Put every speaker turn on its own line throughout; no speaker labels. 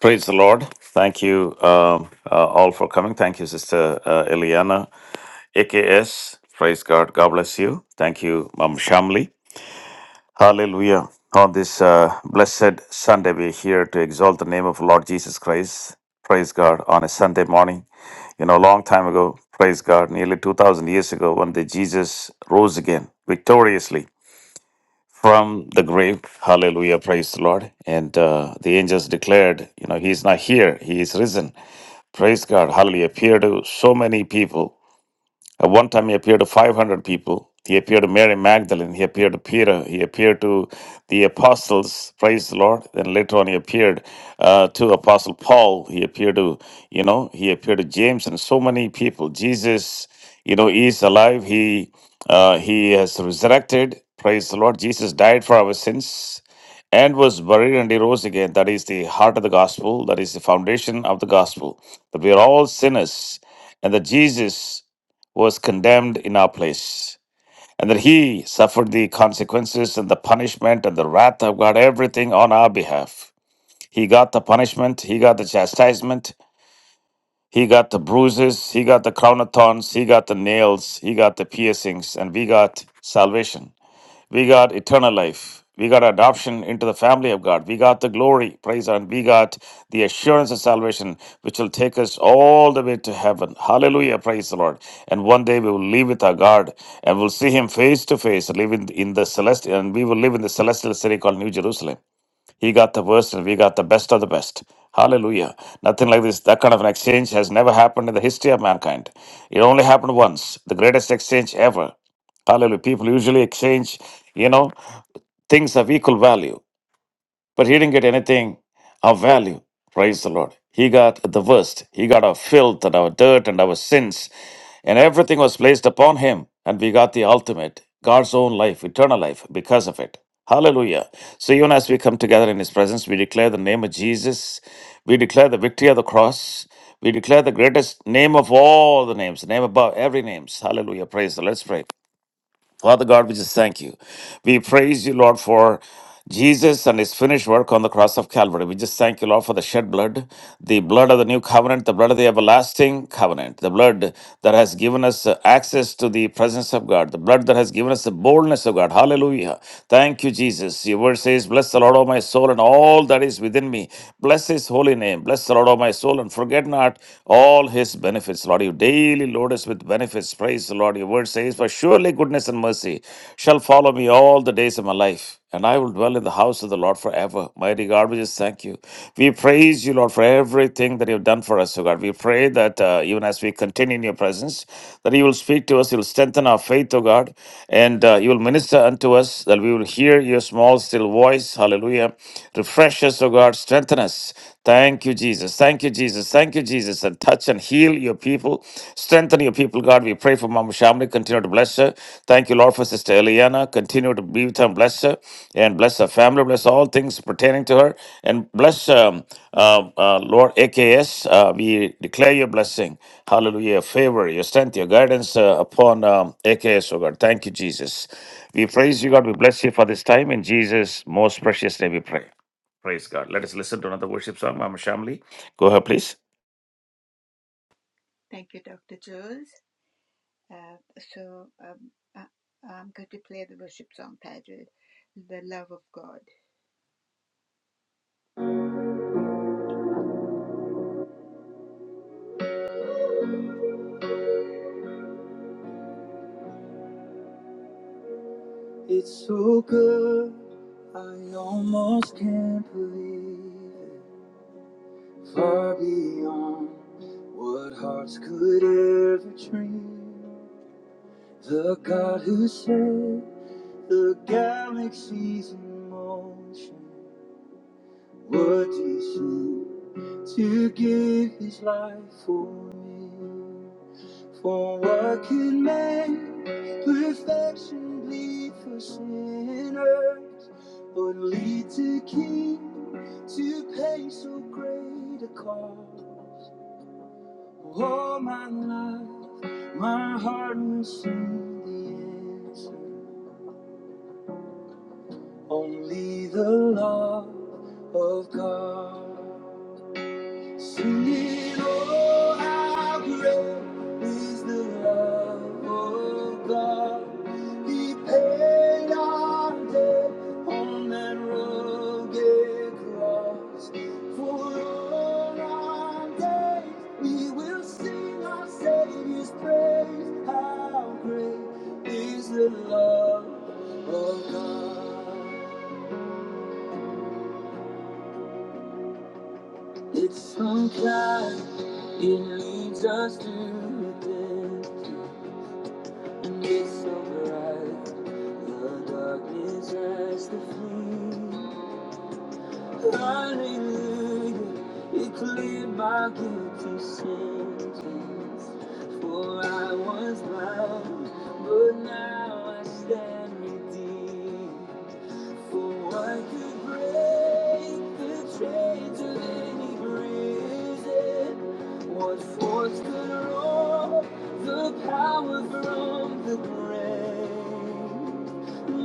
Praise the Lord. Thank you um, uh, all for coming. Thank you, Sister uh, Eliana, AKS. Praise God. God bless you. Thank you, Mom Shamli. Hallelujah. On this uh, blessed Sunday, we're here to exalt the name of Lord Jesus Christ. Praise God. On a Sunday morning, you know, a long time ago, praise God, nearly 2,000 years ago, one day Jesus rose again victoriously from the grave. Hallelujah. Praise the Lord. And uh, the angels declared, you know, he's not here, he is risen. Praise God. Hallelujah. Appeared to so many people at one time, he appeared to 500 people. He appeared to Mary Magdalene. He appeared to Peter. He appeared to the apostles. Praise the Lord. Then later on, he appeared uh, to Apostle Paul. He appeared to, you know, he appeared to James and so many people. Jesus, you know, is alive. He uh, he has resurrected. Praise the Lord. Jesus died for our sins and was buried and he rose again. That is the heart of the gospel. That is the foundation of the gospel. That we are all sinners and that Jesus was condemned in our place, and that he suffered the consequences and the punishment and the wrath of God, everything on our behalf. He got the punishment, he got the chastisement, he got the bruises, he got the crown of thorns, he got the nails, he got the piercings, and we got salvation. We got eternal life. We got adoption into the family of God. We got the glory, praise, God. and we got the assurance of salvation, which will take us all the way to heaven. Hallelujah, praise the Lord. And one day we will live with our God and we'll see Him face to face, live in, in the celestial, and we will live in the celestial city called New Jerusalem. He got the worst, and we got the best of the best. Hallelujah. Nothing like this. That kind of an exchange has never happened in the history of mankind. It only happened once, the greatest exchange ever. Hallelujah. People usually exchange, you know, things of equal value. But he didn't get anything of value. Praise the Lord. He got the worst. He got our filth and our dirt and our sins. And everything was placed upon him. And we got the ultimate, God's own life, eternal life, because of it. Hallelujah. So even as we come together in his presence, we declare the name of Jesus. We declare the victory of the cross. We declare the greatest name of all the names, the name above every name. Hallelujah. Praise the Lord. Let's pray. Father God, we just thank you. We praise you, Lord, for Jesus and his finished work on the cross of Calvary. We just thank you, Lord, for the shed blood, the blood of the new covenant, the blood of the everlasting covenant, the blood that has given us uh, access to the presence of God, the blood that has given us the boldness of God. Hallelujah. Thank you, Jesus. Your word says, Bless the Lord, O my soul, and all that is within me. Bless his holy name. Bless the Lord, O my soul, and forget not all his benefits, Lord. You daily richly load us with benefits. Praise the Lord. Your word says, For surely goodness and mercy shall follow me all the days of my life, and I will dwell in the house of the Lord forever. Mighty God, we just thank you. We praise you, Lord, for everything that you've done for us, O God. We pray that uh, even as we continue in your presence, that you will speak to us, you'll strengthen our faith, O God, and uh, you will minister unto us, that we will hear your small, still voice. Hallelujah. Refresh us, O God. Strengthen us. Thank you, Jesus. Thank you, Jesus. Thank you, Jesus. And touch and heal your people. Strengthen your people, God. We pray for Mama Shamini. Continue to bless her. Thank you, Lord, for Sister Eliana. Continue to be with her and bless her. And bless her family. Bless all things pertaining to her. And bless, um, uh, uh, Lord, AKS. Uh, we declare your blessing. Hallelujah. Your favor, your strength, your guidance uh, upon um, AKS, oh God. Thank you, Jesus. We praise you, God. We bless you for this time. In Jesus' most precious name we pray. Praise God. Let us listen to another worship song, Mama Shamli. Go ahead, please.
It's so good, I almost can't believe it. Far beyond what hearts could ever dream. The God who set the galaxies in motion, Would he to give his life for me? For what could man perfection bleed for sinners? But lead to King to pay so great a call. All my life, my heart will sing the answer. Only the love of God. Singing, oh, how great is the love of God. He paid our debt on that rugged cross. For all our days we will sing our Savior's praise. How great is the love of God. It's sometimes it leads us to repent, and it's alright. The darkness has to flee. Hallelujah, it cleared my guilty sentence. For I was blind, but now I stand redeemed. For what could break the chains of any prison? What force could rob the power from the grave?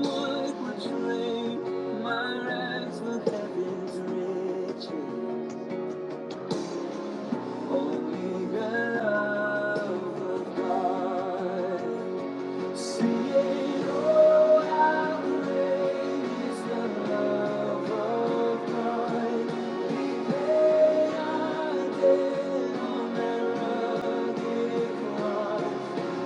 Would drain my rags for heaven's riches? Only the love of God. Sing it all out, praise the love of God. Lay our dead on that rugged cross.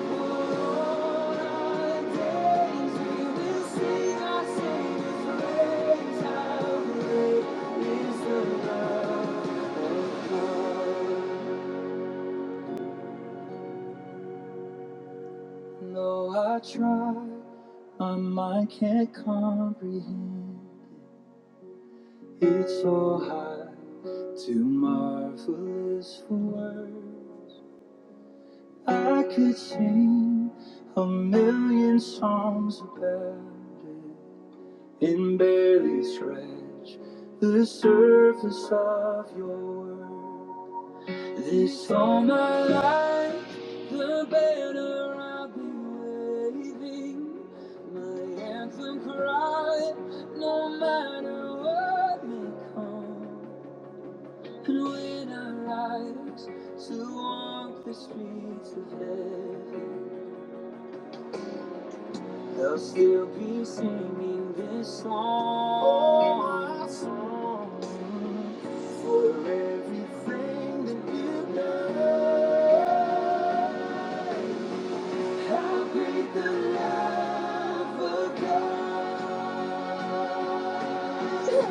All our days we will sing our Savior's praise. How great is the love of God. Though I try, my mind can't comprehend. It's so high, too marvelous for words. I could sing a million songs about it and barely scratch the surface of your world. This all my life, the banner I've been waving, my anthem cry, no matter what may come. And when I rise to walk the streets of heaven, They'll still be singing this song. Oh, my song. For everything that you've done. How great the love of God. We will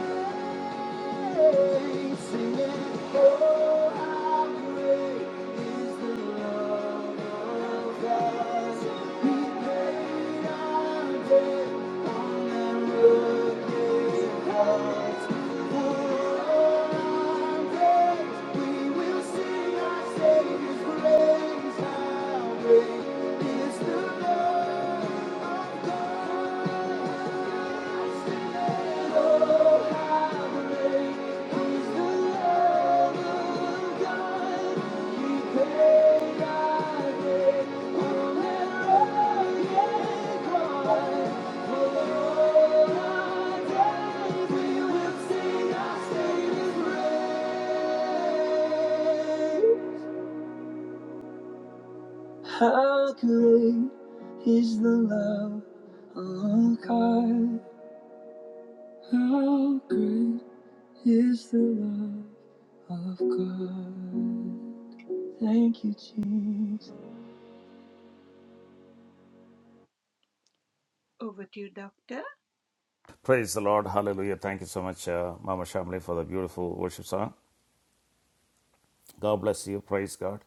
see our Savior's our we will sing, our Savior's praise. How great is the love of God? How great is the love of God? Thank you, Jesus.
Praise the Lord. Hallelujah. Thank you so much, uh, Mama Shamli, for the beautiful worship song. God bless you. Praise God.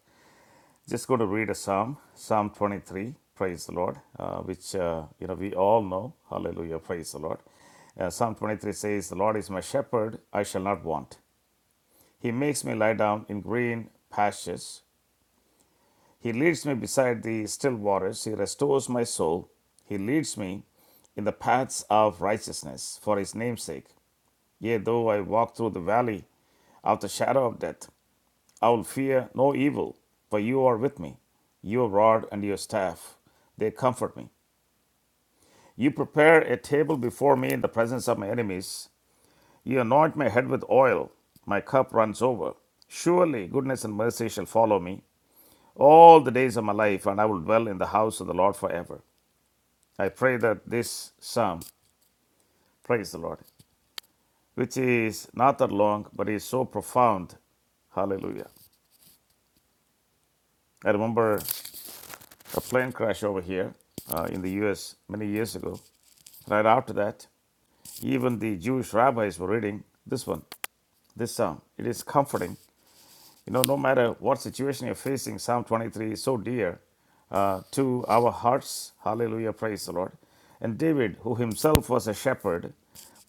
Just going to read a psalm, Psalm 23. Praise the Lord, uh, which uh, you know we all know. Hallelujah. Praise the Lord. Uh, psalm 23 says, "The Lord is my shepherd; I shall not want. He makes me lie down in green pastures. He leads me beside the still waters. He restores my soul. He leads me in the paths of righteousness for his name's sake. Yea, though I walk through the valley of the shadow of death, I will fear no evil, for you are with me. Your rod and your staff, they comfort me. You prepare a table before me in the presence of my enemies. You anoint my head with oil. My cup runs over. Surely goodness and mercy shall follow me all the days of my life, and I will dwell in the house of the Lord forever. I pray that this psalm, praise the Lord, which is not that long, but is so profound. Hallelujah. I remember a plane crash over here uh, in the US many years ago. Right after that, even the Jewish rabbis were reading this one, this psalm. It is comforting You know, no matter what situation you're facing, Psalm 23 is so dear uh, to our hearts. Hallelujah, praise the Lord. And David, who himself was a shepherd,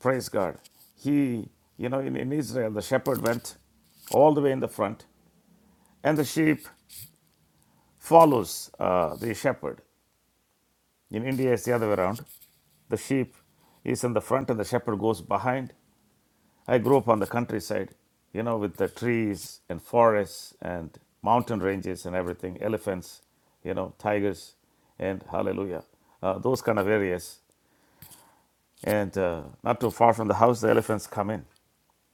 praise God, he, you know, in, in Israel, the shepherd went all the way in the front, and the sheep follows uh, the shepherd. In India, it's the other way around. The sheep is in the front, and the shepherd goes behind. I grew up on the countryside, you know, with the trees and forests and mountain ranges and everything, elephants, you know, tigers, and hallelujah, uh, those kind of areas. And uh, not too far from the house, the elephants come in.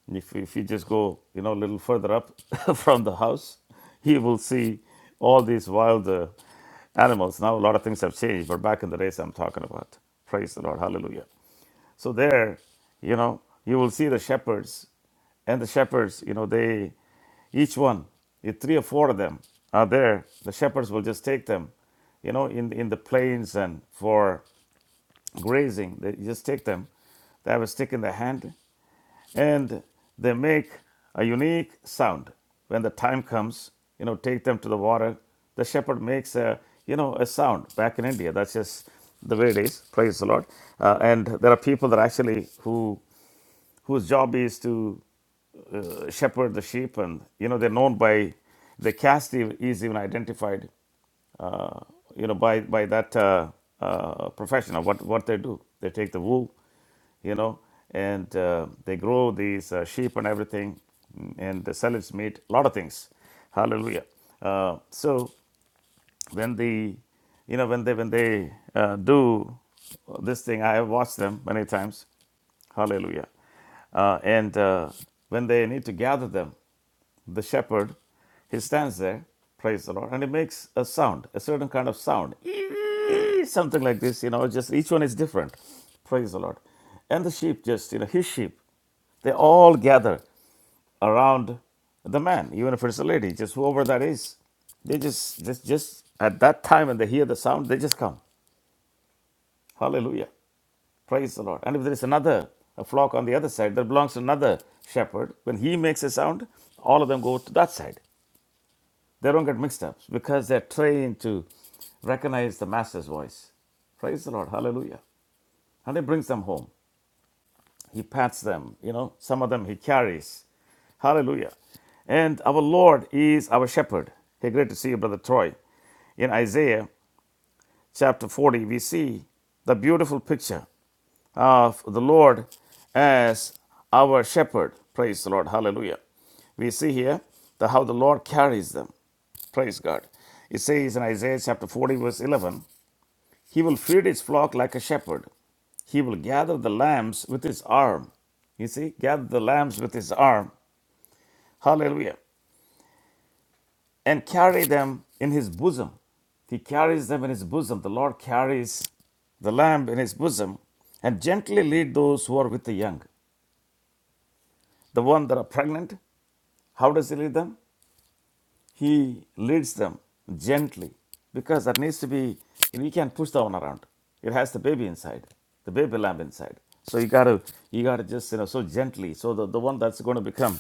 And If, if you just go, you know, a little further up from the house, you will see all these wild uh, animals. Now, a lot of things have changed, but back in the days I'm talking about. Praise the Lord. Hallelujah. So there, you know, you will see the shepherds and the shepherds, you know, they each one, if three or four of them are there, the shepherds will just take them, you know, in in the plains and for grazing. They just take them. They have a stick in their hand and they make a unique sound when the time comes you know take them to the water the shepherd makes a you know a sound back in india that's just the way it is praise the lord Uh, and there are people that actually who whose job is to uh, shepherd the sheep and you know they're known by the caste is even identified uh, you know, by by that uh, uh, professional. What what they do? They take the wool, you know, and uh, they grow these uh, sheep and everything, and they sell its meat. A lot of things. Hallelujah. Uh, so when the you know when they when they uh, do this thing, I have watched them many times. Hallelujah. Uh, and uh, when they need to gather them, the shepherd, he stands there, praise the Lord, and he makes a sound, a certain kind of sound, something like this, you know, just each one is different, praise the Lord. And the sheep just, you know, his sheep, they all gather around the man, even if it's a lady, just whoever that is. They just, just, just at that time when they hear the sound, they just come. Hallelujah. Praise the Lord. And if there is another a flock on the other side that belongs to another shepherd, when he makes a sound, all of them go to that side. They don't get mixed up because they're trained to recognize the master's voice. Praise the Lord. Hallelujah. And he brings them home. He pats them, you know, some of them he carries. Hallelujah. And our Lord is our shepherd. Hey, great to see you, Brother Troy. In Isaiah chapter 40, we see the beautiful picture of the Lord as our shepherd. Praise the Lord. Hallelujah. We see here the, how the Lord carries them. Praise God. It says in Isaiah chapter 40, verse 11 He will feed his flock like a shepherd. He will gather the lambs with his arm. You see, gather the lambs with his arm. Hallelujah. And carry them in his bosom. He carries them in his bosom. The Lord carries the lamb in his bosom and gently lead those who are with the young. The one that are pregnant, how does he lead them? He leads them gently because that needs to be, we can't push that one around. It has the baby inside, the baby lamb inside. So you gotta, you gotta just, you know, so gently. So the, the one that's going to become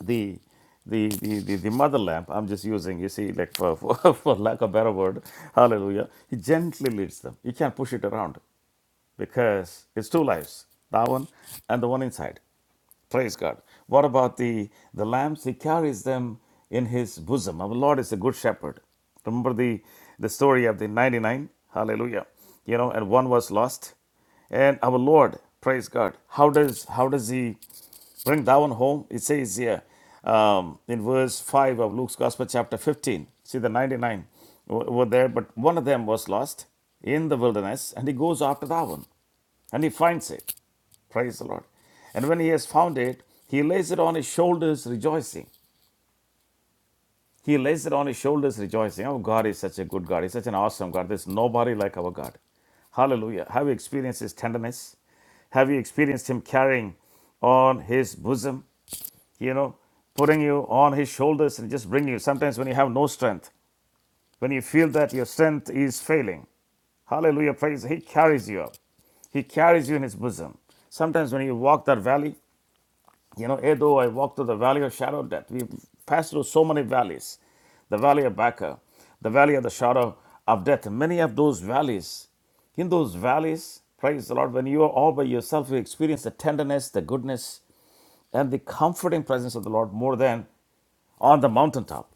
the, the, the, the, the mother lamb, I'm just using, you see, like for, for, for lack of a better word, hallelujah. He gently leads them. You can't push it around because it's two lives, that one and the one inside. Praise God. What about the, the lambs? He carries them in his bosom. Our Lord is a good shepherd. Remember the, the story of the 99? Hallelujah. You know, and one was lost. And our Lord, praise God. How does how does he bring that one home? It says here um, in verse 5 of Luke's Gospel, chapter 15. See, the 99 w- were there, but one of them was lost in the wilderness, and he goes after that one and he finds it. Praise the Lord. And when he has found it, he lays it on his shoulders rejoicing. He lays it on his shoulders rejoicing. Oh, God is such a good God. He's such an awesome God. There's nobody like our God. Hallelujah. Have you experienced his tenderness? Have you experienced him carrying on his bosom, you know, putting you on his shoulders and just bringing you? Sometimes when you have no strength, when you feel that your strength is failing, hallelujah, praise, he carries you up. He carries you in his bosom. Sometimes when you walk that valley, You know, yea, though I walk through the valley of shadow of death, we've passed through so many valleys the valley of Baca, the valley of the shadow of death. Many of those valleys, in those valleys, praise the Lord, when you are all by yourself, you experience the tenderness, the goodness, and the comforting presence of the Lord more than on the mountaintop.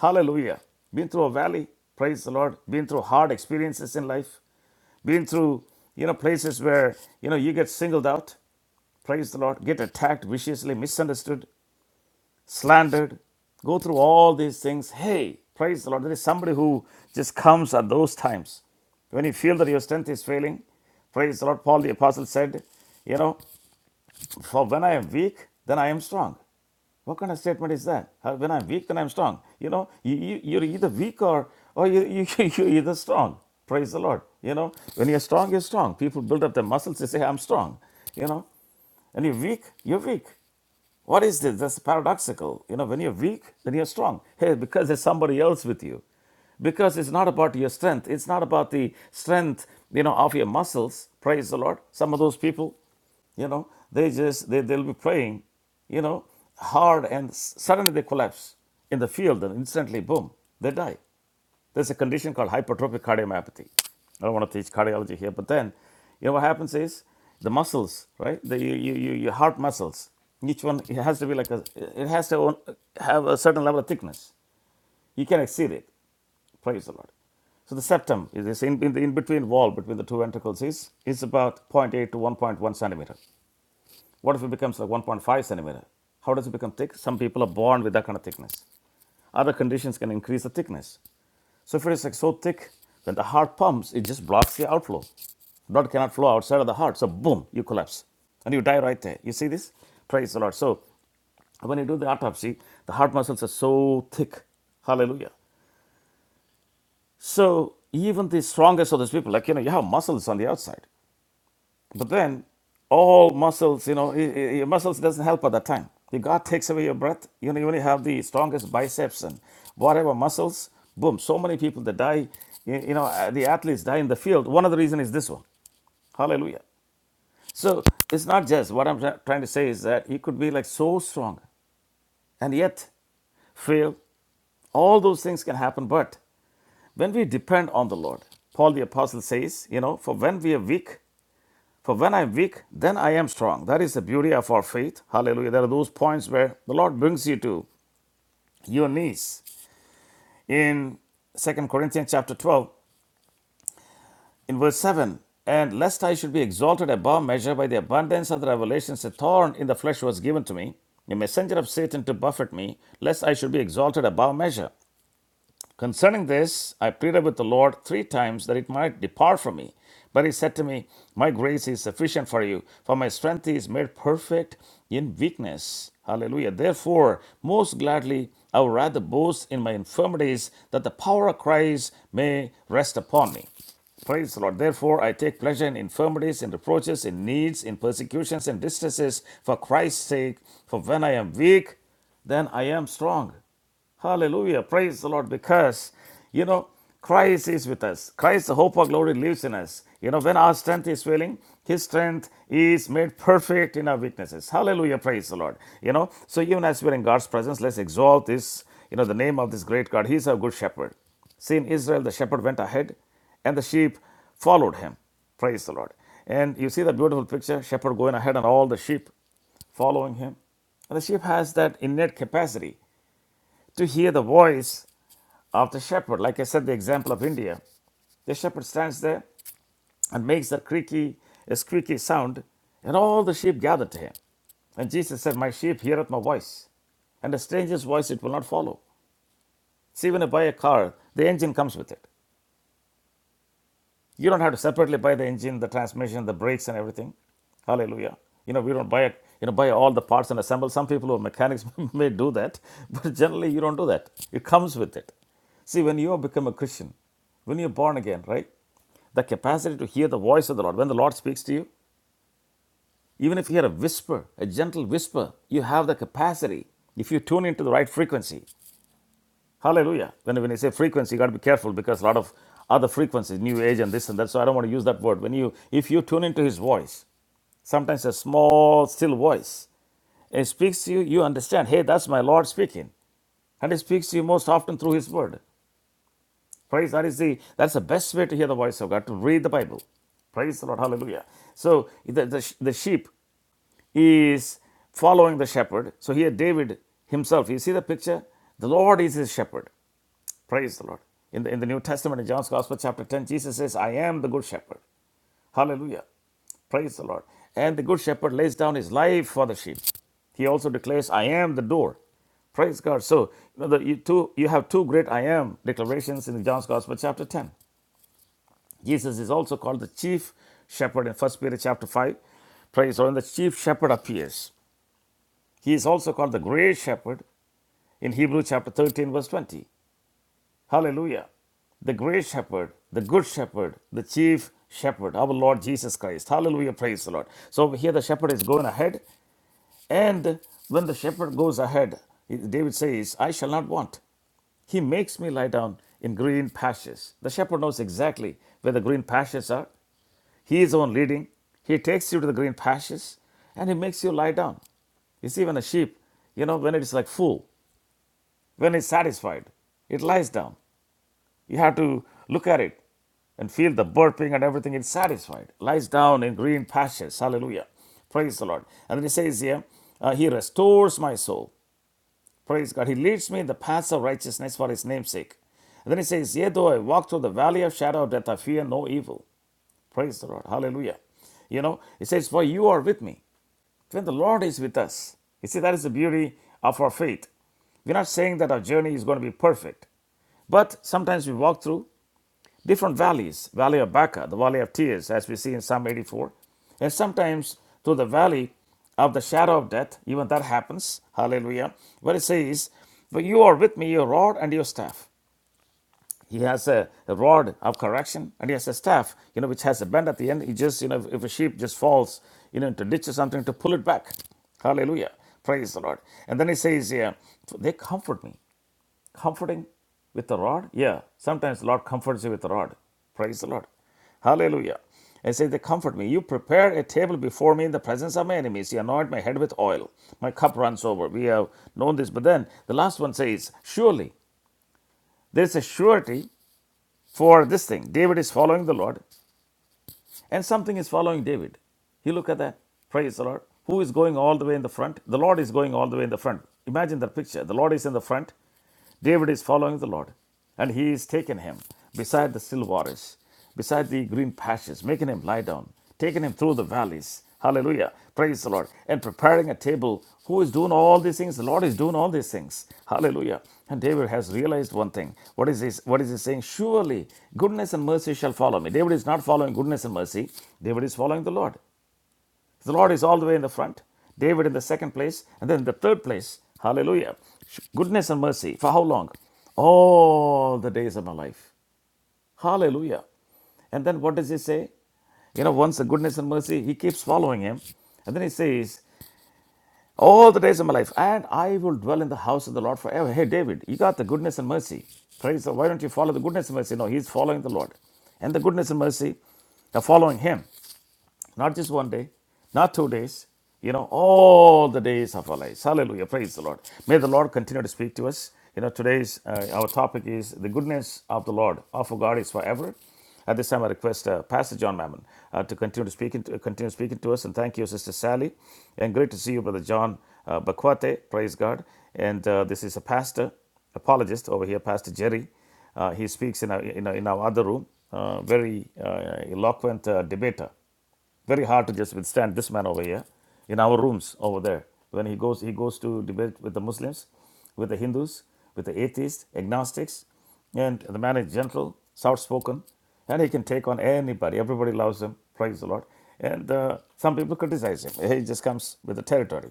Hallelujah. Been through a valley, praise the Lord, been through hard experiences in life, been through you know places where you know you get singled out praise the lord get attacked viciously misunderstood slandered, go through all these things. Hey, praise the Lord. There is somebody who just comes at those times when you feel that your strength is failing. Praise the Lord. Paul the Apostle said, You know, for when I am weak, then I am strong. What kind of statement is that? When I'm weak, then I'm strong. You know, you, you, you're either weak or, or you, you, you're either strong. Praise the Lord. You know, when you're strong, you're strong. People build up their muscles, they say, I'm strong. You know, and you're weak, you're weak. What is this? That's paradoxical. You know, when you're weak, then you're strong. Hey, because there's somebody else with you. Because it's not about your strength. It's not about the strength, you know, of your muscles. Praise the Lord. Some of those people, you know, they just they, they'll be praying, you know, hard and s- suddenly they collapse in the field and instantly boom, they die. There's a condition called hypertrophic cardiomyopathy. I don't want to teach cardiology here, but then, you know what happens is the muscles, right? The you, you, your heart muscles. Each one it has to be like a, it has to own, have a certain level of thickness. You can exceed it. Praise the Lord. So the septum is this in, in the in between wall between the two ventricles is is about zero point 0.8 to 1.1 centimeter. What if it becomes like 1.5 centimeter? How does it become thick? Some people are born with that kind of thickness. Other conditions can increase the thickness. Sulfur is like so thick then the heart pumps, it just blocks the outflow. Blood cannot flow outside of the heart, so boom, you collapse and you die right there. You see this? Praise the Lord. So when you do the autopsy, the heart muscles are so thick. Hallelujah. So even the strongest of those people, like you know, you have muscles on the outside. But then all muscles, you know, i- i- your muscles doesn't help at that time. If God takes away your breath, you know, you only have the strongest biceps and whatever muscles. Boom. So many people that die, you you know, uh, the athletes die in the field. One of the reasons is this one. Hallelujah. So it's not just what I'm try- trying to say is that he could be like so strong and yet fail. All those things can happen, but when we depend on the Lord, Paul the apostle says, you know, for when we are weak, For when I'm weak, then I am strong. That is the beauty of our faith. Hallelujah. There are those points where the Lord brings you to your knees. In Second Corinthians chapter 12, in verse 7, and lest I should be exalted above measure by the abundance of the revelations, a thorn in the flesh was given to me, a messenger of Satan to buffet me, lest I should be exalted above measure. Concerning this, I pleaded with the Lord three times that it might depart from me. But he said to me, My grace is sufficient for you, for my strength is made perfect in weakness. Hallelujah. Therefore, most gladly I would rather boast in my infirmities, that the power of Christ may rest upon me. Praise the Lord. Therefore, I take pleasure in infirmities, in reproaches, in needs, in persecutions, and distresses for Christ's sake. For when I am weak, then I am strong. Hallelujah. Praise the Lord. Because, you know, Christ is with us. Christ, the hope of glory, lives in us. You know, when our strength is failing, His strength is made perfect in our weaknesses. Hallelujah. Praise the Lord. You know, so even as we're in God's presence, let's exalt this, you know, the name of this great God. He's our good shepherd. See, in Israel, the shepherd went ahead and the sheep followed him. Praise the Lord. And you see the beautiful picture shepherd going ahead and all the sheep following him. And the sheep has that innate capacity to hear the voice of the shepherd. Like I said, the example of India. The shepherd stands there and makes that creaky, a squeaky sound, and all the sheep gather to him. And Jesus said, My sheep heareth my voice, and a stranger's voice it will not follow. See, when you buy a car, the engine comes with it. You don't have to separately buy the engine, the transmission, the brakes, and everything. Hallelujah. You know, we don't buy it, you know, buy all the parts and assemble. Some people who are mechanics may do that, but generally you don't do that. It comes with it. See, when you become a Christian, when you're born again, right? The capacity to hear the voice of the Lord. When the Lord speaks to you, even if you hear a whisper, a gentle whisper, you have the capacity, if you tune into the right frequency, Hallelujah. When, when you say frequency, you got to be careful because a lot of other frequencies, new age and this and that. So I don't want to use that word. When you, if you tune into his voice, sometimes a small, still voice, and it speaks to you, you understand, hey, that's my Lord speaking. And he speaks to you most often through his word. Praise, that is the, that's the best way to hear the voice of God, to read the Bible. Praise the Lord. Hallelujah. So the, the, the sheep is following the shepherd. So here, David himself, you see the picture? The Lord is his shepherd. Praise the Lord. In the, in the New Testament, in John's Gospel, chapter 10, Jesus says, I am the good shepherd. Hallelujah. Praise the Lord. And the good shepherd lays down his life for the sheep. He also declares, I am the door. Praise God. So you, know, the, you, two, you have two great I am declarations in John's Gospel, chapter 10. Jesus is also called the chief shepherd in First Peter, chapter 5. Praise the Lord. And the chief shepherd appears. He is also called the great shepherd in Hebrews chapter 13, verse 20. Hallelujah. The great shepherd, the good shepherd, the chief shepherd, our Lord Jesus Christ. Hallelujah. Praise the Lord. So here the shepherd is going ahead, and when the shepherd goes ahead, David says, I shall not want. He makes me lie down in green pastures. The shepherd knows exactly where the green pastures are. He is the one leading. He takes you to the green pastures and he makes you lie down. You see, when a sheep, you know, when it is like full, when it's satisfied, it lies down. You have to look at it and feel the burping and everything. It's satisfied. Lies down in green pastures. Hallelujah. Praise the Lord. And then he says here, uh, He restores my soul. Praise God. He leads me in the paths of righteousness for His name's sake. And then he says, Yea, though I walk through the valley of shadow of death, I fear no evil. Praise the Lord. Hallelujah. You know, he says, For you are with me. When the Lord is with us, you see, that is the beauty of our faith. We're not saying that our journey is going to be perfect, but sometimes we walk through different valleys, Valley of Baca, the Valley of Tears, as we see in Psalm 84, and sometimes through the valley of the shadow of death, even that happens, hallelujah, where it says, But you are with me, your rod and your staff. He has a, a rod of correction and he has a staff, you know, which has a bend at the end. He just, you know, if a sheep just falls, you know, into a ditch or something, to pull it back. Hallelujah. Praise the Lord. And then he says here, they comfort me. Comforting with the rod? Yeah. Sometimes the Lord comforts you with the rod. Praise the Lord. Hallelujah. And say, They comfort me. You prepare a table before me in the presence of my enemies. You anoint my head with oil. My cup runs over. We have known this. But then the last one says, Surely there's a surety for this thing. David is following the Lord. And something is following David. You look at that. Praise the Lord. Who is going all the way in the front? The Lord is going all the way in the front. Imagine that picture. The Lord is in the front. David is following the Lord. And he is taking him beside the still waters, beside the green pastures, making him lie down taking him through the valleys. Hallelujah. Praise the Lord. And preparing a table. Who is doing all these things? The Lord is doing all these things. Hallelujah. And David has realized one thing. What is this? What is he saying? Surely goodness and mercy shall follow me. David is not following goodness and mercy. David is following the Lord. The Lord is all the way in the front. David in the second place, and then in the third place. Hallelujah. Goodness and mercy. For how long? All the days of my life. Hallelujah. And then what does he say? You know, once the goodness and mercy, he keeps following him. And then he says, All the days of my life, and I will dwell in the house of the Lord forever. Hey, David, you got the goodness and mercy. Praise the Lord. Why don't you follow the goodness and mercy? No, he's following the Lord. And the goodness and mercy are following him not just one day, not two days, you know, all the days of our lives. Hallelujah. Praise the Lord. May the Lord continue to speak to us. You know, today's uh, our topic is the goodness of the Lord, of our God is forever. At this time, I request uh, Pastor John Mammon uh, to continue to speak. to, continue speaking to us, and thank you, Sister Sally, and great to see you, Brother John uh, Bakwate. Praise God! And uh, this is a pastor apologist over here, Pastor Jerry. Uh, he speaks in our, in our, in our other room, uh, very uh, eloquent uh, debater. Very hard to just withstand this man over here in our rooms over there. When he goes, he goes to debate with the Muslims, with the Hindus, with the atheists, agnostics, and the man is gentle, soft-spoken, and he can take on anybody. Everybody loves him. Praise the Lord. And uh, some people criticize him. He just comes with the territory.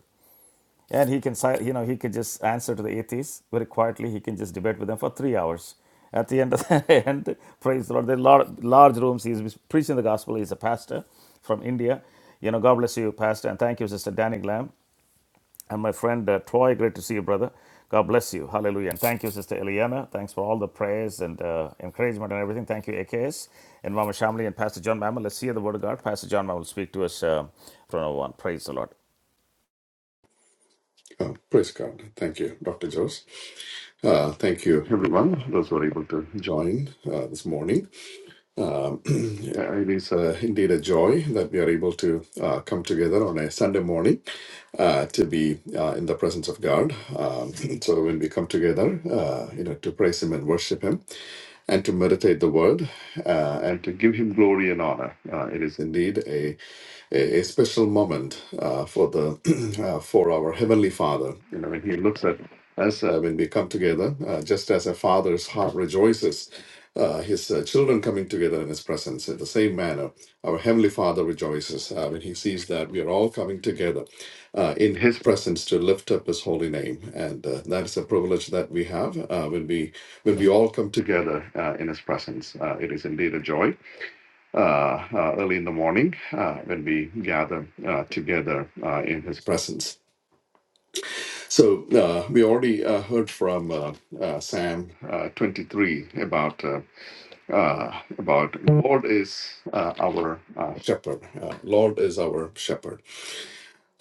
And he can, si- you know, he could just answer to the atheists very quietly. He can just debate with them for three hours. At the end of the end, praise the Lord. There are large, large rooms. He's preaching the gospel. He's a pastor from India. You know, God bless you, pastor, and thank you, Sister Danny Glam, and my friend uh, Troy. Great to see you, brother. God bless you. Hallelujah. And thank you, Sister Eliana. Thanks for all the prayers and uh, encouragement and everything. Thank you, AKS, and Mama Shamli and Pastor John Mammal. Let's hear the word of God. Pastor John Mammal will speak to us uh, from now on. Praise the Lord.
Oh, praise God. Thank you, Dr. Jose. Uh, thank you, everyone, those who are able to join uh, this morning. Um, yeah, it is uh, indeed a joy that we are able to uh, come together on a Sunday morning uh, to be uh, in the presence of God. Um, so when we come together, uh, you know, to praise Him and worship Him, and to meditate the word uh, and to give him glory and honor. Uh, it is indeed a, a, a special moment uh, for the uh, for our heavenly Father. You know, when He looks at us uh, when we come together, uh, just as a father's heart rejoices. Uh, his uh, children coming together in his presence in the same manner. Our Heavenly Father rejoices uh, when he sees that we are all coming together uh, in his presence to lift up his holy name. And uh, that is a privilege that we have uh, when we when we all come together uh, in His presence. Uh, it is indeed a joy uh, uh, early in the morning uh, when we gather uh, together uh, in His presence. So uh, we already uh, heard from uh, uh, Sam uh, 23 about uh, uh, about Lord is uh, our uh, shepherd. Uh, Lord is our shepherd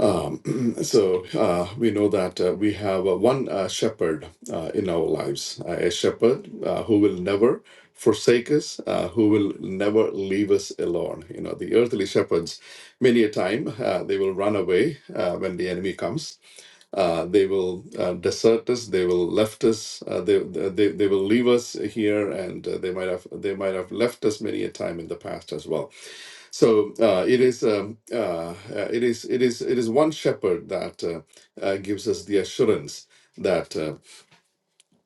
Um, so uh, we know that uh, we have uh, one uh, shepherd uh, in our lives, uh, a shepherd uh, who will never forsake us, uh, who will never leave us alone. You know, the earthly shepherds, many a time, uh, they will run away uh, when the enemy comes uh, they will uh, desert us. They will left us. Uh, they, they they will leave us here, and uh, they might have they might have left us many a time in the past as well. So uh, it is um, uh, uh, it is it is it is one shepherd that uh, uh, gives us the assurance. that. uh,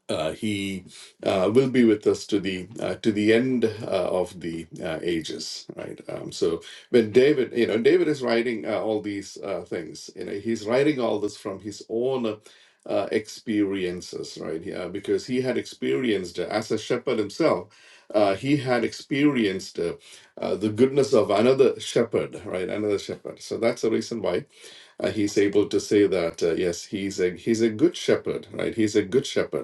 uh, he uh, will be with us to the uh, to the end uh, of the uh, ages right um, so when david you know david is writing uh, all these uh, things you know he's writing all this from his own uh, uh, experiences right yeah, because he had experienced uh, as a shepherd himself uh, he had experienced uh, uh, the goodness of another shepherd right another shepherd so that's the reason why uh, he's able to say that uh, yes he's a he's a good shepherd right he's a good shepherd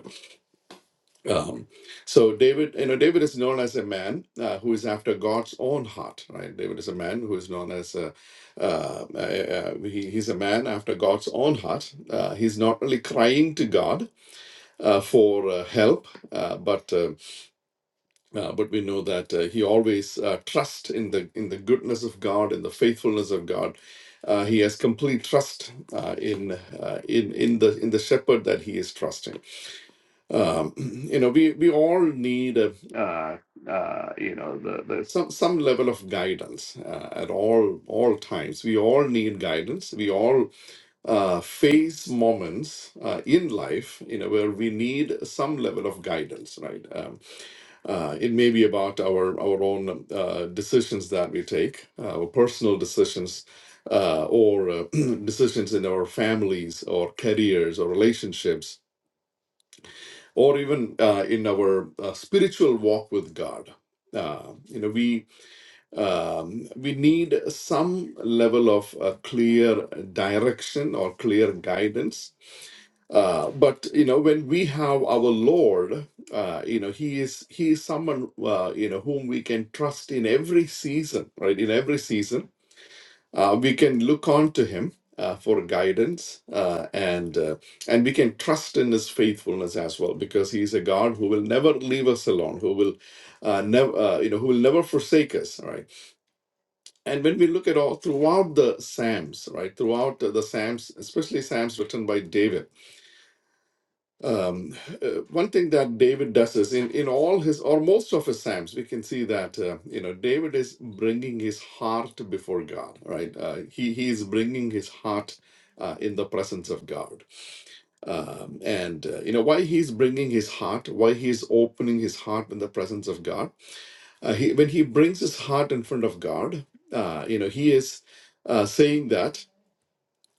um, so David, you know, David is known as a man uh, who is after God's own heart, right? David is a man who is known as a, uh, uh, uh, he, he's a man after God's own heart. Uh, he's not only crying to God uh, for uh, help, uh, but uh, uh, but we know that uh, he always uh, trusts in the in the goodness of God, in the faithfulness of God. Uh, he has complete trust uh, in uh, in in the in the shepherd that he is trusting um, you know we we all need uh, uh, uh, you know the, the some some level of guidance uh, at all all times we all need guidance we all uh, face moments uh, in life you know where we need some level of guidance right um, uh, it may be about our our own uh, decisions that we take our personal decisions uh, or uh, decisions in our families or careers or relationships or even uh, in our uh, spiritual walk with God. Uh, you know, we um, we need some level of uh, clear direction or clear guidance. Uh, but you know, when we have our Lord, uh, you know, He is He is someone uh, you know whom we can trust in every season, right? In every season, uh, we can look on to him uh, for guidance uh, and uh, and we can trust in his faithfulness as well because he is a God who will never leave us alone who will uh, never uh, you know who will never forsake us right and when we look at all throughout the psalms right throughout the psalms especially psalms written by David um, uh, one thing that David does is in, in all his or most of his psalms, we can see that uh, you know David is bringing his heart before God, right? Uh, he he is bringing his heart uh, in the presence of God, um, and uh, you know why he's bringing his heart, why he is opening his heart in the presence of God. Uh, he, when he brings his heart in front of God, uh, you know he is uh, saying that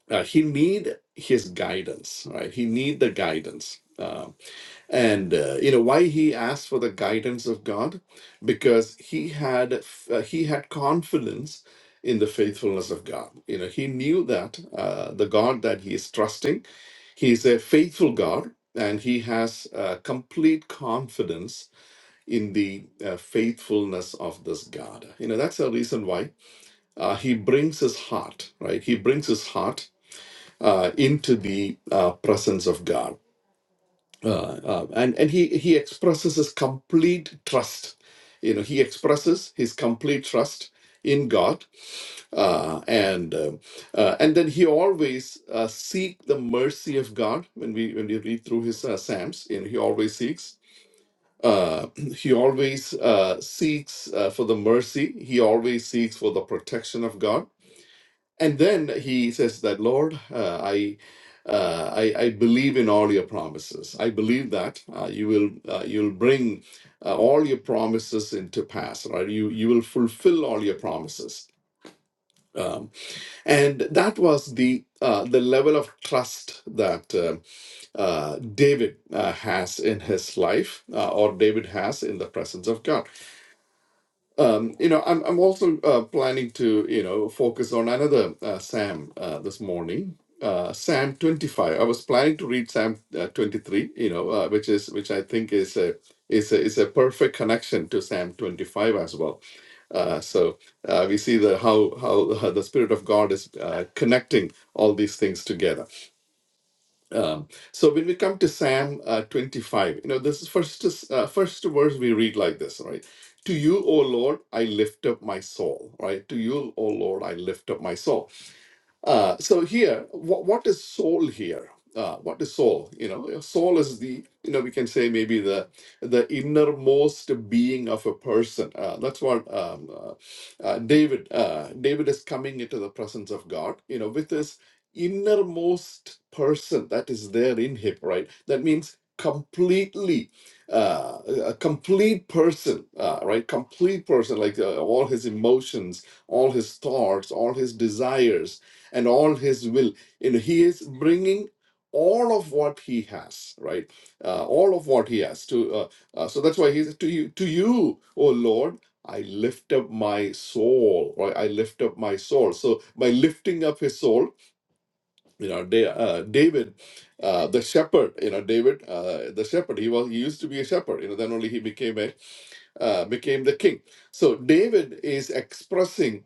uh, he need his guidance, right? He need the guidance. Um, and uh, you know why he asked for the guidance of God? Because he had uh, he had confidence in the faithfulness of God. You know he knew that uh, the God that he is trusting, he's a faithful God, and he has uh, complete confidence in the uh, faithfulness of this God. You know that's the reason why uh, he brings his heart right. He brings his heart uh, into the uh, presence of God uh, uh, and and he he expresses his complete trust. You know, he expresses his complete trust in God, uh, and um uh, and then he always uh, seek the mercy of God. When we when we read through his uh, psalms, you know, he always seeks. Uh, he always uh, seeks uh, for the mercy. He always seeks for the protection of God and then he says that, Lord, uh, I, uh, I, I believe in all your promises. I believe that uh, you will uh, you'll bring uh, all your promises into pass, right? You you will fulfill all your promises. Um, and that was the uh, the level of trust that uh, uh, David uh, has in his life, uh, or David has in the presence of God um, you know, I'm I'm also uh, planning to you know focus on another uh, Sam uh, this morning. Uh, Sam 25. I was planning to read Sam uh, 23. You know, uh, which is which I think is a is a, is a perfect connection to Sam 25 as well. Uh, so uh, we see the how how uh, the Spirit of God is uh, connecting all these things together. Um, so when we come to Psalm uh, 25, you know, this is first uh, first verse we read like this, right? To you, O Lord, I lift up my soul, right? To you, O Lord, I lift up my soul. Uh, so here, what, what is soul here? Uh, what is soul? You know, soul is the you know we can say maybe the the innermost being of a person. Uh, that's what um, uh, uh, David uh, David is coming into the presence of God. You know, with his innermost person that is there in him. Right. That means completely uh, a complete person. Uh, right. Complete person, like uh, all his emotions, all his thoughts, all his desires and all his will. You know, he is bringing all of what he has, right? Uh, all of what he has to. Uh, uh, so that's why he says to you, to you, O Lord, I lift up my soul, right? I lift up my soul. So by lifting up his soul, you know, Da- uh, David, uh, the shepherd, you know, David, uh, the shepherd. He was he used to be a shepherd. You know, then only he became a uh, became the king. So David is expressing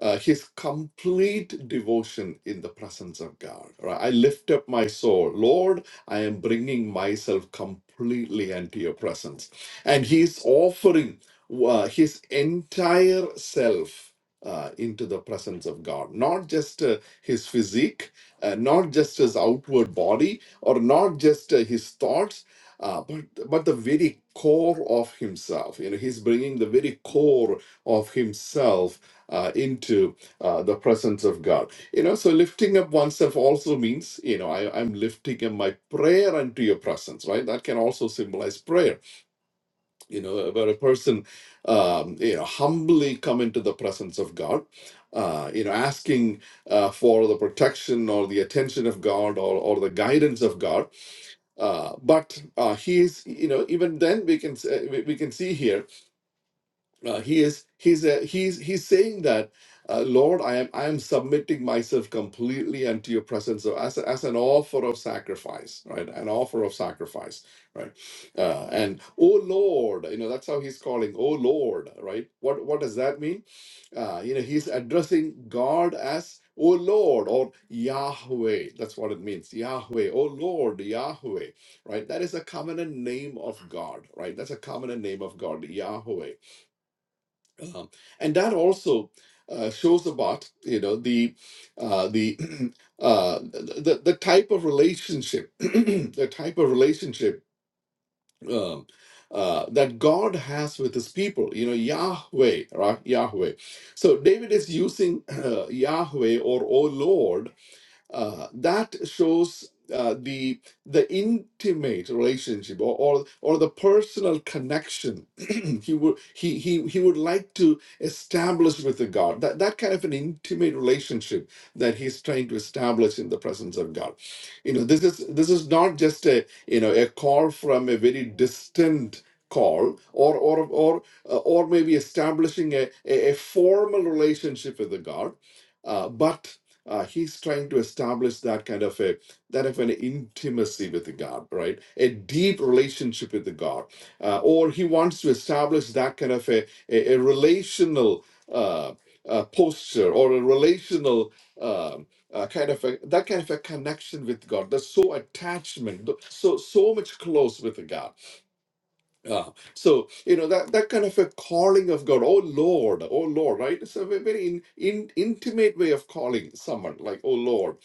uh, his complete devotion in the presence of God. Right? I lift up my soul. Lord, I am bringing myself completely into your presence. And he's offering uh, his entire self. Uh, into the presence of God, not just uh, his physique, uh, not just his outward body, or not just uh, his thoughts, uh, but but the very core of himself. You know, he's bringing the very core of himself uh, into uh, the presence of God. You know, so lifting up oneself also means, you know, I, I'm lifting up my prayer unto your presence, right? That can also symbolize prayer, you know, where a person, um, you know, humbly come into the presence of God. Uh, you know, asking uh, for the protection or the attention of God or, or the guidance of God, uh, but uh, he is, you know, even then we can s- uh, we we can see here uh, he is he's a, he's he's saying that uh, Lord, I am I am submitting myself completely unto your presence so as a- as an offer of sacrifice, right? An offer of sacrifice, right? Uh, and oh Lord, you know that's how he's calling, oh Lord, right? What what does that mean? Uh, you know he's addressing God as oh Lord or Yahweh. That's what it means, Yahweh. Oh Lord, Yahweh, right? That is a covenant name of God, right? That's a covenant name of God, Yahweh um, and that also uh, shows about you know the uh, the, uh, the the type of relationship the type of relationship um, uh, that God has with His people. You know Yahweh, right? Yahweh. So David is using Yahweh or O Lord uh, that shows uh, the the intimate relationship or, or or the personal connection he would he he he would like to establish with the God that that kind of an intimate relationship that he's trying to establish in the presence of God. You know this is this is not just a you know a call from a very distant call or or or uh, or maybe establishing a, a, a formal relationship with the God, uh, but uh, he's trying to establish that kind of a that of an intimacy with the god right a deep relationship with the god uh, or he wants to establish that kind of a, a, a relational uh, uh, posture or a relational um, uh, kind of a, that kind of a connection with god there's so attachment th- so so much close with the god uh, so you know that that kind of a calling of God, oh Lord, oh Lord, right? It's a ve- very in, in, intimate way of calling someone, like oh Lord.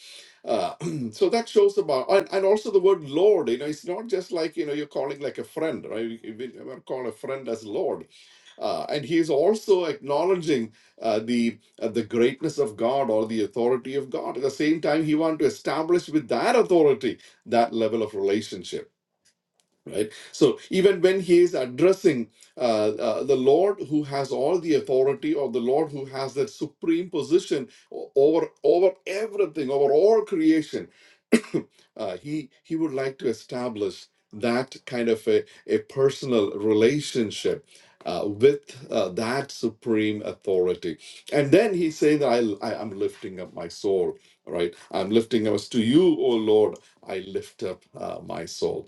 Uh, so that shows about, and, and also the word Lord, you know, it's not just like you know you're calling like a friend, right? We, we never call a friend as Lord, uh, and he is also acknowledging uh, the uh, the greatness of God or the authority of God. At the same time, he wants to establish with that authority that level of relationship right so even when he is addressing uh, uh, the lord who has all the authority or the lord who has that supreme position o- over over everything over all creation uh, he he would like to establish that kind of a, a personal relationship uh, with uh, that supreme authority and then he saying I, I i'm lifting up my soul right i'm lifting up to you o lord i lift up uh, my soul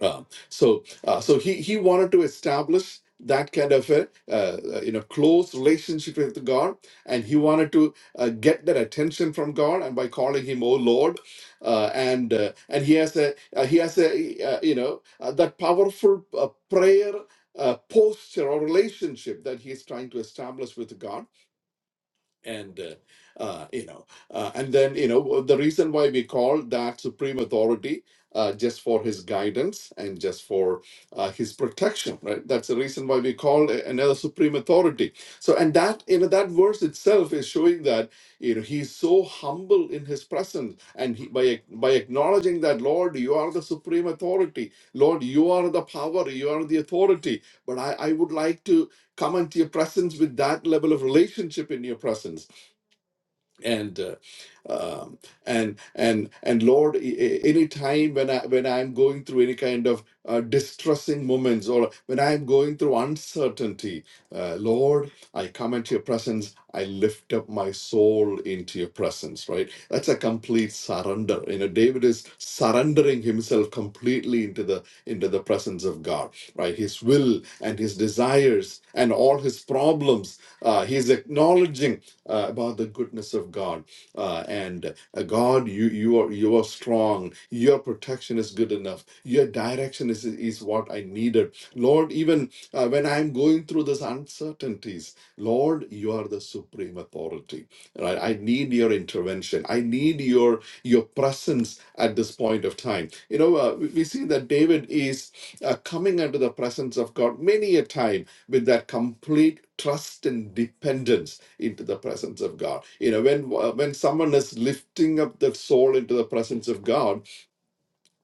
um, so, uh, so he he wanted to establish that kind of a uh, uh, you know close relationship with God, and he wanted to uh, get that attention from God, and by calling him "Oh Lord," uh, and uh, and he has a uh, he has a uh, you know uh, that powerful uh, prayer uh, posture or relationship that he is trying to establish with God and uh, uh, you know uh, and then you know the reason why we call that supreme authority uh, just for his guidance and just for uh, his protection right that's the reason why we call a- another supreme authority so and that you know that verse itself is showing that you know he's so humble in his presence and he, by ac- by acknowledging that lord you are the supreme authority lord you are the power you are the authority but i i would like to come into your presence with that level of relationship in your presence and uh, um, and and and lord any time when i when i'm going through any kind of uh, distressing moments or when i'm going through uncertainty uh, lord i come into your presence i lift up my soul into your presence right that's a complete surrender you know david is surrendering himself completely into the into the presence of god right? His will and his desires and all his problems. Uh, he's acknowledging uh, about the goodness of God uh, and uh, God. You you are you are strong. Your protection is good enough. Your direction is is what I needed, Lord. Even uh, when I'm going through these uncertainties, Lord, you are the supreme authority. Right? I need your intervention. I need your your presence at this point of time. You know, uh, we we see that David is uh, coming into the presence of God many a time with that complete trust and dependence into the presence of God. You know, when uh, when someone is lifting up the soul into the presence of God,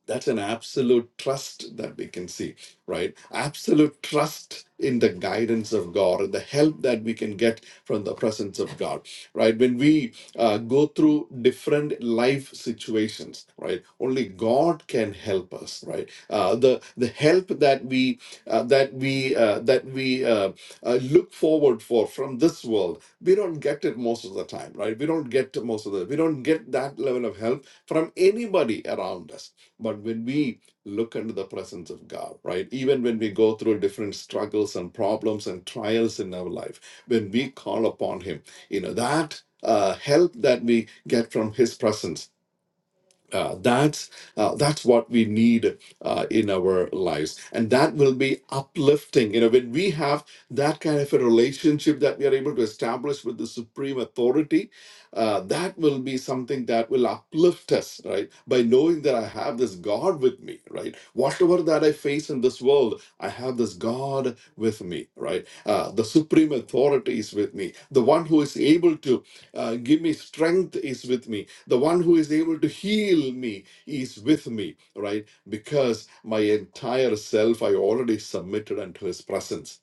that's an absolute trust that we can see, right? Absolute trust in the guidance of God and the help that we can get from the presence of God, right? When we uh, go through different life situations, right? Only God can help us, right? Uh, the the help that we uh, that we uh, that we uh, uh, look forward for from this world, we don't get it most of the time, right? We don't get most of the we don't get that level of help from anybody around us but when we look into the presence of God, right, even when we go through different struggles and problems and trials in our life, when we call upon Him, you know, that uh, help that we get from His presence uh, that's uh, that's what we need uh, in our lives, and that will be uplifting. You know, when we have that kind of a relationship that we are able to establish with the supreme authority, uh, that will be something that will uplift us, right? By knowing that I have this God with me, right? Whatever that I face in this world, I have this God with me, right? Uh, the supreme authority is with me. The one who is able to uh, give me strength is with me the one who is able to heal me is with me, right? Because my entire self I already submitted unto his presence,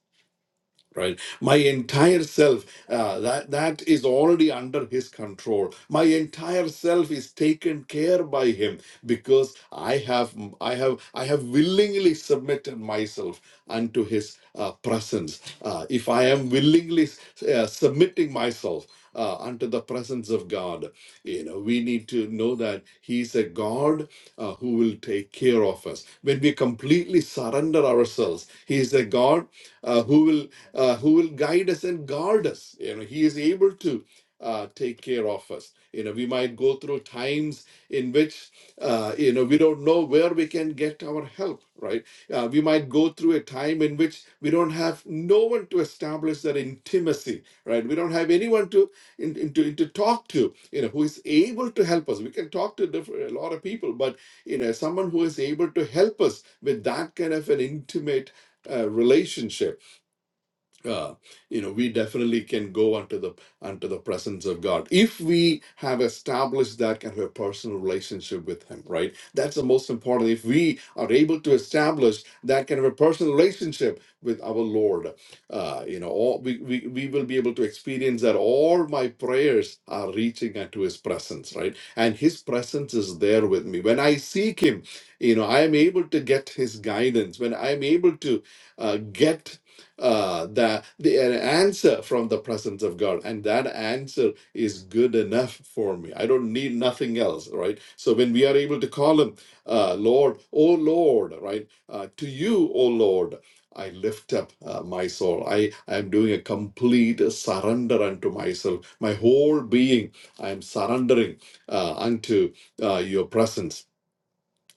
right? My entire self uh, that that is already under his control. My entire self is taken care by him because I have I have I have willingly submitted myself unto his uh, presence. Uh, if I am willingly uh, submitting myself uh, unto the presence of God, you know, we need to know that He's a God uh, who will take care of us. When we completely surrender ourselves, He is a God uh, who will uh, who will guide us and guard us. You know, He is able to uh, take care of us. You know, we might go through times in which uh, you know we don't know where we can get our help. Right? Uh, we might go through a time in which we don't have no one to establish that intimacy. Right? We don't have anyone to in, in, to, talk to, you know, who is able to help us. We can talk to different, a lot of people, but, you know, someone who is able to help us with that kind of an intimate uh, relationship uh, you know we definitely can go unto the unto the presence of god if we have established that kind of a personal relationship with him right that's the most important if we are able to establish that kind of a personal relationship with our lord uh, you know all we, we we will be able to experience that all my prayers are reaching unto his presence right and his presence is there with me when i seek him you know i am able to get his guidance when i am able to uh, get uh, the, the an answer from the presence of God, and that answer is good enough for me. I don't need nothing else, right? So when we are able to call Him, uh, Lord, oh Lord, right? Uh, to you, oh Lord, I lift up uh, my soul. I I am doing a complete surrender unto myself, my whole being. I am surrendering uh, unto uh, your presence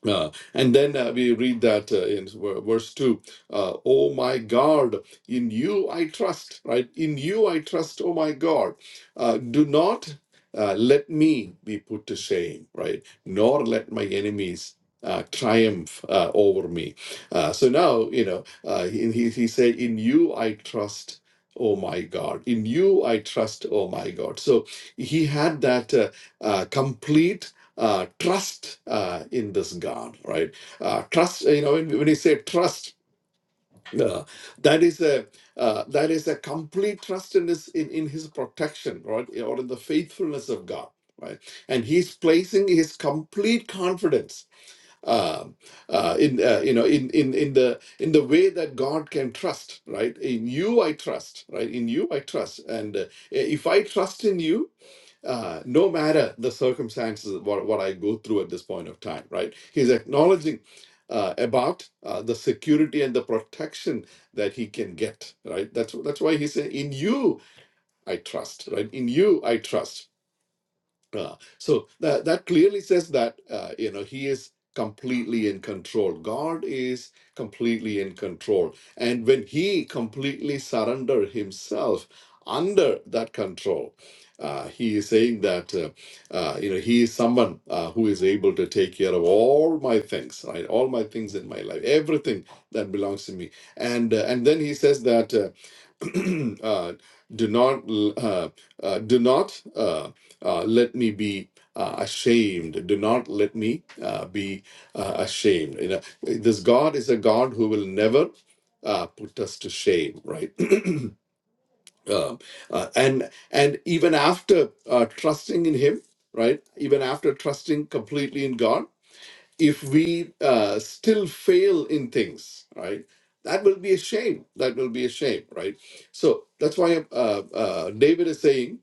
uh, and then uh, we read that uh, in ver- verse 2 uh, Oh my God, in you I trust, right? In you I trust, oh my God. Uh, do not uh, let me be put to shame, right? Nor let my enemies. Uh, triumph uh, over me. Uh, so now, you know, uh, he, he he said, In you I trust, oh my God. In you I trust, oh my God. So he had that uh, uh, complete uh, trust uh, in this God, right? Uh, trust, you know, when, when you say trust, uh, that is a uh, that is a complete trust in his in, in his protection, right, or in the faithfulness of God, right? And he's placing his complete confidence um, uh, in uh, you know in in in the in the way that God can trust, right? In you I trust, right? In you I trust, and uh, if I trust in you, uh, no matter the circumstances of what, what I go through at this point of time, right? He's acknowledging uh, about uh, the security and the protection that he can get, right? That's that's why he said, "In you I trust," right? In you I trust uh, so that that clearly says that uh, you know he is completely in control. God is completely in control, and when he completely surrender himself under that control, uh, he is saying that uh, uh, you know he is someone uh, who is able to take care of all my things, right? All my things in my life, everything that belongs to me, and uh, and then he says that. Uh, uh, do not l- uh, uh, do not uh, uh, let me be uh, ashamed. Do not let me uh, be uh, ashamed. You know, this God is a God who will never uh, put us to shame, right? uh, uh, and and even after uh, trusting in Him, right? Even after trusting completely in God if we uh, still fail in things, right, that will be a shame. That will be a shame, right? So that's why uh, uh, David is saying,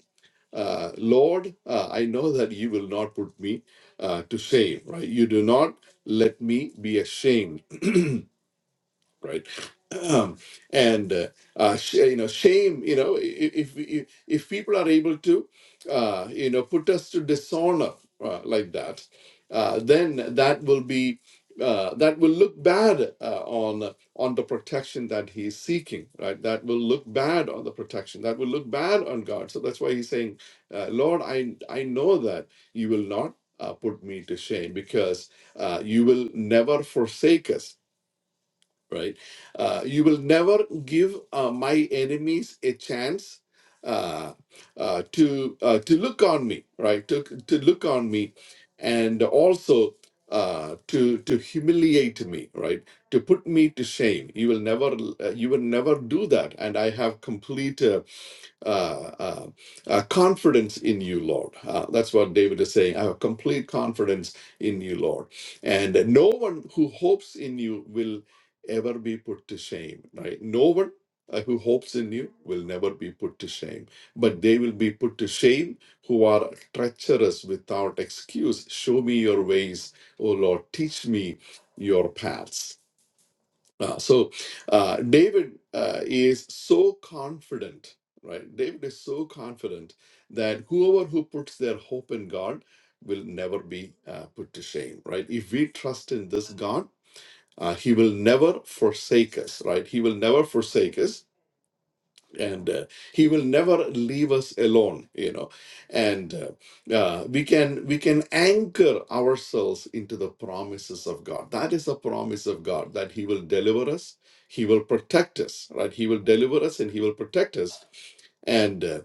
uh, Lord, uh, I know that you will not put me uh, to shame, right? You do not let me be ashamed right? Um, and uh, uh, sh- you know, shame. You know, i- i- if if, if people are able to, uh, you know, put us to dishonor uh, like that, uh, then that will be uh, that will look bad uh, on on the protection that he's seeking, right? That will look bad on the protection. That will look bad on God. So that's why he's saying, uh, Lord, I I know that you will not. Uh, put me to shame because uh, you will never forsake us right? Uh, you will never give uh, my enemies a chance uh, uh, to uh, to look on me, right? To to look on me, and also uh, to to humiliate me, right? To put me to shame. You will never uh, you will never do that, and I have complete. uh, uh, uh, uh, confidence in you, Lord. Uh, that's what David is saying. I have complete confidence in you, Lord. And no one who hopes in you will ever be put to shame, right? No one uh, who hopes in you will never be put to shame, but they will be put to shame who are treacherous without excuse. Show me your ways, O Lord. Teach me your paths. Uh, so uh, David uh, is so confident, right? David is so confident that whoever who puts their hope in God will never be uh, put to shame, right? If we trust in this God, uh, He will never forsake us, right? He will never forsake us and uh, he will never leave us alone you know and uh, uh, we can we can anchor ourselves into the promises of god that is the promise of god that he will deliver us he will protect us right he will deliver us and he will protect us And. uh,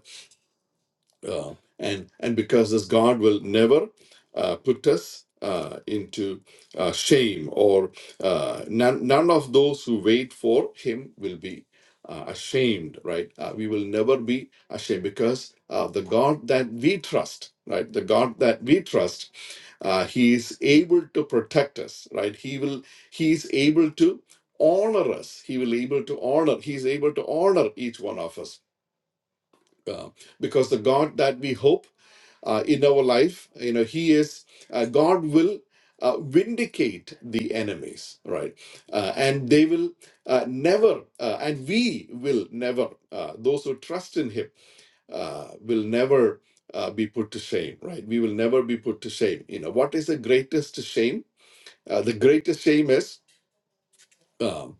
uh, and and because this God will never uh, put us uh, into uh, shame or uh, none none of those who wait for Him will be uh, ashamed. Right? Uh, we will never be ashamed because uh, the God that we trust, right? The God that we trust, uh, He is able to protect us. Right? He will. He is able to honor us he will able to honor he is able to honor each one of us uh, because the God that we hope uh, in our life, you know, He is, uh, God will uh, vindicate the enemies, right? Uh, and they will uh, never, uh, and we will never, uh, those who trust in Him uh, will never uh, be put to shame, right? We will never be put to shame. You know, what is the greatest shame? Uh, the greatest shame is. um,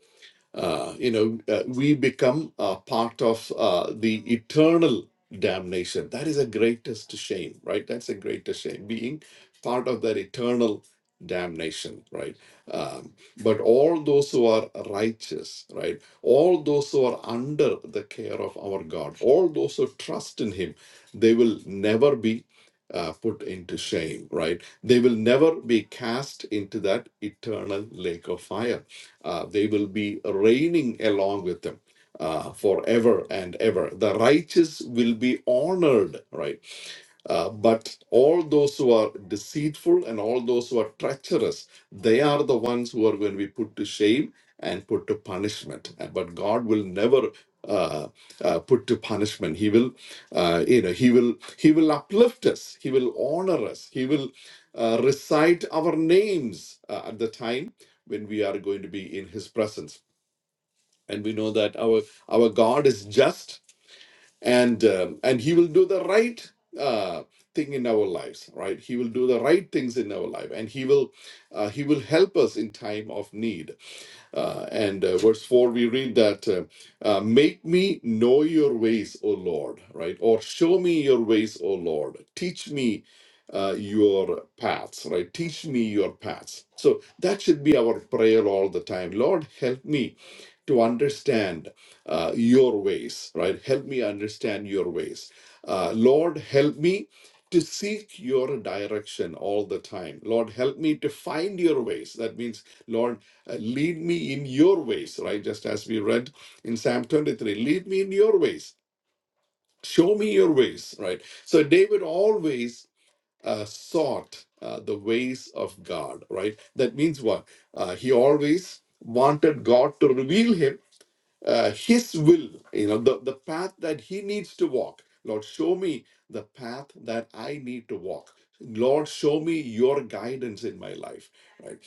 uh, you know, uh, we become uh, part of uh, the eternal damnation. That is the greatest shame, right? That's the greatest shame, being part of that eternal damnation, right? Um, but all those who are righteous, right? All those who are under the care of our God, all those who trust in Him, they will never be. Uh, put into shame, right? They will never be cast into that eternal lake of fire uh, they will be reigning along with them uh, forever and ever. The righteous will be honored, right? Uh, but all those who are deceitful and all those who are treacherous, they are the ones who are going to be put to shame and put to punishment. Uh, But God will never uh, uh, put to punishment. He will, uh, you know, he will, he will uplift us. He will honor us. He will uh, recite our names uh, at the time when we are going to be in His presence. And we know that our our God is just and um and he will do the right uh, thing in our lives right he will do the right things in our life and he will uh, he will help us in time of need uh, and uh, verse 4, we read that, uh, uh, Make me know your ways, O Lord, right? Or show me your ways, O Lord. Teach me uh, your paths, right? Teach me your paths. So that should be our prayer all the time. Lord, help me to understand uh, your ways, right? Help me understand your ways. Uh, Lord, help me to seek your direction all the time. Lord, help me to find your ways. That means, Lord, uh, lead me in your ways, right? Just as we read in Psalm 23 lead me in your ways, show me your ways, right? So, David always uh, sought uh, the ways of God, right? That means what? Uh, he always wanted God to reveal him uh, his will you know the, the path that he needs to walk lord show me the path that i need to walk lord show me your guidance in my life right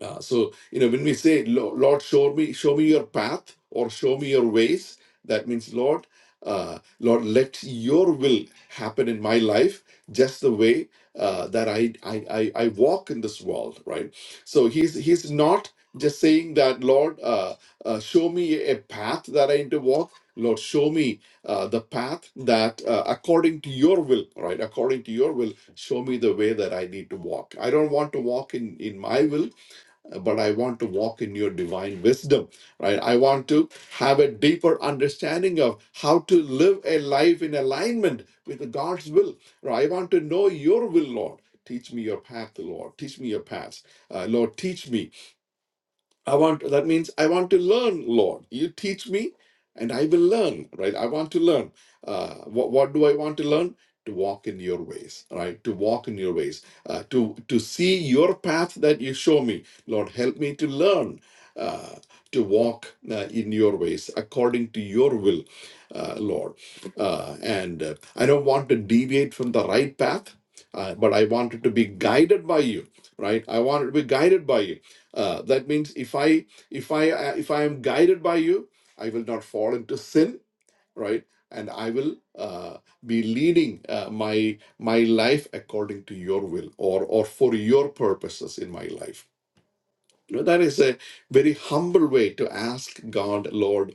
uh, so you know when we say "Lo- lord show me show me your path or show me your ways that means lord uh, lord let your will happen in my life just the way uh, that I, I i i walk in this world right so he's he's not just saying that lord uh, uh, show me a path that i need to walk lord show me uh, the path that uh, according to your will right according to your will show me the way that i need to walk i don't want to walk in in my will but I want to walk in your divine wisdom, right? I want to have a deeper understanding of how to live a life in alignment with God's will. Right? I want to know your will, Lord. Teach me your path, Lord. Teach me your paths. Uh, Lord, teach me I want that means I want to learn, Lord. You teach me, and I will learn. Right? I want to learn. Uh, what what do I want to learn? To walk in your ways, right? To walk in your ways. Uh, to to see your path that you show me, Lord. Help me to learn. Uh, to walk uh, in your ways according to your will, uh, Lord. Uh, and uh, I don't want to deviate from the right path, uh, but I want to be guided by you, right? I want to be guided by you uh, that means if I if I uh, if I am guided by you, I will not fall into sin, right? And I will uh, be leading uh, my my life according to your will or or for your purposes in my life. You know, that is a very humble way to ask God, Lord.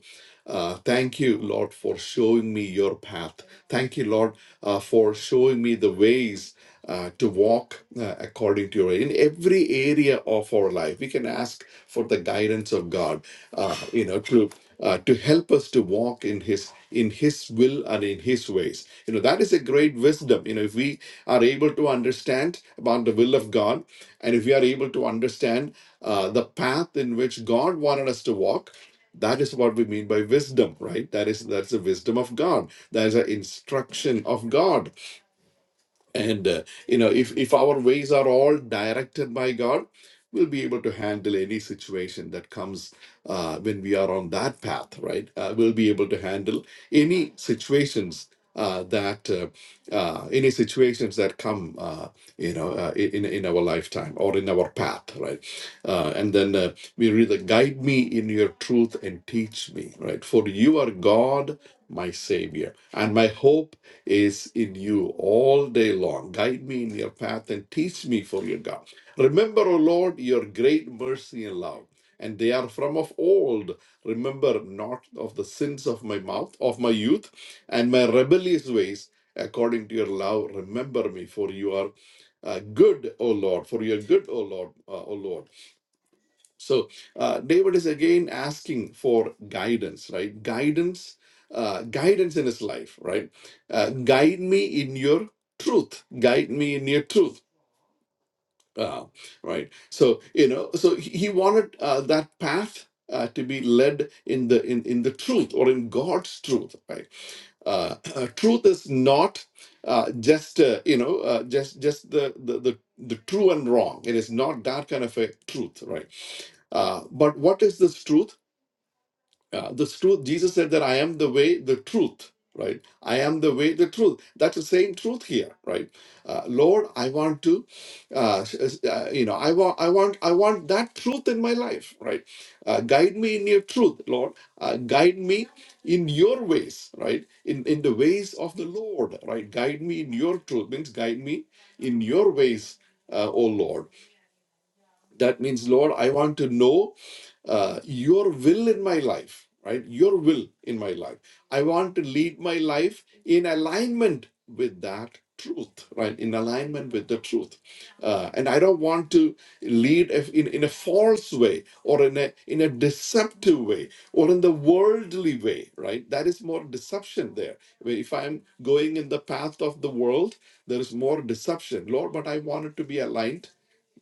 Uh, thank you, Lord, for showing me your path. Thank you, Lord, uh, for showing me the ways uh, to walk uh, according to your in every area of our life. We can ask for the guidance of God, uh, you know, to uh, to help us to walk in His in His will and in His ways. You know, that is a great wisdom. You know, if we are able to understand about the will of God, and if we are able to understand uh, the path in which God wanted us to walk. That is what we mean by wisdom, right? That is that's the wisdom of God. That is the instruction of God. And uh, you know, if if our ways are all directed by God, we'll be able to handle any situation that comes uh, when we are on that path, right? Uh, we'll be able to handle any situations uh, that uh, uh, any situations that come, uh, you know, uh, in in our lifetime or in our path, right? Uh, and then uh, we read, the, "Guide me in your truth and teach me," right? For you are God, my Savior, and my hope is in you all day long. Guide me in your path and teach me for your God. Remember, O Lord, your great mercy and love, and they are from of old. Remember not of the sins of my mouth, of my youth, and my rebellious ways. According to your love, remember me, for you are uh, good, O Lord, for you are good, O Lord, uh, O Lord. So uh, David is again asking for guidance, right? Guidance, uh, guidance in his life, right? Uh, guide me in your truth. Guide me in your truth uh, right so you know so he he wanted uh, that path uh, to be led in the in, in the truth or in god's truth right uh, truth is not uh, just uh, you know uh, just just the, the the the true and wrong it is not that kind of a truth right uh, but what is this truth uh, the truth, Jesus said that I am the way, the truth, right? I am the way, the truth. That's the same truth here, right? Uh, Lord, I want to, uh, uh, you know, I want, I want, I want that truth in my life, right? Uh, guide me in your truth, Lord. Uh, guide me in your ways, right? In in the ways of the Lord, right? Guide me in your truth means guide me in your ways, uh, O Lord that means, Lord, I want to know uh, your will in my life, right? Your will in my life. I want to lead my life in alignment with that truth, right? In alignment with the truth. Uh, and I don't want to lead if- in, in a false way or in a, in a deceptive way or in the worldly way, right? That is more deception there. Where If I'm going in the path of the world, there is more deception. Lord, but I want it to be aligned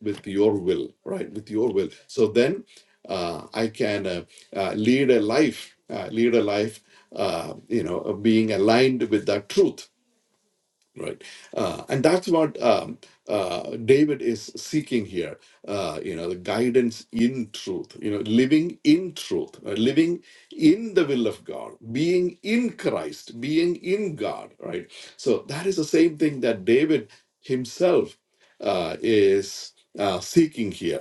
with your will, right? With your will. So then uh, I can uh, uh, lead a life, uh, lead a life, uh, you know, of being aligned with that truth right uh, and that's what um, uh, david is seeking here uh, you know the guidance in truth you know living in truth uh, living in the will of god being in christ being in god right so that is the same thing that david himself uh, is uh, seeking here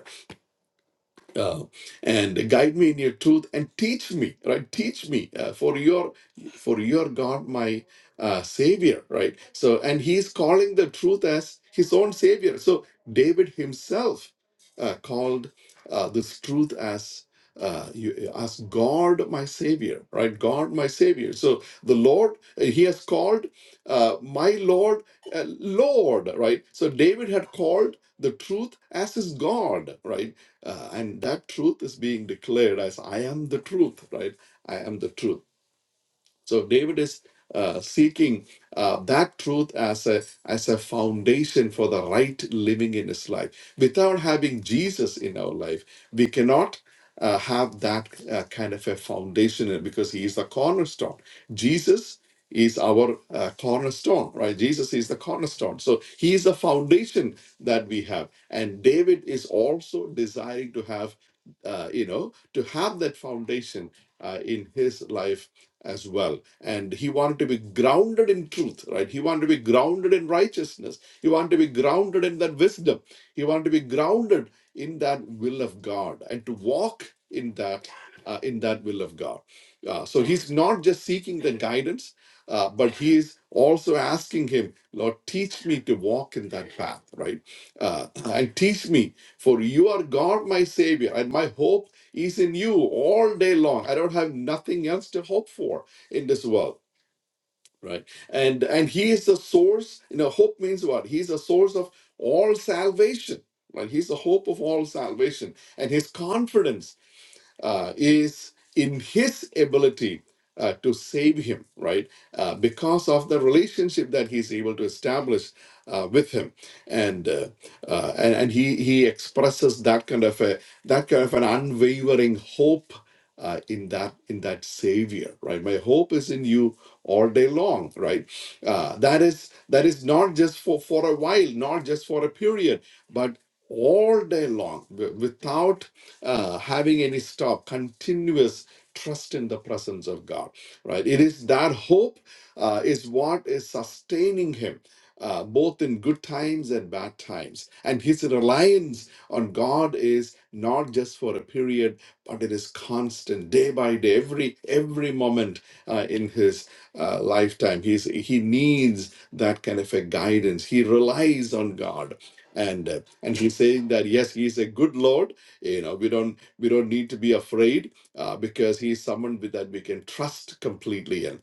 uh, and guide me in your truth and teach me right teach me uh, for your for your god my uh, savior right so and he's calling the truth as his own savior so david himself uh, called uh, this truth as uh, you, as God, my Savior, right? God, my Savior. So the Lord, uh, He has called uh, my Lord, uh, Lord, right? So David had called the truth as his God, right? Uh, and that truth is being declared as I am the truth, right? I am the truth. So David is uh, seeking uh, that truth as a as a foundation for the right living in his life. Without having Jesus in our life, we cannot uh, have that uh, kind of a foundation because he is the cornerstone. Jesus is our uh, cornerstone, right? Jesus is the cornerstone. So he is the foundation that we have. And David is also desiring to have, uh, you know, to have that foundation uh, in his life as well. And he wanted to be grounded in truth, right? He wanted to be grounded in righteousness. He wanted to be grounded in that wisdom. He wanted to be grounded in that will of God and to walk in that uh, in that will of God. Uh, so he's not just seeking the guidance uh, but he is also asking him, Lord, teach me to walk in that path, right? Uh, and teach me, for you are God, my Savior, and my hope is in you all day long. I don't have nothing else to hope for in this world, right? And and He is the source. You know, hope means what? He's the source of all salvation. Right? He's the hope of all salvation, and His confidence uh, is in his ability uh, to save him, right? Uh, because of the relationship that he's able to establish uh, with him, and uh, uh, and, and he he expresses that kind of a that kind of an unwavering hope uh, in that in that Savior, right? My hope is in you all day long, right? Uh, that is that is not just for for a while, not just for a period, but all day long, wi- without uh, having any stop, continuous trust in the presence of God, right? It is that hope uh, is what is sustaining him. Uh, both in good times and bad times. And his reliance on God is not just for a period, but it is constant, day by day, every every moment uh, in his uh, lifetime. He's, he needs that kind of a guidance. He relies on God. And, uh, and he's saying that, yes, he's a good Lord you know, we don't we don't need to be afraid uh, because he's someone with that we can trust completely in.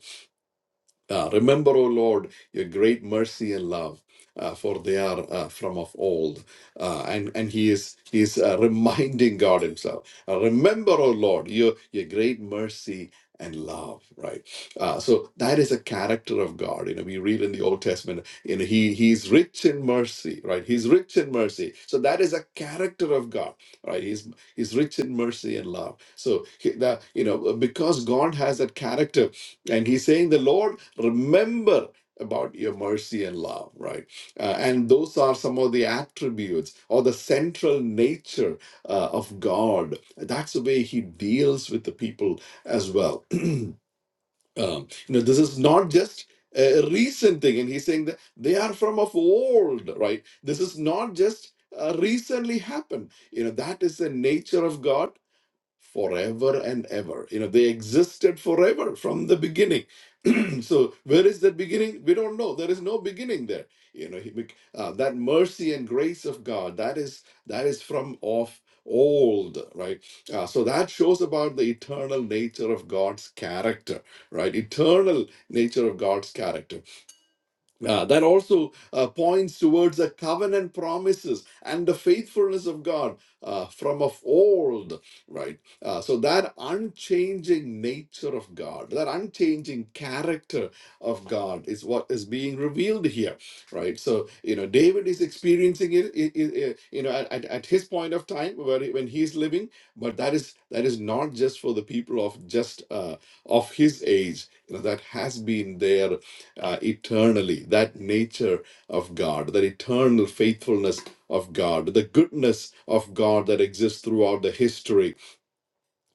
Uh, remember, O Lord, your great mercy and love, uh, for they are uh, from of old. Uh, and and he is he is uh, reminding God Himself. Uh, remember, O Lord, your your great mercy and love. Right. Uh, so that is a character of God. You know, we read in the Old Testament. You know, he he's rich in mercy. Right. He's rich in mercy. So that is a character of God. Right. He's he's rich in mercy and love. So he, that you know because God has that character and he's saying, The Lord, remember about your mercy and love, right? Uh, and those are some of the attributes or the central nature uh, of God. That's the way he deals with the people as well. um, you know, this is not just a recent thing. And he's saying that they are from of old, right? This is not just uh, recently happened. You know, that is the nature of God forever and ever. You know, they existed forever from the beginning. so, where is that beginning? We don't know. There is no beginning there. You know, he bec- uh, that mercy and grace of God that is that is from of old, right? Uh, so that shows about the eternal nature of God's character, right? Eternal nature of God's character. Uh, that also uh, points towards the covenant promises and the faithfulness of God uh, from of old, right? Uh, so, that unchanging nature of God, that unchanging character of God is what is being revealed here, right? So, you know, David is experiencing it, i- i- i- you know, at, at at his point of time where, he- when he's living, but that is that is not just for the people of just uh, of his age. You know, that has been there uh, eternally. That nature of God, that eternal faithfulness of God, the goodness of God that exists throughout the history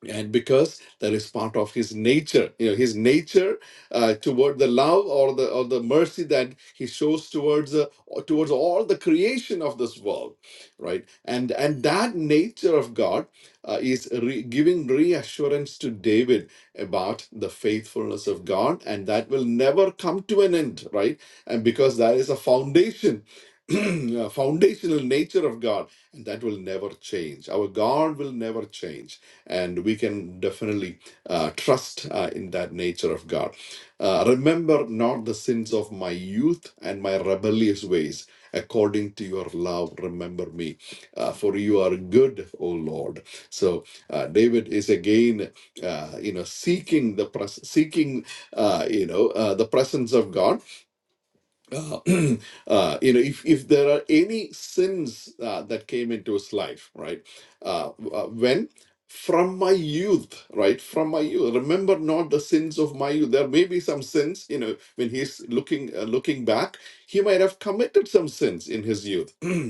and because that is part of his nature you know his nature uh, toward the love or the or the mercy that he shows towards the towards all the creation of this world right and and that nature of god uh, is re- giving reassurance to david about the faithfulness of god and that will never come to an end right and because that is a foundation a foundational nature of god and that will never change our god will never change and we can definitely uh, trust uh, in that nature of God. Uh, remember not the sins of my youth and my rebellious ways. According to your love, remember me, uh, for you are good, O Lord. So uh, David is again, uh, you know, seeking the pres- seeking, uh, you know, uh, the presence of God uh, uh, you know, if, if there are any sins uh, that came into his life, right? Uh, uh, when from my youth, right? From my youth, remember not the sins of my youth. There may be some sins, you know, when he's looking uh, looking back, he might have committed some sins in his youth.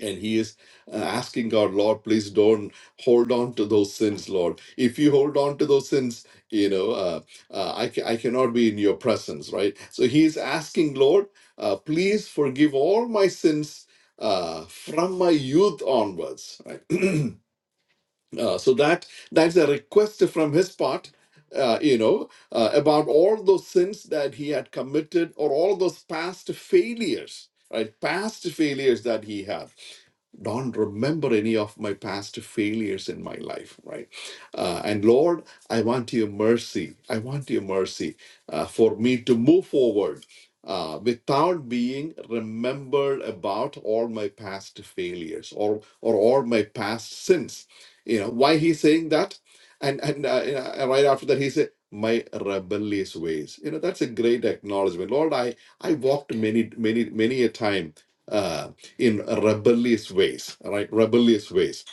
and he is uh, asking god lord please don't hold on to those sins lord if you hold on to those sins you know uh, uh, I, ca- I cannot be in your presence right so he is asking lord uh, please forgive all my sins uh, from my youth onwards right uh, so that that's a request from his part uh, you know uh, about all those sins that he had committed or all those past failures right past failures that he had don't remember any of my past failures in my life, right? Uh, and Lord, I want your mercy. I want your mercy uh, for me to move forward uh, without being remembered about all my past failures or, or all my past sins you know why he's saying that and and uh, you know, right after that he said my rebellious ways you know that's a great acknowledgement lord i i walked many many many a time uh in rebellious ways all right rebellious ways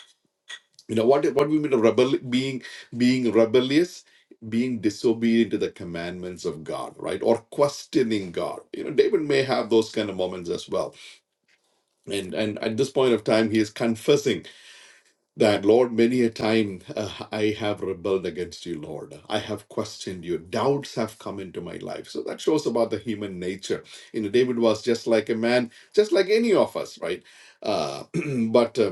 you know what what we mean by rebel being being rebellious being disobedient to the commandments of god right or questioning god you know david may have those kind of moments as well and and at this point of time he is confessing that Lord, many a time uh, I have rebelled against you, Lord. I have questioned you. Doubts have come into my life. So that shows about the human nature. You know, David was just like a man, just like any of us, right? Uh, but uh,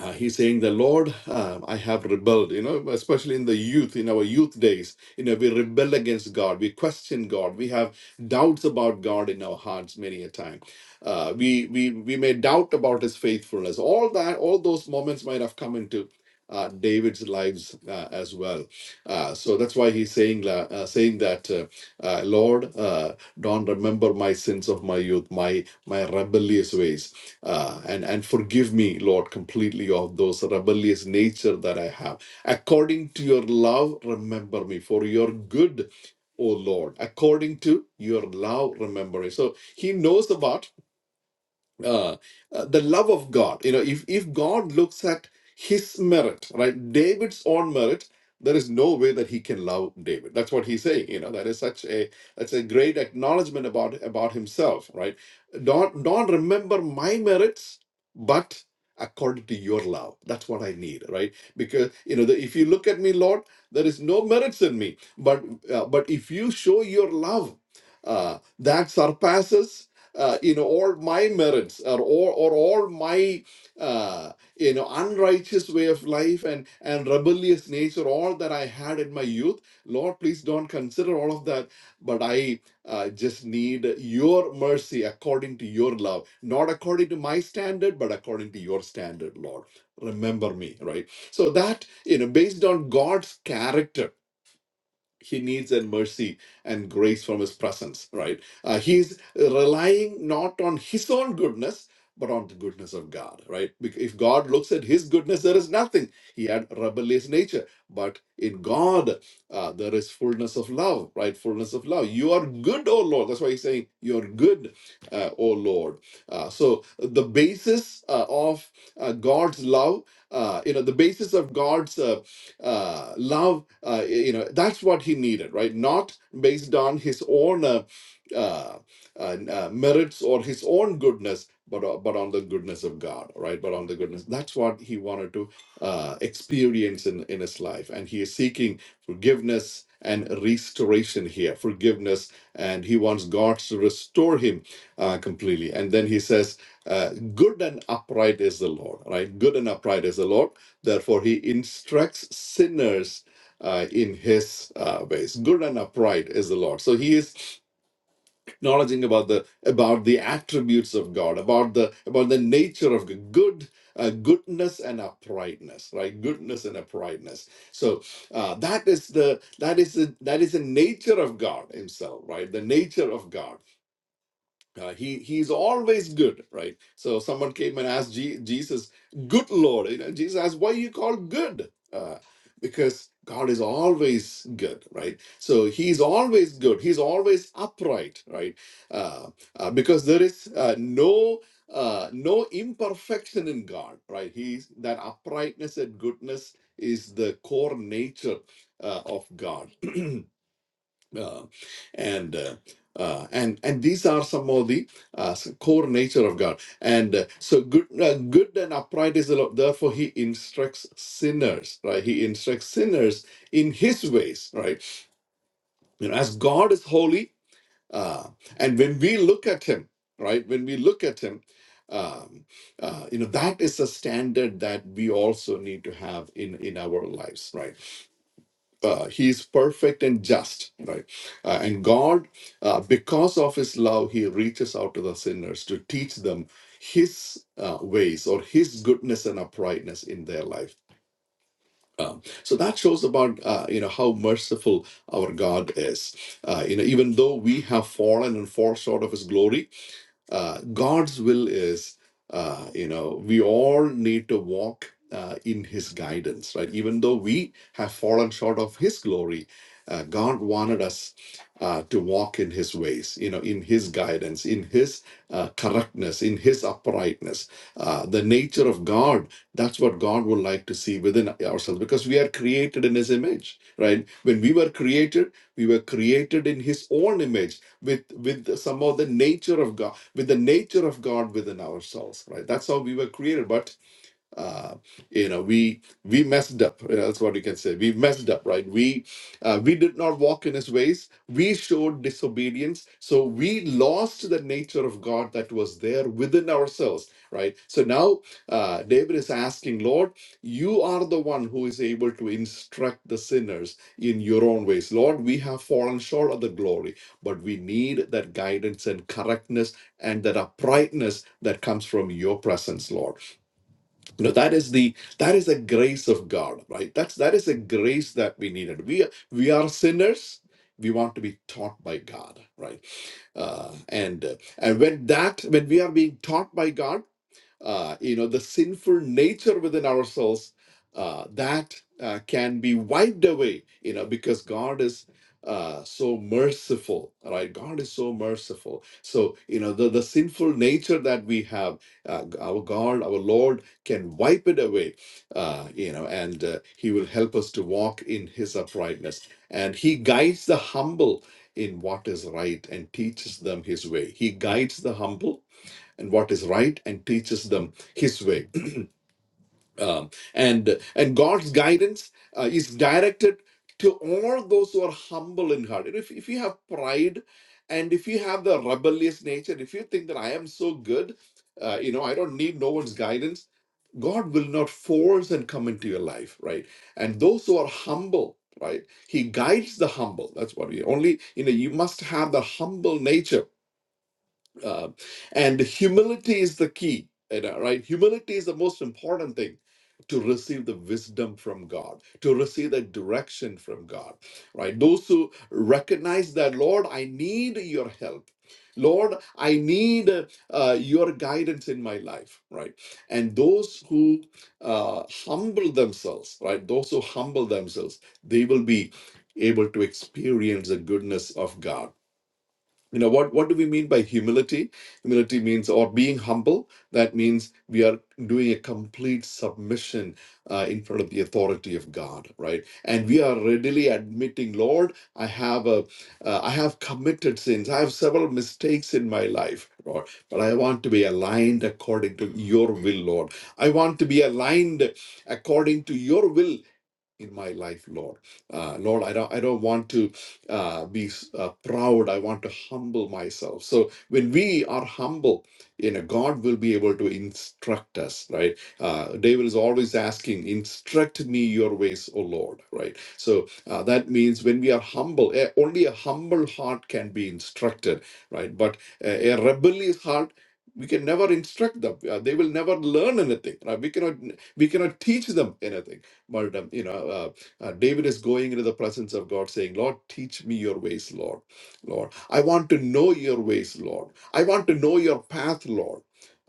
uh, he's saying the lord uh, i have rebelled you know especially in the youth in our youth days you know we rebel against god we question god we have doubts about god in our hearts many a time uh, we we we may doubt about his faithfulness all that all those moments might have come into uh, David's lives uh, as well, uh, so that's why he's saying la- uh, saying that uh, uh, Lord, uh, don't remember my sins of my youth, my my rebellious ways uh, and, and forgive me, Lord, completely of those rebellious nature that I have. According to your love, remember me for your good, O Lord. According to your love, remember me. So he knows about uh, uh, the love of God. You know, if if God looks at his merit, right, David's own merit, there is no way that he can love David. That's what he's saying. You know, that is such a that's a great acknowledgement about about himself, right? Don't don't remember my merits, but according to your love that's what i need right because you know the, if you look at me lord there is no merits in me but uh, but if you show your love uh, that surpasses uh, you know all my merits or or, or all my uh, you know unrighteous way of life and and rebellious nature all that i had in my youth lord please don't consider all of that but i uh, just need your mercy according to your love not according to my standard but according to your standard lord remember me right so that you know based on god's character he needs that mercy and grace from his presence, right? Uh, he's relying not on his own goodness, but on the goodness of God, right? Bec- If God looks at his goodness, there is nothing. He had rebellious nature, but in God, uh, there is fullness of love, right? Fullness of love. You are good, O Lord. That's why he's saying, You're good, uh, O Lord. Uh, so the basis uh, of uh, God's love, uh, you know, the basis of God's uh, uh, love uh, you know that's what he needed right not based on his own uh, uh, uh, uh, merits or his own goodness but, o- but on the goodness of god right but on the goodness that's what he wanted to uh, experience in, in his life and he is seeking forgiveness and restoration here forgiveness and he wants god to restore him uh, completely and then he says uh, good and upright is the lord right good and upright is the lord Therefore, he instructs sinners uh, in his uh, ways. Good and upright is the Lord. So he is acknowledging about the about the attributes of God, about the about the nature of God. good. Uh, goodness and uprightness right goodness and uprightness so uh, that is the that is the that is the nature of god himself right the nature of god uh, he he's always good, right? So someone came and asked Je- Jesus, "Good Lord," you know, Jesus asked, "Why you call good?" Uh, because God is always good, right? So He's always good. He's always upright, right? Uh, uh, because there is uh, no uh, no imperfection in God, right? He's that uprightness and goodness is the core nature uh, of God. uh, and uh, uh, and and these are some of the uh, s- core nature of God. And uh, so good, uh, good and upright is the Lord. Therefore, He instructs sinners, right? He instructs sinners in His ways, right? You know, as God is holy, uh, and when we look at Him, right? When we look at Him. Um, uh, you know that is a standard that we also need to have in in our lives right uh, he is perfect and just right Uh, and god uh, because of his love he reaches out to the sinners to teach them his uh, ways or his goodness and uprightness in their life Um, so that shows about uh, you know how merciful our God is. Uh, you know, even though we have fallen and fall short of His glory, uh, God's will is, uh, you know, we all need to walk uh, in His guidance, right? Even though we have fallen short of His glory, uh, God wanted us uh, to walk in His ways, you know, in His guidance, in His uh, correctness, in His uprightness. Uh, the nature of God, that's what God would like to see within ourselves because we are created in His image, right? When we were created, we were created in His own image with, with some of the nature of God with the nature of God within ourselves, right? That's how we were created. But uh, you know we we messed up you know, that's what you can say we messed up right we uh, we did not walk in his ways we showed disobedience so we lost the nature of god that was there within ourselves right so now uh, david is asking lord you are the one who is able to instruct the sinners in your own ways lord we have fallen short of the glory but we need that guidance and correctness and that uprightness that comes from your presence lord you know that is the that is the grace of god right that's that is a grace that we needed we are- we are sinners we want to be taught by god right uh, and uh, and when that when we are being taught by god uh, you know, the sinful nature within ourselves uh, that uh, can be wiped away, you know, because God is uh, so merciful, right? God is so merciful. So, you know, the, the sinful nature that we have, uh, our God, our Lord can wipe it away, uh, you know, and uh, He will help us to walk in His uprightness. And He guides the humble in what is right and teaches them His way. He guides the humble and what is right and teaches them his way um, and and god's guidance uh, is directed to all those who are humble in heart and if, if you have pride and if you have the rebellious nature if you think that i am so good uh, you know i don't need no one's guidance god will not force and come into your life right and those who are humble right he guides the humble that's what we only you know you must have the humble nature uh, and humility is the key you know, right humility is the most important thing to receive the wisdom from god to receive the direction from god right those who recognize that lord i need your help lord i need uh, your guidance in my life right and those who uh, humble themselves right those who humble themselves they will be able to experience the goodness of god you know what what do we mean by humility humility means or being humble that means we are doing a complete submission uh, in front of the authority of god right and we are readily admitting lord i have a uh, i have committed sins i have several mistakes in my life lord but i want to be aligned according to your will lord i want to be aligned according to your will in my life, Lord. Uh, Lord, I don't, I don't want to uh, be uh, proud. I want to humble myself. So when we are humble, you know, God will be able to instruct us, right? Uh, David is always asking, "Instruct me your ways, O Lord," right? So uh, that means when we are humble, eh, only a humble heart can be instructed, right? But a, a rebellious heart. We can never instruct them. Uh, they will never learn anything. Right? We cannot. We cannot teach them anything martyrdom. You know, uh, uh, David is going into the presence of God saying, Lord, teach me your ways, Lord. Lord, I want to know your ways, Lord. I want to know your path, Lord.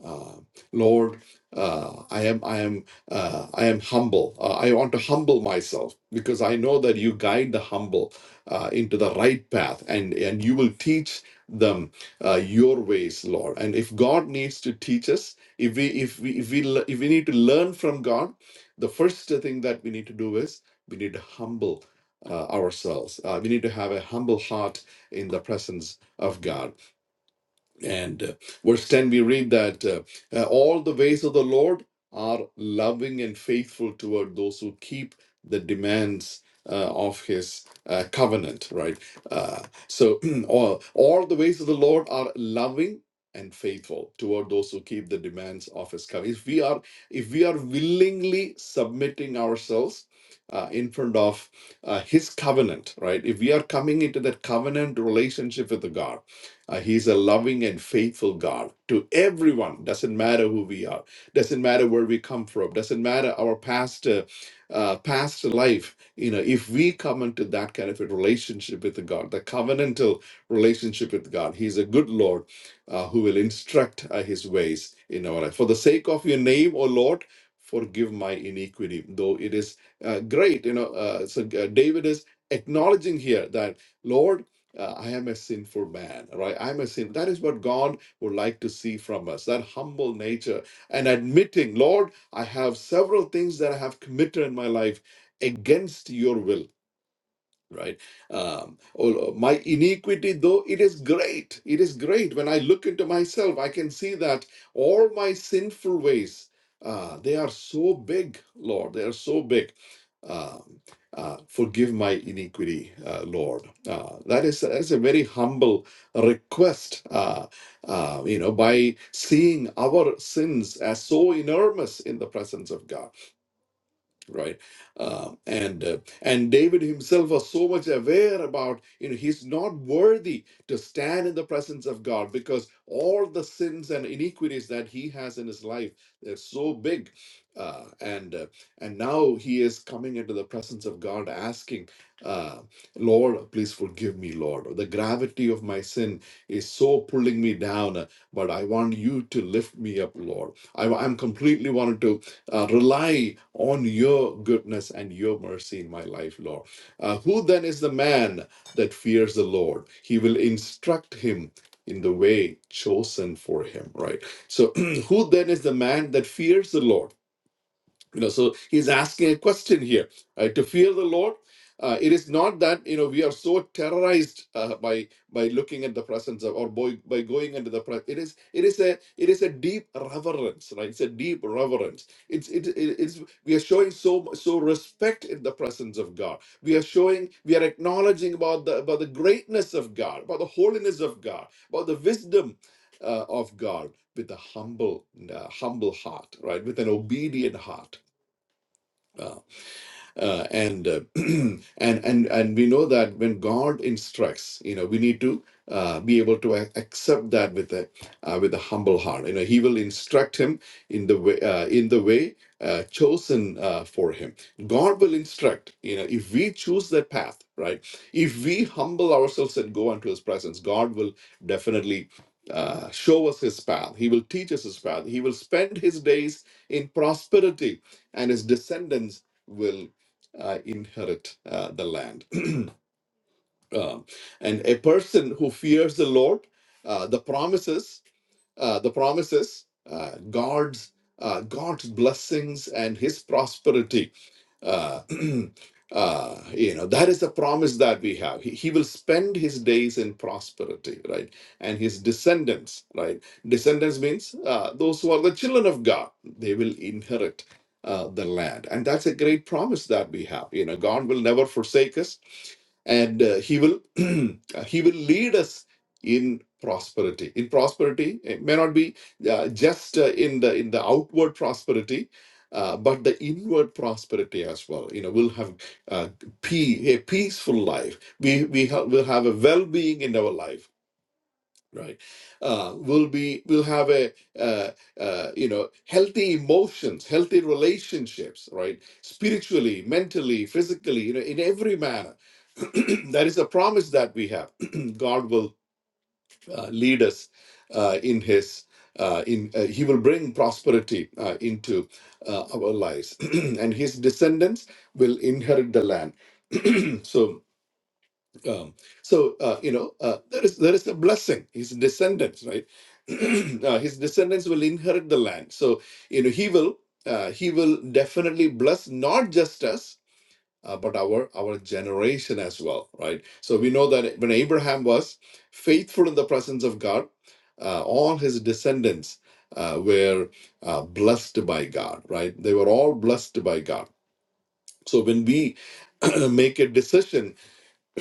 Uh, Lord, uh, I am, I am, uh, I am humble. Uh, I want to humble myself because I know that you guide the humble uh, into the right path, and and you will teach them uh, your ways, Lord. And if God needs to teach us, if we if we if we le- if we need to learn from God, the first thing that we need to do is we need to humble uh, ourselves. Uh, we need to have a humble heart in the presence of God and uh, verse 10, we read that uh, uh, all the ways of the Lord are loving and faithful toward those who keep the demands uh, of his uh, covenant, right? Uh, so, all, all the ways of the Lord are loving and faithful toward those who keep the demands of his covenant. If we are, if we are willingly submitting ourselves uh, in front of uh, his covenant, right? If we are coming into that covenant relationship with the God, uh, he's a loving and faithful God to everyone. Doesn't matter who we are. Doesn't matter where we come from. Doesn't matter our past, uh, uh, past life. You know, if we come into that kind of a relationship with God, the covenantal relationship with God, He's a good Lord uh, who will instruct uh, His ways in our life. For the sake of Your name, O Lord, forgive my iniquity. Though it is uh, great, you know. Uh, so uh, David is acknowledging here that Lord uh, I am a sinful man, right? I'm a sin. That is what God would like to see from us that humble nature and admitting, Lord, I have several things that I have committed in my life against your will right um oh oh, my iniquity though it is great it is great when i look into myself i can see that all my sinful ways uh they are so big lord they are so big um uh, forgive my iniquity, uh, Lord. Uh, that is that's a very humble request. Uh, uh, you know, by seeing our sins as so enormous in the presence of God right uh, and uh, and david himself was so much aware about you know he's not worthy to stand in the presence of god because all the sins and iniquities that he has in his life they're so big uh, and uh, and now he is coming into the presence of god asking uh, lord please forgive me lord the gravity of my sin is so pulling me down uh, but i want you to lift me up lord I, i'm completely wanted to uh, rely on your goodness and your mercy in my life, Lord. Uh, who then is the man that fears the Lord? He will instruct him in the way chosen for him, right? So, who then is the man that fears the Lord? you know so he's asking a question here uh, to fear the lord uh, it is not that you know we are so terrorized uh, by by looking at the presence of or by, by going into the presence it is it is a it is a deep reverence right it's a deep reverence it's it, it- it's we are showing so mu- so respect in the presence of god we are showing we are acknowledging about the about the greatness of god about the holiness of god about the wisdom uh, of god with a humble uh, humble heart right with an obedient heart uh, uh, and uh, and and and we know that when God instructs, you know, we need to uh, be able to ac- accept that with a uh, with a humble heart. You know, He will instruct him in the way uh, in the way uh, chosen uh, for him. God will instruct. You know, if we choose that path, right? If we humble ourselves and go unto His presence, God will definitely. Uh, show us his path. He will teach us his path. He will spend his days in prosperity, and his descendants will uh, inherit uh, the land. Um, and a person who fears the Lord, uh, the promises, uh, the promises, uh, God's uh, God's blessings and His prosperity. Uh, uh, you know that is the promise that we have. He, he will spend his days in prosperity, right? And his descendants, right? Descendants means uh, those who are the children of God. They will inherit uh, the land, and that's a great promise that we have. You know, God will never forsake us and uh, he will uh, he will lead us in prosperity in prosperity it may not be uh, just uh, in the in the outward prosperity uh, but the inward prosperity as well you know we'll have uh, pe- a peaceful life we we ha- will have a well-being in our life right uh, we'll be we'll have a uh, uh, you know healthy emotions healthy relationships right spiritually mentally physically you know in every manner that is a promise that we have god will uh, lead us uh, in his uh, in uh, he will bring prosperity uh, into uh, our lives and his descendants will inherit the land so um, so uh, you know uh, there is there is a blessing. His descendants, right? uh, his descendants will inherit the land. So you know he will uh, he will definitely bless not just us uh, but our our generation as well, right? So we know that when Abraham was faithful in the presence of God, uh, all his descendants uh, were uh, blessed by God, right? They were all blessed by God. So when we make a decision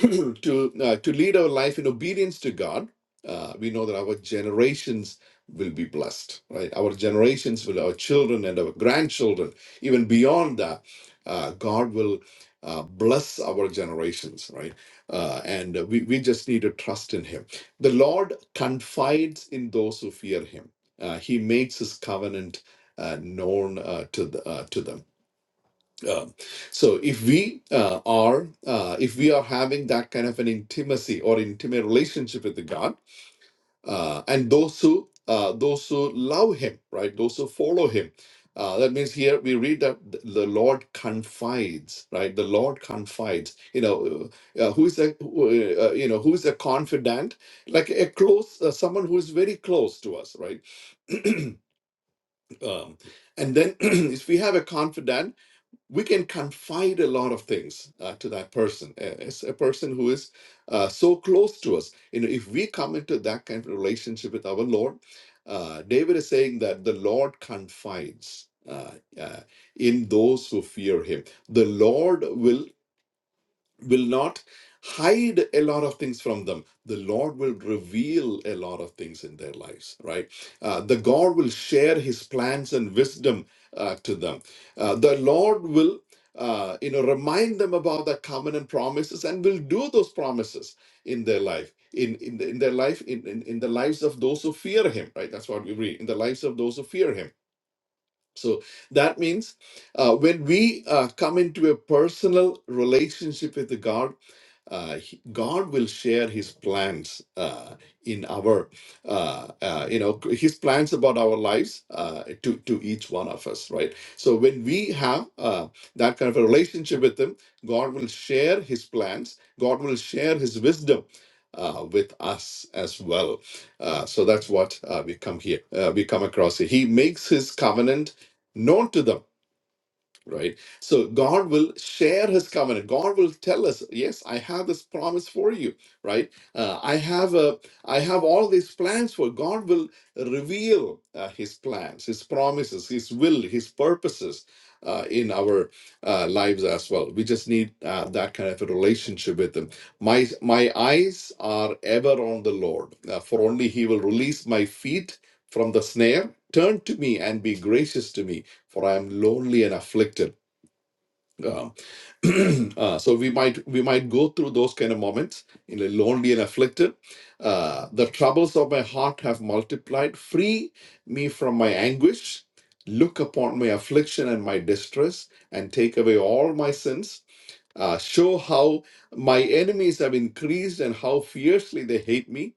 to uh, to lead our life in obedience to God, uh, we know that our generations will be blessed, right? Our generations will, our children and our grandchildren, even beyond that, uh, God will uh, bless our generations, right? Uh, and we, we just need to trust in Him. The Lord confides in those who fear Him. Uh, he makes His covenant uh, known uh, to the, uh, to them um, so if we uh, are uh, if we are having that kind of an intimacy or intimate relationship with the God, uh, and those who uh, those who love Him, right? Those who follow Him. Uh, that means here we read that th- the Lord confides, right? The Lord confides. You know, uh, who is a who, uh, you know who is a confidant? Like a close uh, someone who is very close to us, right? um, and then if we have a confidant we can confide a lot of things uh, to that person as a person who is uh, so close to us you know if we come into that kind of relationship with our lord uh, david is saying that the lord confides uh, uh, in those who fear him the lord will will not hide a lot of things from them. The Lord will reveal a lot of things in their lives, right? Uh, the God will share his plans and wisdom uh, to them. Uh, the Lord will. Uh, you know, remind them about the covenant promises and will do those promises in their life, in in, the, in their life, in, in in the lives of those who fear Him, right? That's what we read in the lives of those who fear Him. So that means uh, when we uh, come into a personal relationship with God, uh, he- God will share His plans uh, in our, uh, uh, you know, His plans about our lives uh, to to each one of us, right? So when we have uh, that kind of a relationship with Him, God will share His plans. God will share His wisdom. Uh, with us as well, uh, so that's what uh, we come here. Uh, we come across here. He makes his covenant known to them right? So God will share his covenant. God will tell us, yes, I have this promise for you, right? Uh, I have a, I have all these plans for God will reveal uh, his plans, his promises, his will, his purposes uh, in our uh, lives as well. We just need uh, that kind of a relationship with him. My my eyes are ever on the Lord, uh, for only he will release my feet from the snare. Turn to me and be gracious to me for I am lonely and afflicted. Um, uh, so we might we might go through those kind of moments in a lonely and afflicted. Uh, the troubles of my heart have multiplied. Free me from my anguish. Look upon my affliction and my distress, and take away all my sins. Uh, show how my enemies have increased and how fiercely they hate me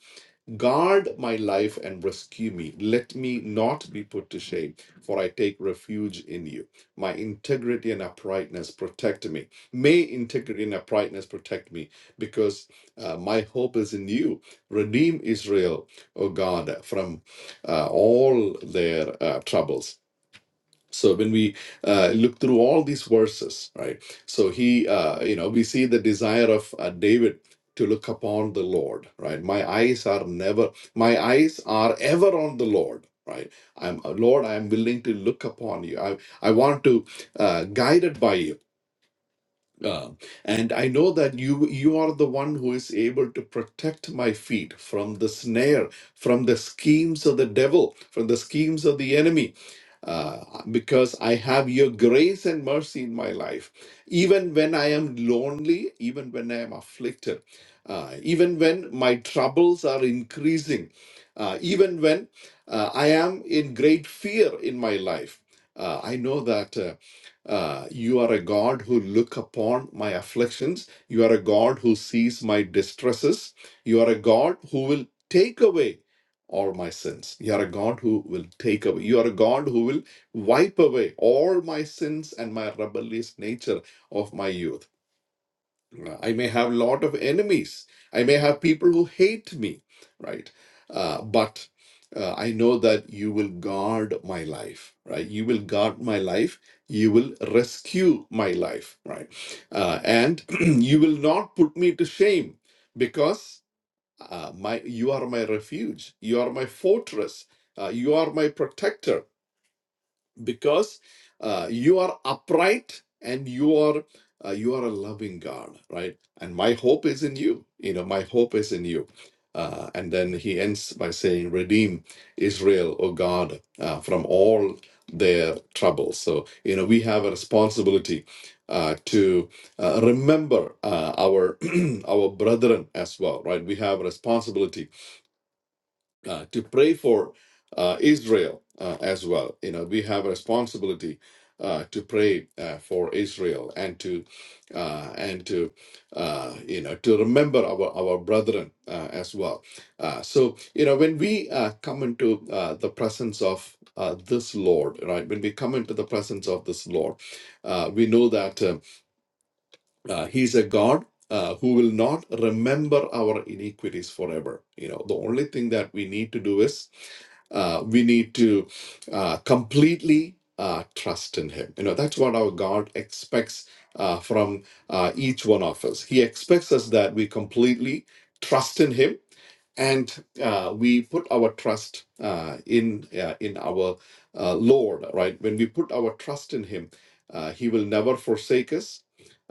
Guard my life and rescue me. Let me not be put to shame, for I take refuge in you. My integrity and uprightness protect me. May integrity and uprightness protect me, because uh, my hope is in you. Redeem Israel, O God, from uh, all their uh, troubles so when we uh, look through all these verses right so he uh, you know we see the desire of uh, david to look upon the lord right my eyes are never my eyes are ever on the lord right i'm lord i'm willing to look upon you i, I want to uh, guided by you uh, and I know that you you are the one who is able to protect my feet from the snare, from the schemes of the devil, from the schemes of the enemy, uh, because I have your grace and mercy in my life. Even when I am lonely, even when I am afflicted, uh, even when my troubles are increasing, uh, even when uh, I am in great fear in my life, uh, I know that. Uh, uh, you are a God who look upon my afflictions. You are a God who sees my distresses. You are a God who will take away all my sins. You are a God who will take away. You are a God who will wipe away all my sins and my rebellious nature of my youth. Uh, I may have a lot of enemies. I may have people who hate me, right? Uh, but uh, I know that you will guard my life, right? You will guard my life. You will rescue my life, right? Uh, and you will not put me to shame because uh, my you are my refuge. You are my fortress. Uh, you are my protector because uh, you are upright and you are uh, you are a loving God, right? And my hope is in you. You know, my hope is in you. Uh, and then he ends by saying, "Redeem Israel, O God, uh, from all their troubles." So you know, we have a responsibility uh, to uh, remember uh, our our brethren as well, right? We have a responsibility uh, to pray for uh, Israel uh, as well. You know, we have a responsibility uh, to pray uh, for Israel and to uh, and to uh, you know to remember our our brethren uh, as well. Uh, so you know, when we uh, come into uh, the presence of uh, this Lord, right? When we come into the presence of this Lord, uh, we know that. Um, uh, he's a god uh, who will not remember our iniquities forever you know the only thing that we need to do is uh, we need to uh, completely uh, trust in him you know that's what our god expects uh, from uh, each one of us he expects us that we completely trust in him and uh, we put our trust uh, in uh, in our uh, Lord, right? When we put our trust in Him, uh, He will never forsake us.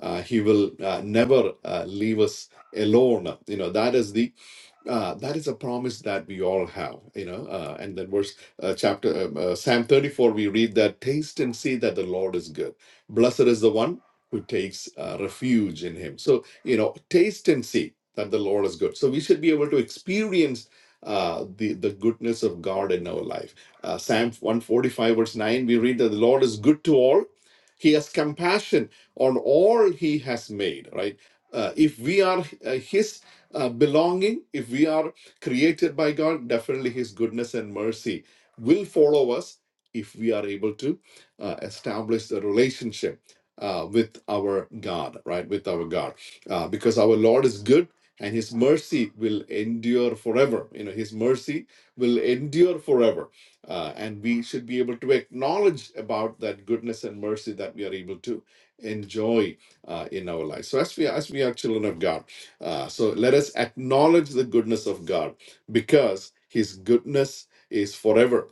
Uh, he will uh, never uh, leave us alone. You know, that is the uh, that is a promise that we all have you know uh, and then verse uh, chapter um, uh, psalm 34 we read that taste and see that the lord is good blessed is the one who takes uh, refuge in him so you know taste and see that the lord is good so we should be able to experience uh, the the goodness of god in our life uh, psalm 145 verse 9 we read that the lord is good to all he has compassion on all he has made right uh, if we are uh, his uh, belonging, if we are created by God, definitely His goodness and mercy will follow us if we are able to uh, establish the relationship uh, with our God, right? With our God. Uh, because our Lord is good and His mercy will endure forever. You know, His mercy will endure forever. Uh, and we should be able to acknowledge about that goodness and mercy that we are able to enjoy uh, in our life. So as we as we are children of God uh, so let us acknowledge the goodness of God because His goodness is forever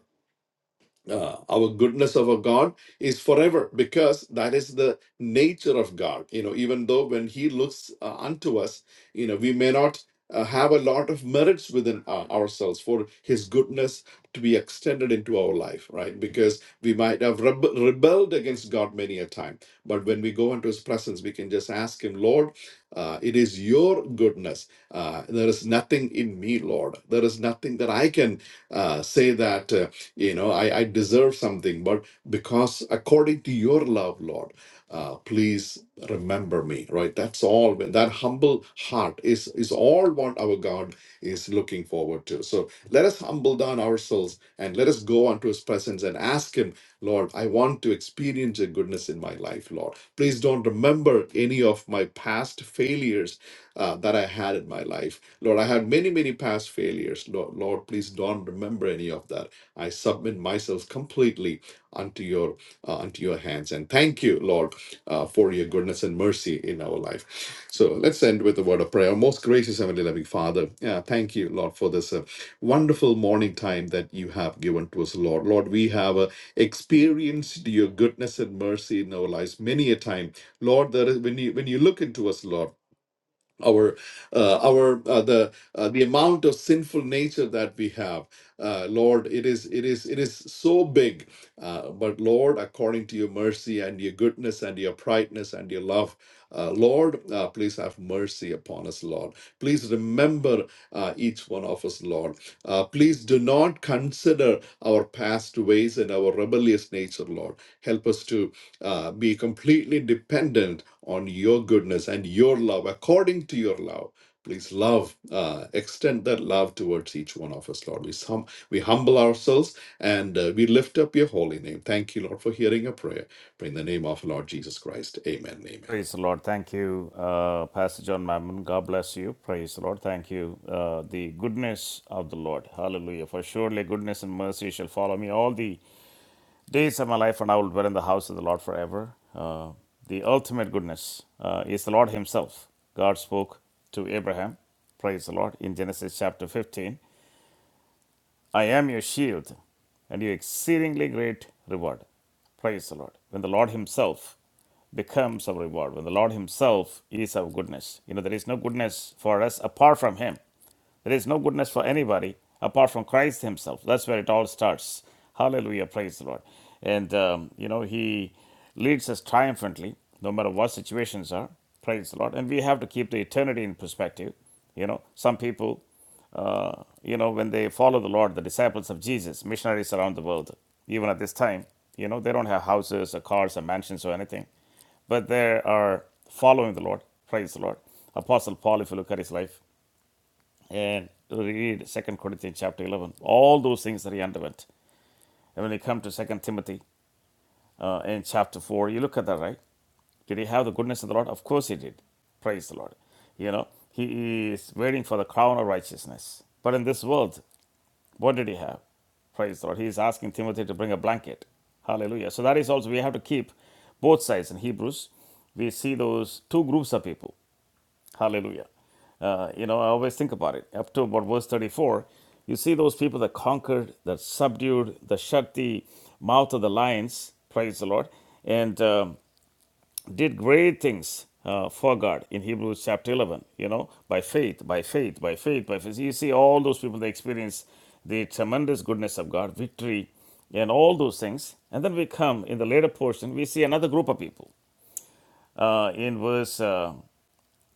uh, our goodness of our God is forever because that is the nature of God. You know, even though when He looks uh, unto us, you know, we may not uh, have a lot of merits within uh, ourselves for His goodness to be extended into our life, right? Because we might have rebe- rebelled against God many a time. But when we go into His presence, we can just ask Him, Lord, uh, it is your goodness. Uh, there is nothing in me, Lord. There is nothing that I can uh, say that. uh, you know, I, I deserve something, but because according to your love, Lord, uh, please remember me, right? That's all. When That humble heart is, is all what our God is looking forward to. So let us humble down ourselves and let us go unto his presence and ask him, Lord, I want to experience your goodness in my life, Lord. Please don't remember any of my past failures uh, that I had in my life. Lord, I had many, many past failures. Lord, Lord, please don't remember any of that. I submit myself completely unto your uh, unto your hands. And thank you, Lord, uh, for your goodness and mercy in our life. So let's end with a word of prayer. Most gracious heavenly loving Father, yeah, thank you, Lord, for this uh, wonderful morning time that you have given to us, Lord. Lord, we have uh, experienced your goodness and mercy in our lives many a time, Lord. There is when you when you look into us, Lord our uh, our uh, the uh, the amount of sinful nature that we have uh, lord it is it is it is so big uh, but lord according to your mercy and your goodness and your brightness and your love uh, lord uh, please have mercy upon us lord please remember uh, each one of us lord uh, please do not consider our past ways and our rebellious nature lord help us to uh, be completely dependent on your goodness and your love according to your love please love uh, extend that love towards each one of us lord we, hum- we humble ourselves and uh, we lift up your holy name thank you lord for hearing a prayer pray in the name of lord jesus christ amen amen
Praise the Lord. Thank you, uh, Pastor John Mammon. God bless you. Praise the Lord. Thank you. Uh, the goodness of the Lord. Hallelujah. For surely goodness and mercy shall follow me all the days of my life, and I will dwell in the house of the Lord forever. Uh, the ultimate goodness uh, is the Lord Himself. God spoke to Abraham. Praise the Lord. In Genesis chapter 15. I am your shield and your exceedingly great reward. Praise the Lord. When the Lord Himself becomes our reward, when the Lord Himself is our goodness, you know, there is no goodness for us apart from Him. There is no goodness for anybody apart from Christ Himself. That's where it all starts. Hallelujah. Praise the Lord. And, um, you know, He leads us triumphantly, no matter what situations are. Praise the Lord. And we have to keep the eternity in perspective. You know, some people, uh, you know, when they follow the Lord, the disciples of Jesus, missionaries around the world, even at this time, you know, they don't have houses or cars or mansions or anything but they are following the Lord. Praise the Lord. Apostle Paul, if you look at his life, and read Second Corinthians chapter 11. All those things that he underwent. And when you come to Second Timothy uh, in chapter 4, you look at that, right? Did he have the goodness of the Lord? Of course he did. Praise the Lord. You know, he is waiting for the crown of righteousness. But in this world, what did he have? Praise the Lord. He is asking Timothy to bring a blanket. Hallelujah. So that is also, we have to keep both sides. In Hebrews, we see those two groups of people Hallelujah. Uh, you know, I always think about it. Up to about verse 34, you see those people that conquered, that subdued, that shut the mouth of the lions, praise the Lord, and um, did great things uh, for God in Hebrews chapter 11, you know, by faith, by faith, by faith, by faith. You see all those people, that experience the tremendous goodness of God, victory, and all those things. And then we come in the later portion, we see another group of people. Uh, in verse uh,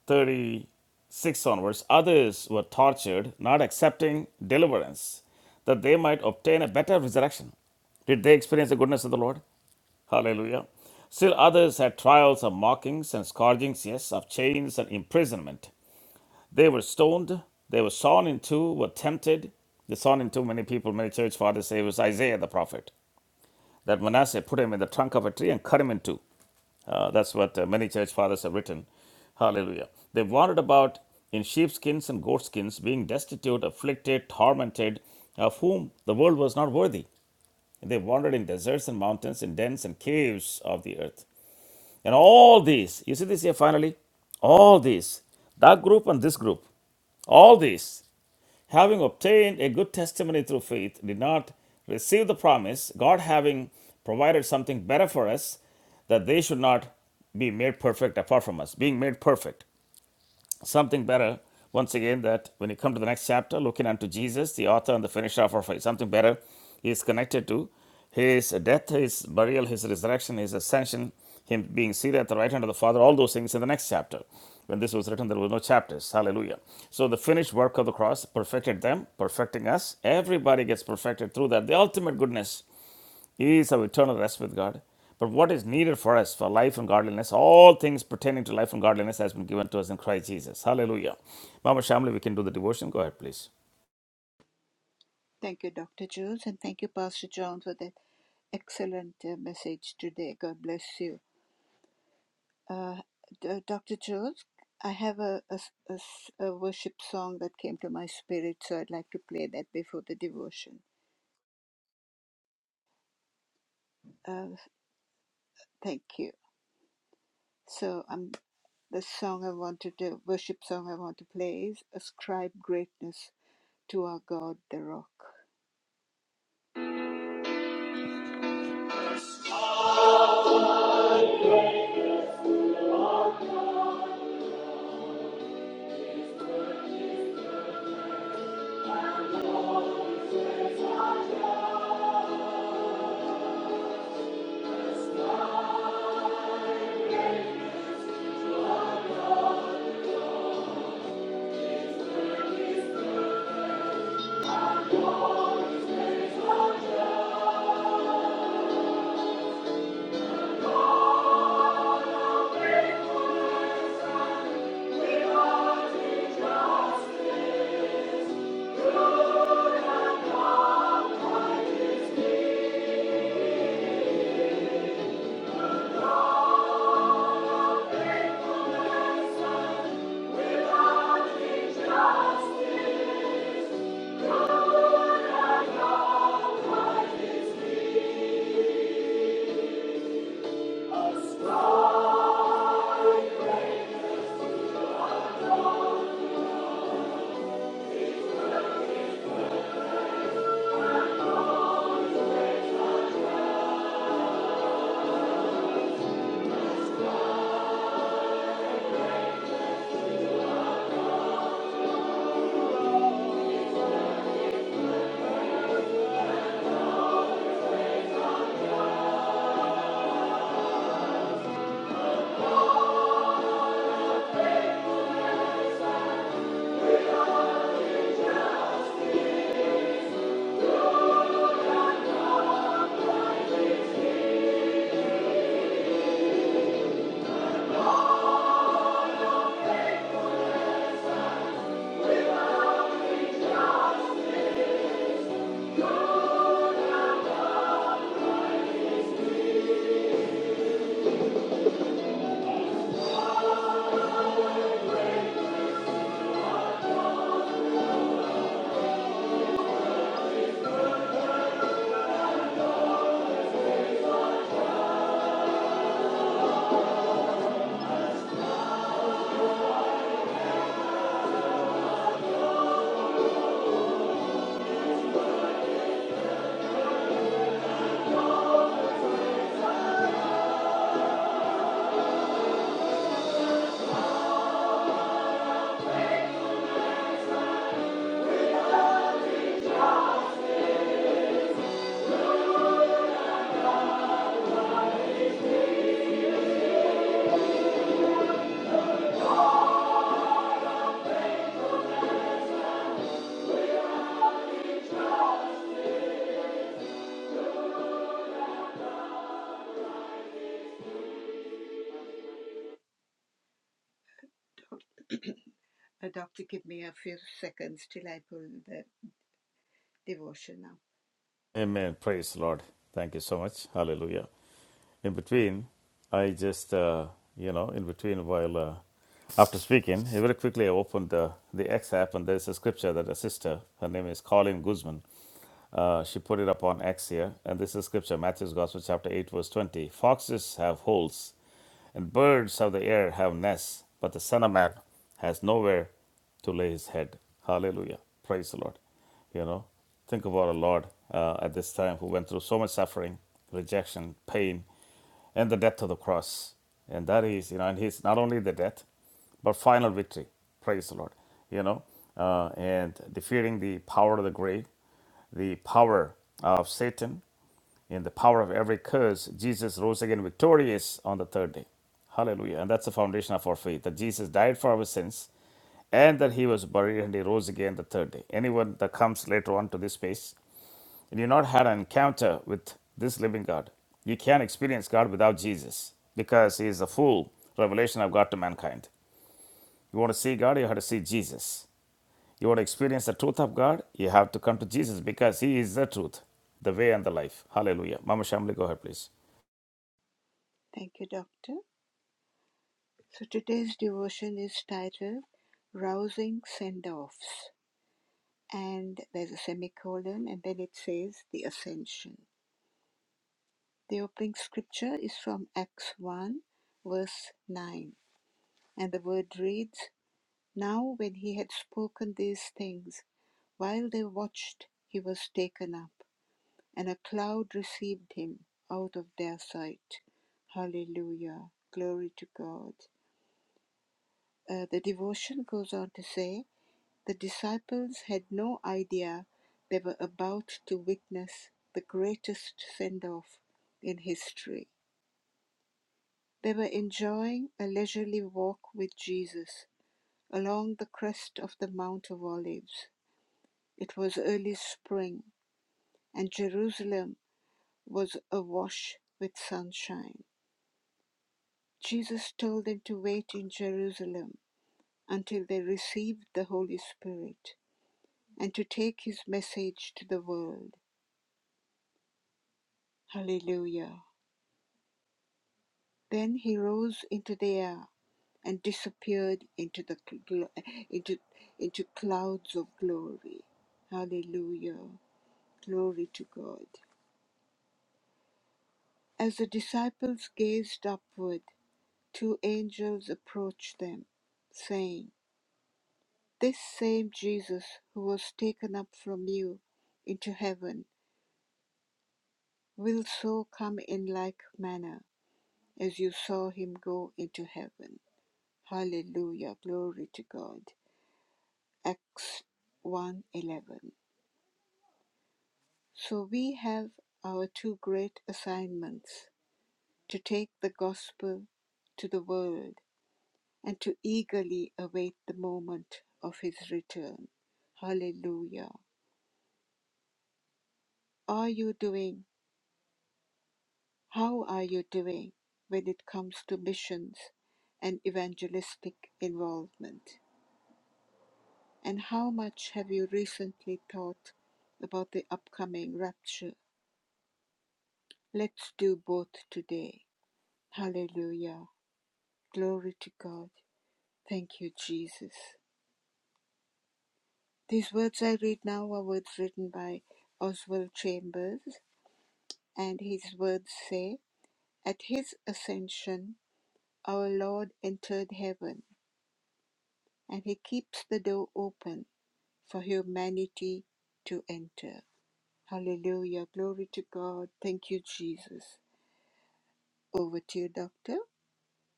36 onwards, others were tortured, not accepting deliverance, that they might obtain a better resurrection. Did they experience the goodness of the Lord? Hallelujah. Still others had trials of mockings and scourgings, yes, of chains and imprisonment. They were stoned, they were sawn in two, were tempted. They sawn in two many people, many church fathers say it was Isaiah the prophet that Manasseh put him in the trunk of a tree and cut him in two. Uh, that's what uh, many church fathers have written. Hallelujah. They wandered about in sheepskins and goatskins, being destitute, afflicted, tormented, of whom the world was not worthy. They wandered in deserts and mountains, in dens and caves of the earth. And all these, you see this here finally? All these, that group and this group, all these having obtained a good testimony through faith, did not receive the promise, God having provided something better for us, that they should not be made perfect apart from us, being made perfect something better. Once again, that when you come to the next chapter, looking unto Jesus, the author and the finisher of our faith, something better is connected to his death, his burial, his resurrection, his ascension, him being seated at the right hand of the Father, all those things in the next chapter. When this was written, there were no chapters. Hallelujah. So the finished work of the cross perfected them, perfecting us. Everybody gets perfected through that. The ultimate goodness is our eternal rest with God. But what is needed for us for life and godliness, all things pertaining to life and godliness has been given to us in Christ Jesus. Hallelujah. Mama Shamli, we can do the devotion. Go ahead, please.
We want injustice. Why is. God injustice?
Amen. Praise the Lord. Thank you so much. Hallelujah. In between, I just, uh, you know, in between while uh, after speaking, very quickly I opened the, the X app and there's a scripture that a sister, her name is Colleen Guzman, uh, she put it up on X here. And this is scripture, Matthew's Gospel, chapter 8, verse 20. Foxes have holes And birds of the air have nests, but the Son of Man has nowhere to lay his head. Hallelujah. Praise the Lord. You know, think of our Lord uh, at this time who went through so much suffering, rejection, pain, and the death of the cross. And that is, you know, and he's not only the death, but final victory. Praise the Lord. You know, uh, and defeating the power of the grave, the power of Satan, in the power of every curse, Jesus rose again victorious on the third day. Hallelujah. And that's the foundation of our faith that Jesus died for our sins and that he was buried and he rose again the third day. Anyone that comes later on to this space, and you've not had an encounter with this living God, you can't experience God without Jesus because he is the full revelation of God to mankind. You want to see God, you have to see Jesus. You want to experience the truth of God, you have to come to Jesus because he is the truth, the way, and the life. Hallelujah. Mama Shamli, go ahead, please.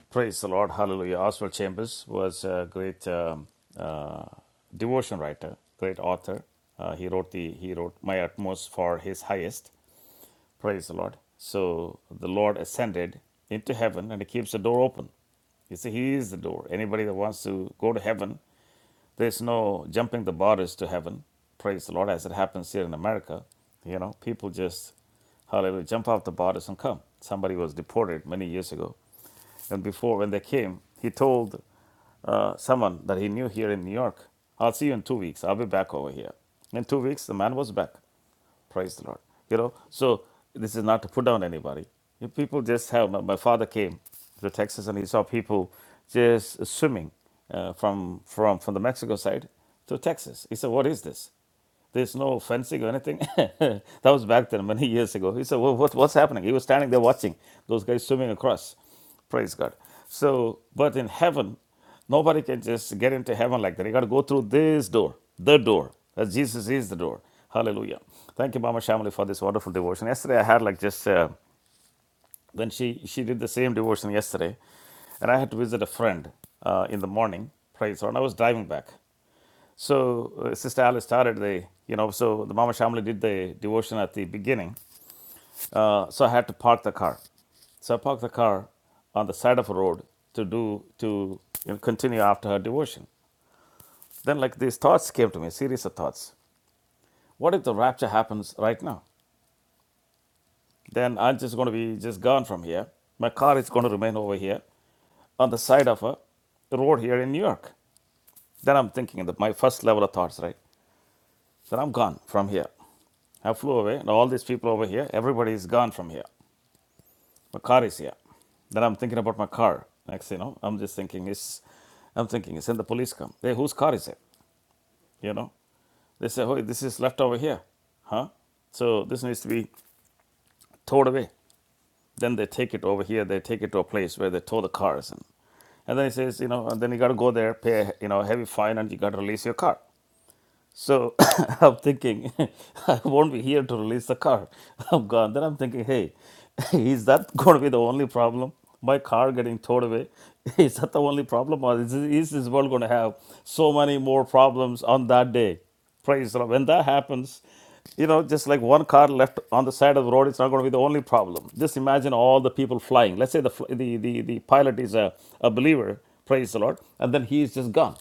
Praise the Lord. Hallelujah. Oswald Chambers was a great um, uh, devotion writer, great author. Uh, he wrote the he wrote my utmost for his highest. Praise the Lord. So the Lord ascended into heaven and he keeps the door open. You see, he is the door. Anybody that wants to go to heaven there's no jumping the borders to heaven. Praise the Lord, as it happens here in America. You know, people just, hallelujah, jump off the borders and come. Somebody was deported many years ago. And before, when they came, he told uh, someone that he knew here in New York, I'll see you in two weeks. I'll be back over here. In two weeks, the man was back. Praise the Lord. You know, so this is not to put down anybody. If people just have, my, my father came to Texas and he saw people just swimming uh, from, from, from the Mexico side to Texas. He said, What is this? There's no fencing or anything. that was back then, many years ago. He said, well, what, What's happening? He was standing there watching those guys swimming across. Praise God. So, but in heaven, Nobody can just get into heaven like that. You got to go through this door, the door. As Jesus is the door. Hallelujah. Thank you, Mama Shamali, for this wonderful devotion. Yesterday, I had like just uh, when she she did the same devotion yesterday, and I had to visit a friend uh, in the morning. Praise her. And I was driving back. So uh, Sister Alice started the you know so the Mama Shamali did the devotion at the beginning. Uh, so I had to park the car. So I parked the car on the side of a road to do to you know, continue after her devotion. Then, like these thoughts came to me, series of thoughts. What if the rapture happens right now? Then I'm just going to be just gone from here. My car is going to remain over here on the side of a road here in New York. Then I'm thinking that my first level of thoughts, right? Then I'm gone from here. I flew away, and all these people over here, everybody is gone from here. My car is here. Then I'm thinking about my car. Next, you know, I'm just thinking, It's, I'm thinking, is then the police come. Hey, whose car is it? You know, they say, oh, this is left over here. Huh? So this needs to be towed away. Then they take it over here. They take it to a place where they tow the cars. And, and then he says, you know, and then you got to go there, pay, you know, a heavy fine, and you got to release your car. So I'm thinking, I won't be here to release the car. I'm gone. Then I'm thinking, hey, is that going to be the only problem? My car getting towed away? Is that the only problem? Or is, is this world going to have so many more problems on that day? Praise the Lord. When that happens, you know, just like one car left on the side of the road, it's not going to be the only problem. Just imagine all the people flying. Let's say the, fl- the, the, the pilot is a, a believer, praise the Lord, and then he is just gone.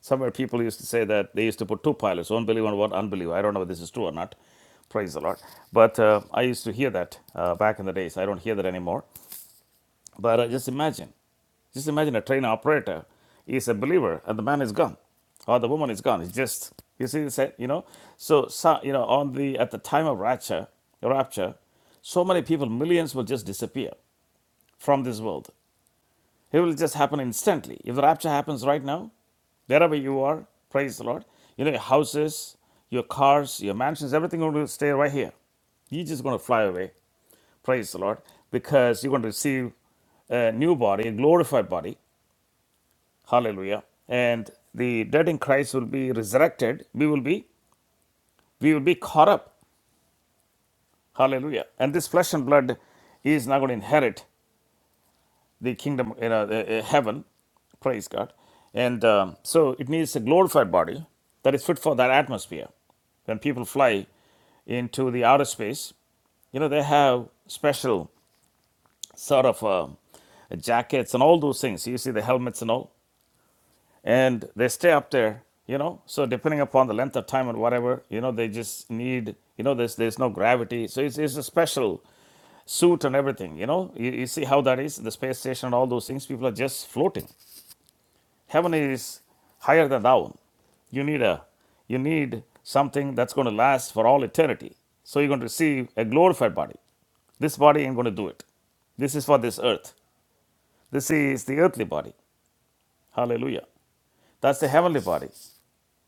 Somewhere people used to say that they used to put two pilots, one believer and one unbeliever. I don't know if this is true or not. Praise the Lord. But uh, I used to hear that uh, back in the days. I don't hear that anymore. But uh, just imagine, just imagine a train operator is a believer and the man is gone, or the woman is gone. It's just you see, it's a- you know. So, so you know, on the at the time of rapture, rapture, so many people, millions will just disappear from this world. It will just happen instantly. If the rapture happens right now, wherever you are, praise the Lord. You know, your houses, your cars, your mansions, everything will stay right here. You're just going to fly away. Praise the Lord. Because you're going to receive a new body, a glorified body. Hallelujah. And the dead in Christ will be resurrected. We will be we will be caught up. Hallelujah. And this flesh and blood is not going to inherit. the kingdom, you know, the, uh, heaven. Praise God. And um, so it needs a glorified body that is fit for that atmosphere. When people fly into the outer space, you know, they have special sort of um jackets and all those things. You see the helmets and all. And they stay up there, you know. So depending upon the length of time and whatever, you know, they just need, you know, there's there's no gravity. So it's, it's a special suit and everything, you know. You, you see how that is, the space station and all those things. People are just floating. Heaven is higher than down. You need a you need something that's going to last for all eternity. So you're going to receive a glorified body. This body ain't going to do it. This is for this earth. This is the earthly body. Hallelujah. That's the heavenly body.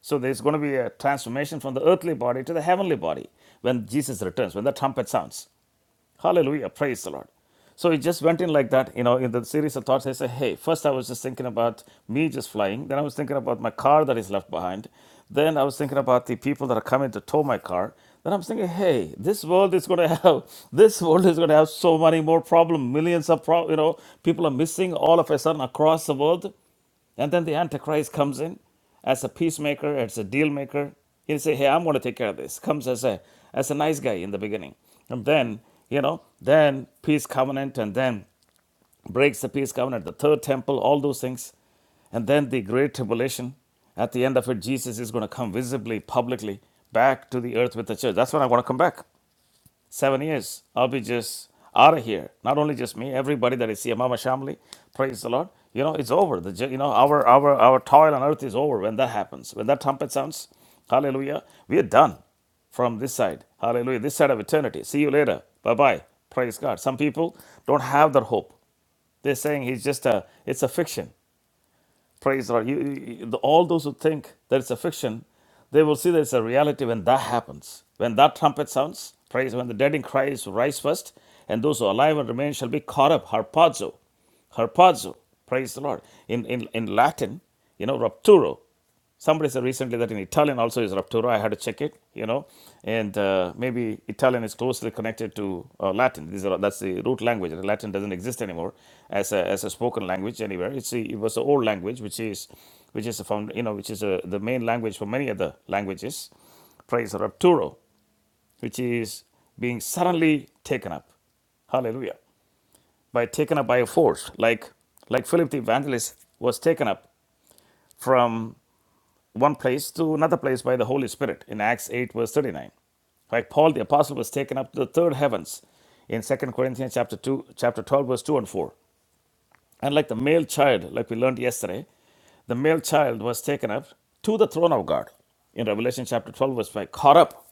So there's going to be a transformation from the earthly body to the heavenly body when Jesus returns, when the trumpet sounds. Hallelujah. Praise the Lord. So it just went in like that, you know, in the series of thoughts. I said, hey, first I was just thinking about me just flying. Then I was thinking about my car that is left behind. Then I was thinking about the people that are coming to tow my car. Then I thinking, thinking, hey, this world is going to have, this world is going to have so many more problems. Millions of, pro- you know, people are missing all of a sudden across the world. And then the Antichrist comes in as a peacemaker, as a deal maker. He'll say, Hey, I'm going to take care of this. Comes as a as a nice guy in the beginning. And then, you know, then peace covenant and then breaks the peace covenant, the third temple, all those things. And then the great tribulation. At the end of it, Jesus is going to come visibly, publicly, back to the earth with the church. That's when I want to come back seven years, I'll be just out of here. Not only just me, everybody that is here, Mama Shamli, praise the Lord. You know, it's over. The ju- you know our our our toil on earth is over when that happens. When that trumpet sounds, Hallelujah, we are done from this side. Hallelujah, this side of eternity. See you later. Bye bye. Praise God. Some people don't have that hope. They're saying he's just a it's a fiction. Praise the Lord. You, you- the- all those who think that it's a fiction, they will see that it's a reality when that happens. When that trumpet sounds, praise when the dead in Christ rise first, and those who are alive and remain shall be caught up, harpazo, harpazo, praise the Lord. In, in, in Latin, you know, rapturo. Somebody said recently that in Italian also is Raptura. I had to check it, you know, and uh, maybe Italian is closely connected to uh, Latin. These are, that's the root language. Latin doesn't exist anymore as a, as a spoken language anywhere. It's the it was the old language, which is which is a found, you know, which is a, the main language for many other languages. Praise Rapturo, which is being suddenly taken up. Hallelujah. By taken up by a force, like like Philip the Evangelist was taken up from one place to another place by the Holy Spirit in Acts 8, verse 39. like Paul the apostle was taken up to the third heavens in Second Corinthians chapter 2, chapter 12, verse 2 and 4. And like the male child, like we learned yesterday, the male child was taken up to the throne of God in Revelation chapter 12, verse 5. Caught up.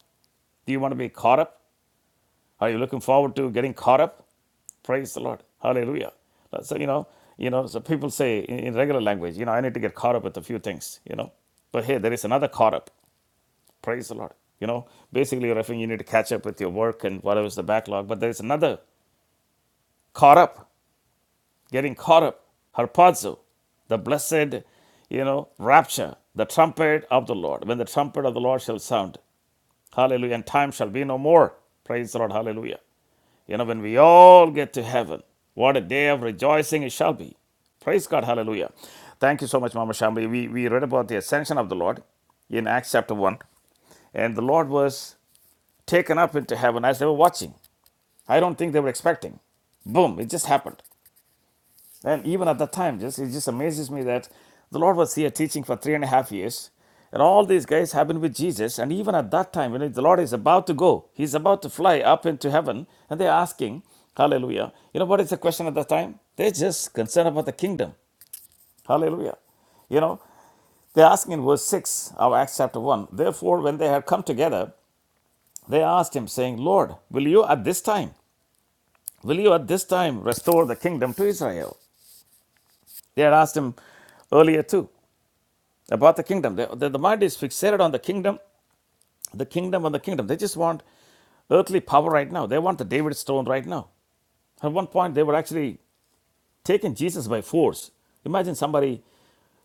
Do you want to be caught up? Are you looking forward to getting caught up? Praise the Lord. Hallelujah. So you know, you know, so people say in, in regular language, you know, I need to get caught up with a few things, you know. But hey, there is another caught up. Praise the Lord. You know, basically, you're referring you need to catch up with your work and whatever's the backlog. But there's another caught up, getting caught up, harpazo, the blessed, you know, rapture, the trumpet of the Lord. When the trumpet of the Lord shall sound, hallelujah, and time shall be no more. Praise the Lord, hallelujah. You know, when we all get to heaven, what a day of rejoicing it shall be. Praise God, hallelujah. Thank you so much, Mama Shambhi. We, we read about the ascension of the Lord in Acts chapter 1. And the Lord was taken up into heaven as they were watching. I don't think they were expecting. Boom, it just happened. And even at that time, just it just amazes me that the Lord was here teaching for three and a half years. And all these guys have been with Jesus. And even at that time, when the Lord is about to go, he's about to fly up into heaven, and they're asking, Hallelujah. You know what is the question at that time? They're just concerned about the kingdom. Hallelujah. You know, they're asking in verse 6 of Acts chapter 1. Therefore, when they had come together, they asked him, saying, Lord, will you at this time? Will you at this time restore the kingdom to Israel? They had asked him earlier too about the kingdom. The, the, the mind is fixated on the kingdom, the kingdom, and the kingdom. They just want earthly power right now. They want the David stone right now. At one point, they were actually taking Jesus by force. Imagine somebody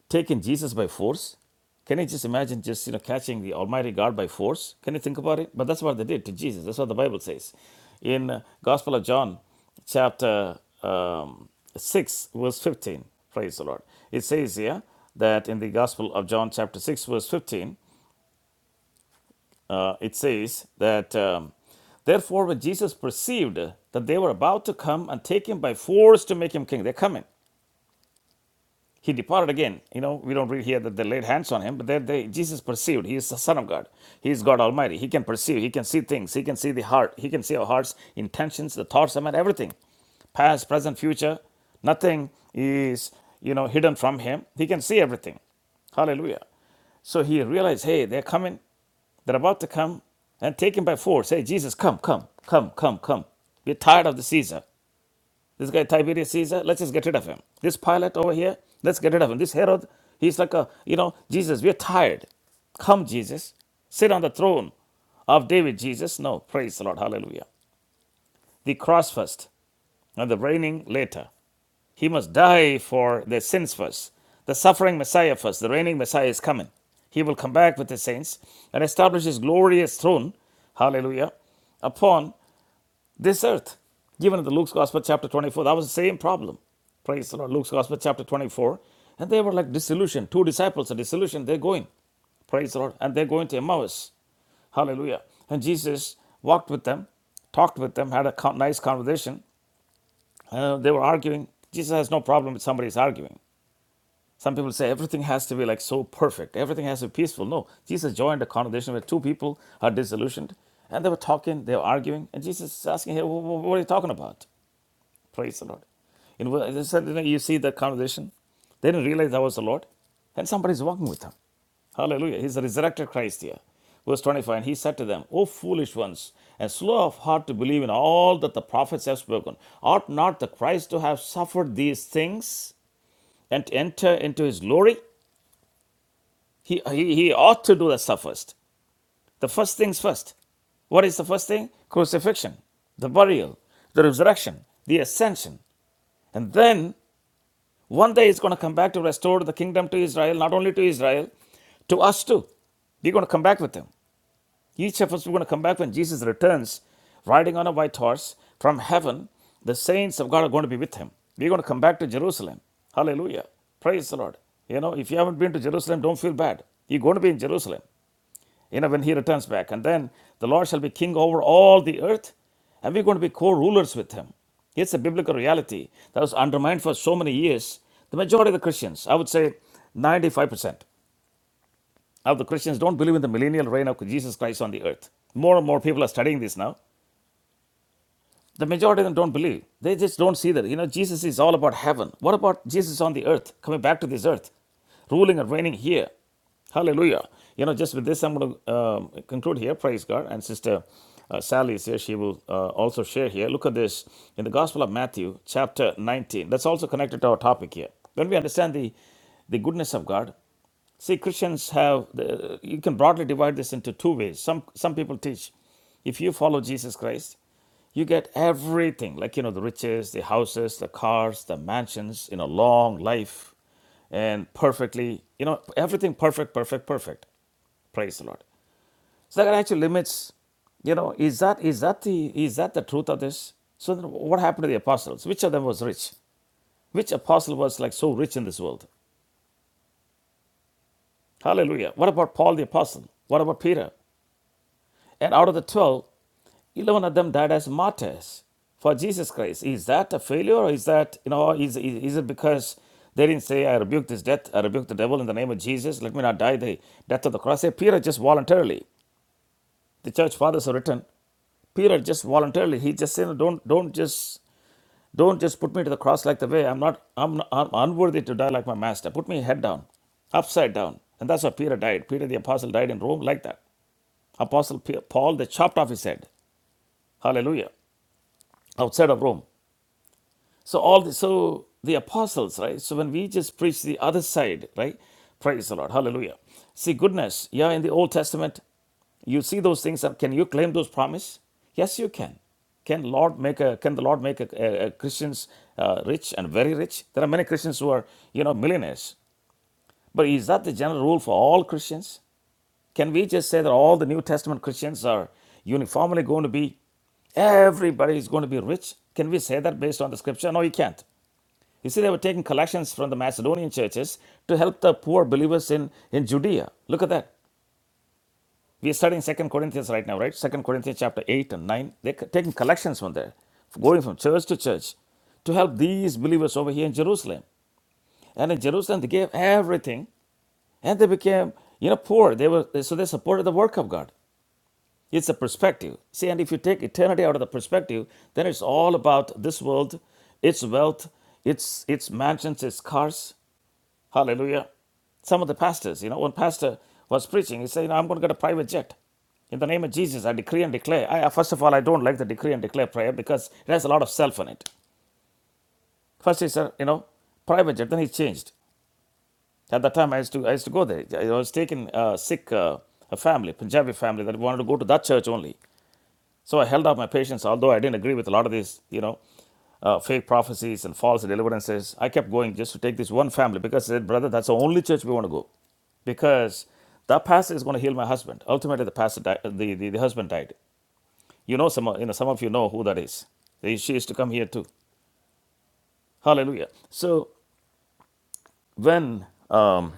taking Jesus by force? Can you just imagine just you know catching the Almighty God by force? Can you think about it? But that's what they did to Jesus. That's what the Bible says in uh, Gospel of John, chapter um, six, verse fifteen. Praise the Lord. It says here that in the Gospel of John, chapter six, verse fifteen, uh, it says that. Um, Therefore, when Jesus perceived that they were about to come and take him by force to make him king, they're coming. He departed again. You know, we don't read here that they laid hands on him, but they, they, Jesus perceived he is the Son of God. He is God Almighty. He can perceive. He can see things. He can see the heart. He can see our hearts, intentions, the thoughts, I mean, everything. Past, present, future. Nothing is, you know, hidden from him. He can see everything. Hallelujah. So he realized, hey, they're coming. They're about to come and take him by force. Hey, Jesus, come, come, come, come, come. We're tired of the Caesar. This guy Tiberius Caesar, let's just get rid of him. This Pilate over here, let's get rid of him. This Herod, he's like a, you know, Jesus, we're tired. Come, Jesus, sit on the throne of David, Jesus. No, praise the Lord, hallelujah. The cross first and the reigning later. He must die for their sins first. The suffering Messiah first. The reigning Messiah is coming. He will come back with his saints and establish his glorious throne, hallelujah, upon this earth, given in the Luke's Gospel, chapter 24, that was the same problem. Praise the Lord. Luke's Gospel, chapter 24. And they were like disillusioned. Two disciples are disillusioned. They're going. Praise the Lord. And they're going to Emmaus. Hallelujah. And Jesus walked with them, talked with them, had a nice conversation. Uh, they were arguing. Jesus has no problem with somebody's arguing. Some people say everything has to be like so perfect, everything has to be peaceful. No, Jesus joined a conversation where two people are disillusioned and they were talking, they were arguing, and Jesus is asking, Hey, what are you talking about? Praise the Lord. In, said, you know, you see the conversation. They didn't realize that was the Lord. And somebody's walking with them. Hallelujah. He's the resurrected Christ here. Verse 25, and he said to them, O foolish ones, and slow of heart to believe in all that the prophets have spoken. Ought not the Christ to have suffered these things and to enter into his glory? He, he, he ought to do the stuff first. The first things first. What is the first thing? Crucifixion, the burial, the resurrection, the ascension. And then One day he's going to come back to restore the kingdom to Israel, not only to Israel, to us too. We're going to come back with him. Each of us, we're going to come back when Jesus returns, riding on a white horse from heaven. The saints of God are going to be with him. We're going to come back to Jerusalem. Hallelujah. Praise the Lord. You know, if you haven't been to Jerusalem, don't feel bad. You're going to be in Jerusalem you know, when he returns back. And then the Lord shall be king over all the earth, and we're going to be co rulers with him. It's a biblical reality that was undermined for so many years. The majority of the Christians, I would say 95% of the Christians, don't believe in the millennial reign of Jesus Christ on the earth. More and more people are studying this now. The majority of them don't believe. They just don't see that. You know, Jesus is all about heaven. What about Jesus on the earth, coming back to this earth, ruling and reigning here? Hallelujah. You know, just with this, I'm going to um, conclude here. Praise God. And Sister uh, Sally is here. She will uh, also share here. Look at this in the Gospel of Matthew, chapter 19. That's also connected to our topic here. When we understand the, the goodness of God, See, Christians have, the, you can broadly divide this into two ways. Some, some people teach if you follow Jesus Christ, you get everything, like you know, the riches, the houses, the cars, the mansions, you know, long life, and perfectly, you know, everything perfect, perfect, perfect. Praise the Lord. So that actually limits, you know, is that is that the is that the truth of this? So then what happened to the apostles? Which of them was rich? Which apostle was like so rich in this world? Hallelujah. What about Paul the apostle? What about Peter? And out of the 12, 11 of them died as martyrs for Jesus Christ. Is that a failure? Or is that, you know, is, is, is it because they didn't say, I rebuke this death, I rebuke the devil in the name of Jesus, let me not die the death of the cross? Hey, Peter just voluntarily, the church fathers have written, Peter just voluntarily, he just said, don't, don't just, don't just put me to the cross like the way I'm not, I'm, not, I'm unworthy to die like my master. Put me head down, upside down. And that's how Peter died. Peter the apostle died in Rome like that. Apostle Pe- Paul, they chopped off his head. Hallelujah. Outside of Rome. So all the, so the apostles, right? So when we just preach the other side, right? Praise the Lord. Hallelujah. See goodness. Yeah, in the Old Testament, you see those things. and Can you claim those promise? Yes, you can. Can Lord make a? Can the Lord make a, a- a Christians uh, rich and very rich? There are many Christians who are you know millionaires. But is that the general rule for all Christians? Can we just say that all the New Testament Christians are uniformly going to be, everybody is going to be rich? Can we say that based on the scripture? No, you can't. You see, they were taking collections from the Macedonian churches to help the poor believers in, in Judea. Look at that. We're studying Second Corinthians right now, right? Second Corinthians chapter 8 and 9. They're taking collections from there, going from church to church to help these believers over here in Jerusalem. And in Jerusalem, they gave everything and they became, you know, poor. They were so they supported the work of God. It's a perspective. See, and if you take eternity out of the perspective, then it's all about this world, its wealth, its its mansions, its cars. Hallelujah. Some of the pastors, you know, one pastor was preaching, he said, you know, I'm going to get a private jet. In the name of Jesus, I decree and declare. I, first of all, I don't like the decree and declare prayer because it has a lot of self in it. First he said, you know, private jet. Then he changed. At that time, I used to I used to go there. I was taking a sick uh, a family, Punjabi family, that wanted to go to that church only. So I held out my patience, although I didn't agree with a lot of these, you know, uh, fake prophecies and false deliverances. I kept going just to take this one family because I said, brother, that's the only church we want to go, because that pastor is going to heal my husband. Ultimately, the pastor, died, the, the the husband died. You know, some you know some of you know who that is. She used to come here too. Hallelujah. So when um,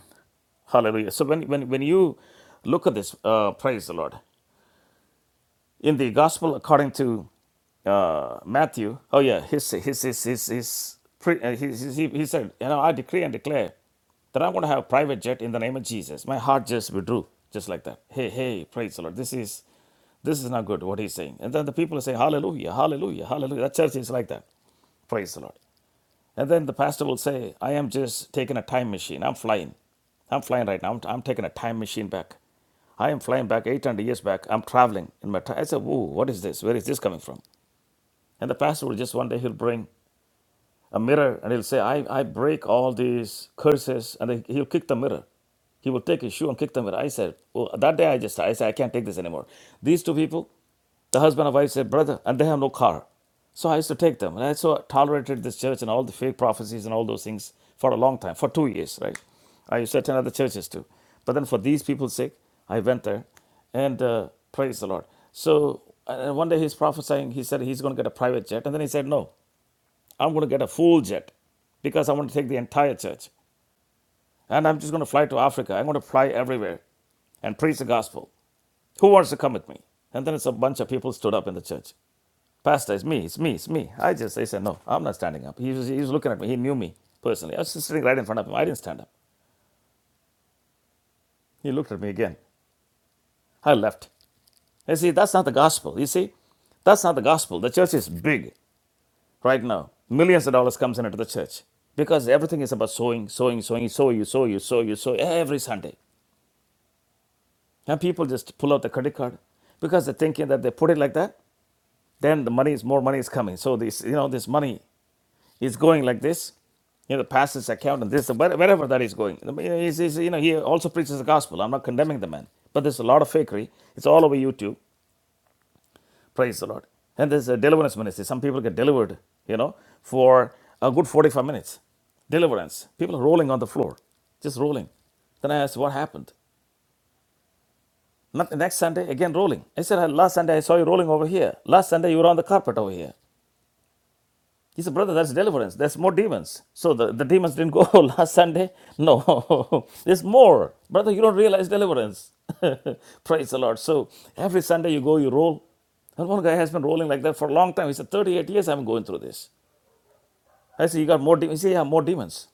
Hallelujah. So when when when you look at this, uh, praise the Lord. in the gospel according to uh, Matthew, oh yeah, his his his his his, pre, uh, his, his he, he said, you know, I decree and declare that I'm going to have a private jet in the name of Jesus. My heart just withdrew, just like that. Hey, hey, praise the Lord. This is this is not good. What he's saying, and then the people say, Hallelujah, Hallelujah, Hallelujah. That church is like that. Praise the Lord. And then the pastor will say, I am just taking a time machine. I'm flying. I'm flying right now. I'm, I'm taking a time machine back. I am flying back 800 years back. I'm traveling in my time. I said, Whoa, what is this? Where is this coming from? And the pastor will just one day, he'll bring a mirror and he'll say, I, I break all these curses. And then he'll kick the mirror. He will take his shoe and kick the mirror. I said, Well, that day I just, I said, I can't take this anymore. These two people, the husband and wife said, Brother, and they have no car. So I used to take them. And I so tolerated this church and all the fake prophecies and all those things for a long time, for two years, right? I used to attend other churches too. But then for these people's sake, I went there and uh, praise the Lord. So uh, one day he's prophesying. He said he's going to get a private jet. And then he said, No, I'm going to get a full jet because I want to take the entire church. And I'm just going to fly to Africa. I'm going to fly everywhere and preach the gospel. Who wants to come with me? And then it's a bunch of people stood up in the church. Pastor, it's me, it's me, it's me. I just, they said, no, I'm not standing up. He was, he was looking at me. He knew me personally. I was just sitting right in front of him. I didn't stand up. He looked at me again. I left. You see, that's not the gospel. You see, that's not the gospel. The church is big. right now millions of dollars comes into the church because everything is about sowing sowing sowing sow you sow you sow you sow every sunday and people just pull out the credit card because they're thinking that they put it like that then the money is more money is coming so this you know this money is going like this you know the pastor's account and this where- wherever that is going I mean, he's, he's, you know he also preaches the gospel i'm not condemning the man but there's a lot of fakery it's all over youtube Praise the Lord. And there's a deliverance ministry. Some people get delivered, you know, for a good 45 minutes. Deliverance. People are rolling on the floor, just rolling. Then I asked, what happened? Not, next Sunday, again rolling. I said, last Sunday I saw you rolling over here. Last Sunday you were on the carpet over here. He said, Brother, that's deliverance. There's more demons. So the, the demons didn't go last Sunday? No, there's more. Brother, you don't realize deliverance. Praise the Lord. So every Sunday you go, you roll. And one guy has been rolling like that for a long time. He said, 38 years I'm going through this. I said, You got more demons? He said, Yeah, more demons.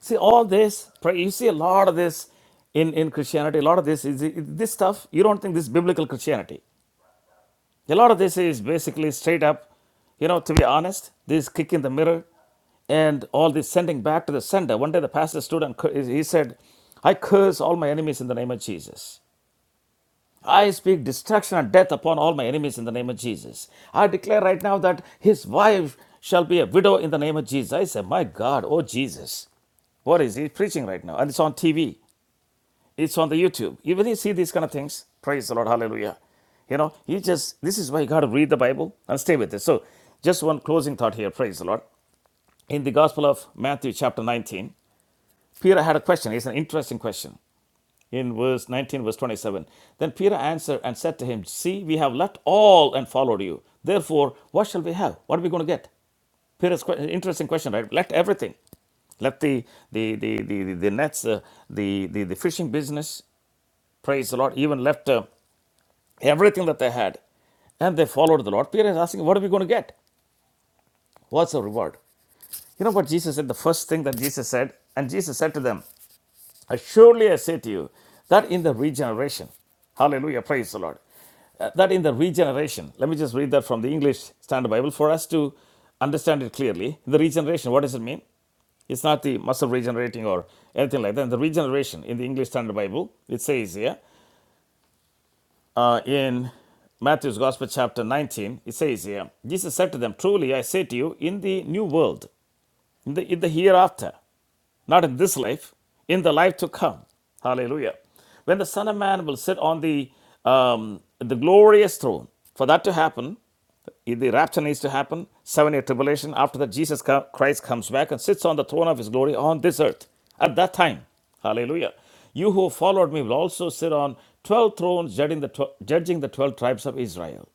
See, all this, you see a lot of this in, in Christianity. A lot of this is this stuff. You don't think this is biblical Christianity. A lot of this is basically straight up, you know, to be honest, this kick in the mirror and all this sending back to the sender. One day the pastor stood and he said, I curse all my enemies in the name of Jesus. I speak destruction and death upon all my enemies in the name of Jesus. I declare right now that his wife shall be a widow in the name of Jesus. I say, My God, oh Jesus. What is he preaching right now? And it's on TV. It's on the YouTube. You really see these kind of things. Praise the Lord. Hallelujah. You know, you just, this is why you got to read the Bible and stay with it. So, just one closing thought here. Praise the Lord. In the Gospel of Matthew, chapter 19, Peter had a question. It's an interesting question. In verse 19, verse 27. Then Peter answered and said to him, See, we have left all and followed you. Therefore, what shall we have? What are we going to get? Peter's que- interesting question, right? Left everything left the the the the, the, the nets, uh, the, the the fishing business, Praise the Lord. Even left uh, everything that they had and they followed the Lord. Peter is asking, What are we going to get? What's the reward? You know what Jesus said? The first thing that Jesus said, and Jesus said to them, Surely I say to you, that in the regeneration, hallelujah, praise the Lord, uh, that in the regeneration, let me just read that from the English Standard Bible for us to understand it clearly. The regeneration, what does it mean? It's not the muscle regenerating or anything like that. The regeneration in the English Standard Bible, it says here, uh, in Matthew's Gospel, chapter 19, it says here, Jesus said to them, Truly I say to you, in the new world, in the, in the hereafter, not in this life, in the life to come. Hallelujah. When the Son of Man will sit on the um, the glorious throne, for that to happen, the rapture needs to happen, seven year tribulation. After that, Jesus Christ comes back and sits on the throne of his glory on this earth at that time. Hallelujah. You who followed me will also sit on 12 thrones judging the, tw- judging the 12 tribes of Israel.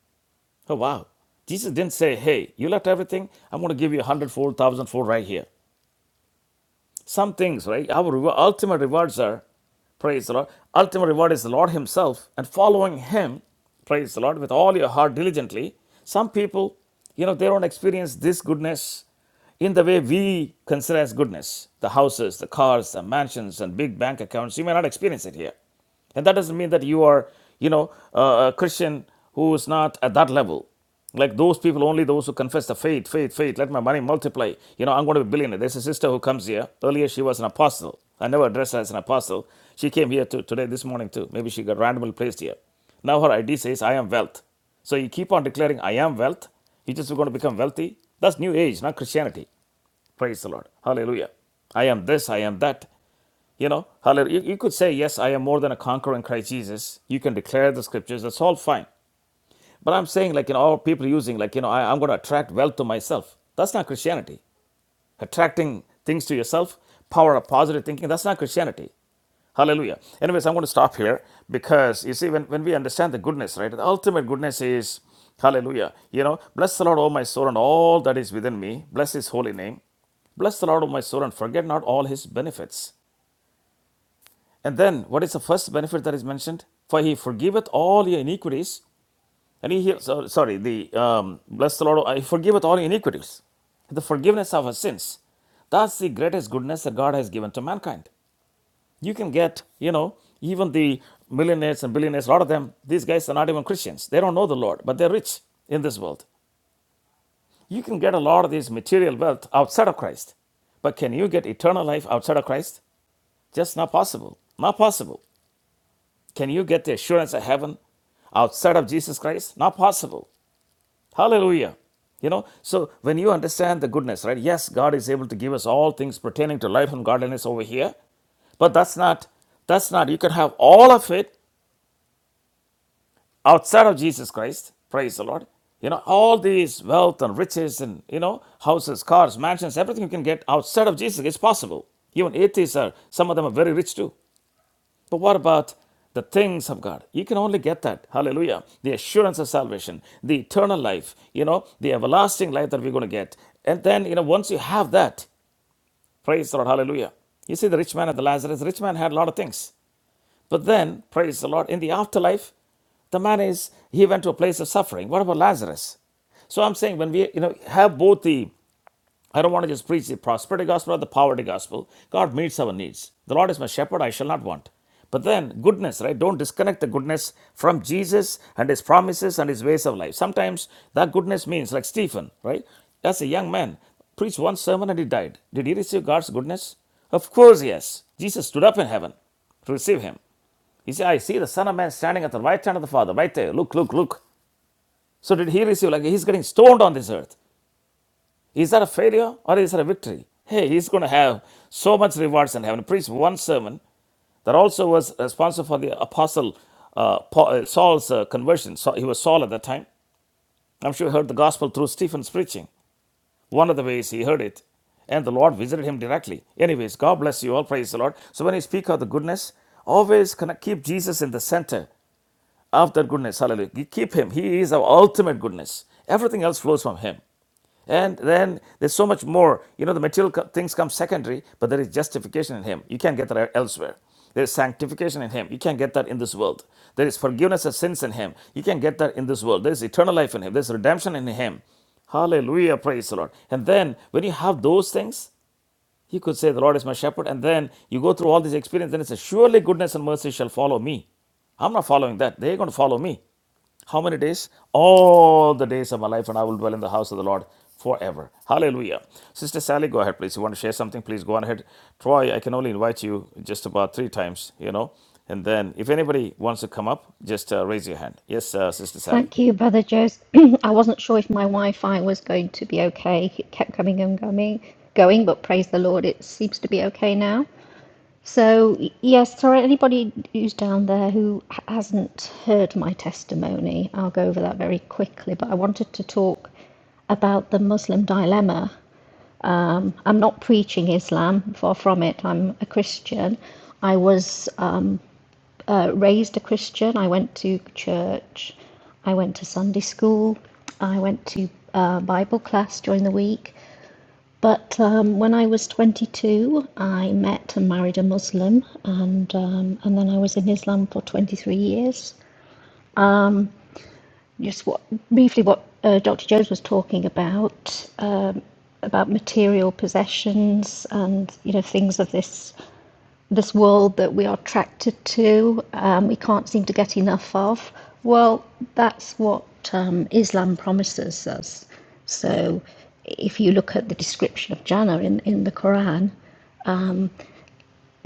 Oh, wow. Jesus didn't say, Hey, you left everything. I'm going to give you a hundredfold, thousandfold right here. Some things, right? Our rewa- ultimate rewards are, praise the Lord, ultimate reward is the Lord Himself and following Him, praise the Lord, with all your heart diligently. Some people, you know, they don't experience this goodness in the way we consider as goodness the houses, the cars, the mansions, and big bank accounts. You may not experience it here and that doesn't mean that you are you know a a christian who is not at that level like those people only those who confess the faith faith faith let my money multiply you know i'm going to be a billionaire there's a sister who comes here earlier she was an apostle i never addressed her as an apostle she came here to, today this morning too maybe she got randomly placed here now her id says i am wealth so you keep on declaring i am wealth you just going to become wealthy that's new age not christianity Praise the Lord. Hallelujah. I am this, I am that. You know, hallelujah. You, could say, yes, I am more than a conqueror in Christ Jesus. You can declare the scriptures. That's all fine. But I'm saying, like, you know, all people using, like, you know, I, I'm going to attract wealth to myself. That's not Christianity attracting things to yourself, power of positive thinking. That's not Christianity. Hallelujah. Anyways, I'm going to stop here because you see, when, when we understand the goodness, right, the ultimate goodness is, hallelujah, you know, bless the Lord, O my soul, and all that is within me. Bless his holy name. Bless the Lord, O my soul, and forget not all his benefits. And then, what is the first benefit that is mentioned? For he forgiveth all your iniquities and he heals, uh, sorry, the um, bless the Lord, I forgiveth all iniquities. The forgiveness of our sins. That's the greatest goodness that God has given to mankind. You can get, you know, even the millionaires and billionaires, a lot of them, these guys are not even Christians. They don't know the Lord, but they're rich in this world. You can get a lot of this material wealth outside of Christ. But can you get eternal life outside of Christ? Just not possible. Not possible. Can you get the assurance of heaven outside of Jesus Christ? Not possible. Hallelujah. You know, so when you understand the goodness, right? Yes, God is able to give us all things pertaining to life and godliness over here, but that's not, that's not, you can have all of it outside of Jesus Christ. Praise the Lord. You know, all these wealth and riches and, you know, houses, cars, mansions, everything you can get outside of Jesus is possible. Even atheists are, some of them are very rich too. But what about the things of God? You can only get that. Hallelujah. The assurance of salvation, the eternal life, you know, the everlasting life that we're going to get. And then, you know, once you have that, praise the Lord. Hallelujah. You see, the rich man and the Lazarus, The rich man had a lot of things. But then, praise the Lord, in the afterlife, the man is, he went to a place of suffering. What about Lazarus? So I'm saying when we, you know, have both the I don't want to just preach the prosperity gospel or the poverty gospel. God meets our needs. The Lord is my shepherd, I shall not want. But then, goodness, right? Don't disconnect the goodness from Jesus and his promises and his ways of life. Sometimes that goodness means, like Stephen, right? As a young man, preached one sermon and he died. Did he receive God's goodness? Of course, yes. Jesus stood up in heaven to receive him. He said, I see the Son of Man standing at the right hand of the Father, right there. Look, look, look. So did he receive, like he's getting stoned on this earth. Is that a failure or is that a victory? Hey, he's going to have so much rewards in heaven. Preach one sermon that also was responsible for the apostle uh, Paul, uh, Saul's uh, conversion. So he was Saul at that time. I'm sure he heard the gospel through Stephen's preaching. One of the ways he heard it, and the Lord visited him directly. Anyways, God bless you all. Praise the Lord. So when you speak of the goodness, always connect, keep Jesus in the center of that goodness. Hallelujah. You keep him. He is our ultimate goodness. Everything else flows from him. And then there's so much more. You know, the material co- things come secondary, but there is justification in Him. You can't get that elsewhere. There is sanctification in Him. You can't get that in this world. There is forgiveness of sins in Him. You can't get that in this world. There is eternal life in Him. There's redemption in Him. Hallelujah. Praise the Lord. And then when you have those things, he could say, The Lord is my shepherd. And then you go through all these experience, and it says, Surely goodness and mercy shall follow me. I'm not following that. They're going to follow me. How many days? All the days of my life, and I will dwell in the house of the Lord forever. Hallelujah. Sister Sally, go ahead, please. You want to share something? Please go on ahead. Troy, I can only invite you just about three times, you know. And then if anybody wants to come up, just uh, raise your hand. Yes, uh, Sister Sally.
Thank you, Brother Jose. I wasn't sure if my Wi-Fi was going to be okay. It kept coming and going, going, but praise the Lord, it seems to be okay now. So, y- yes, sorry, anybody who's down there who h- hasn't heard my testimony, I'll go over that very quickly. But I wanted to talk about the Muslim dilemma. I'm not preaching Islam, far from it. I'm a Christian. I was raised a Christian. I went to church. I went to Sunday school. I went to uh, Bible class during the week. But um, when I was 22, I met and married a Muslim, and um, and then I was in Islam for 23 years. Just what briefly what uh, Dr. Jones was talking about uh, about material possessions and you know things of this this world that we are attracted to, um, we can't seem to get enough of. Well, that's what um, Islam promises us. So, if you look at the description of Jannah in, in the Quran,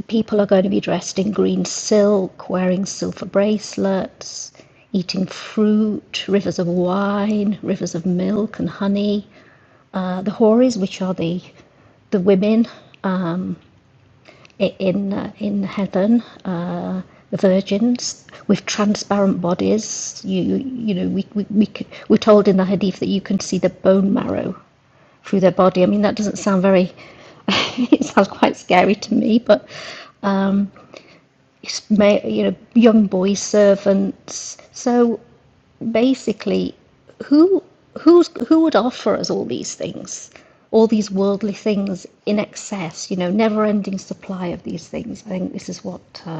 people are going to be dressed in green silk, wearing silver bracelets, eating fruit, rivers of wine, rivers of milk and honey. Uh, the houris, which are the the women in uh, in heaven, uh, the virgins with transparent bodies. You you, you know we, we we we're told in the hadith that you can see the bone marrow through their body. I mean that doesn't sound very. it sounds quite scary to me, but it's you know young boy servants. So basically, who who's who would offer us all these things all these worldly things in excess you know never ending supply of these things i think this is what Uh,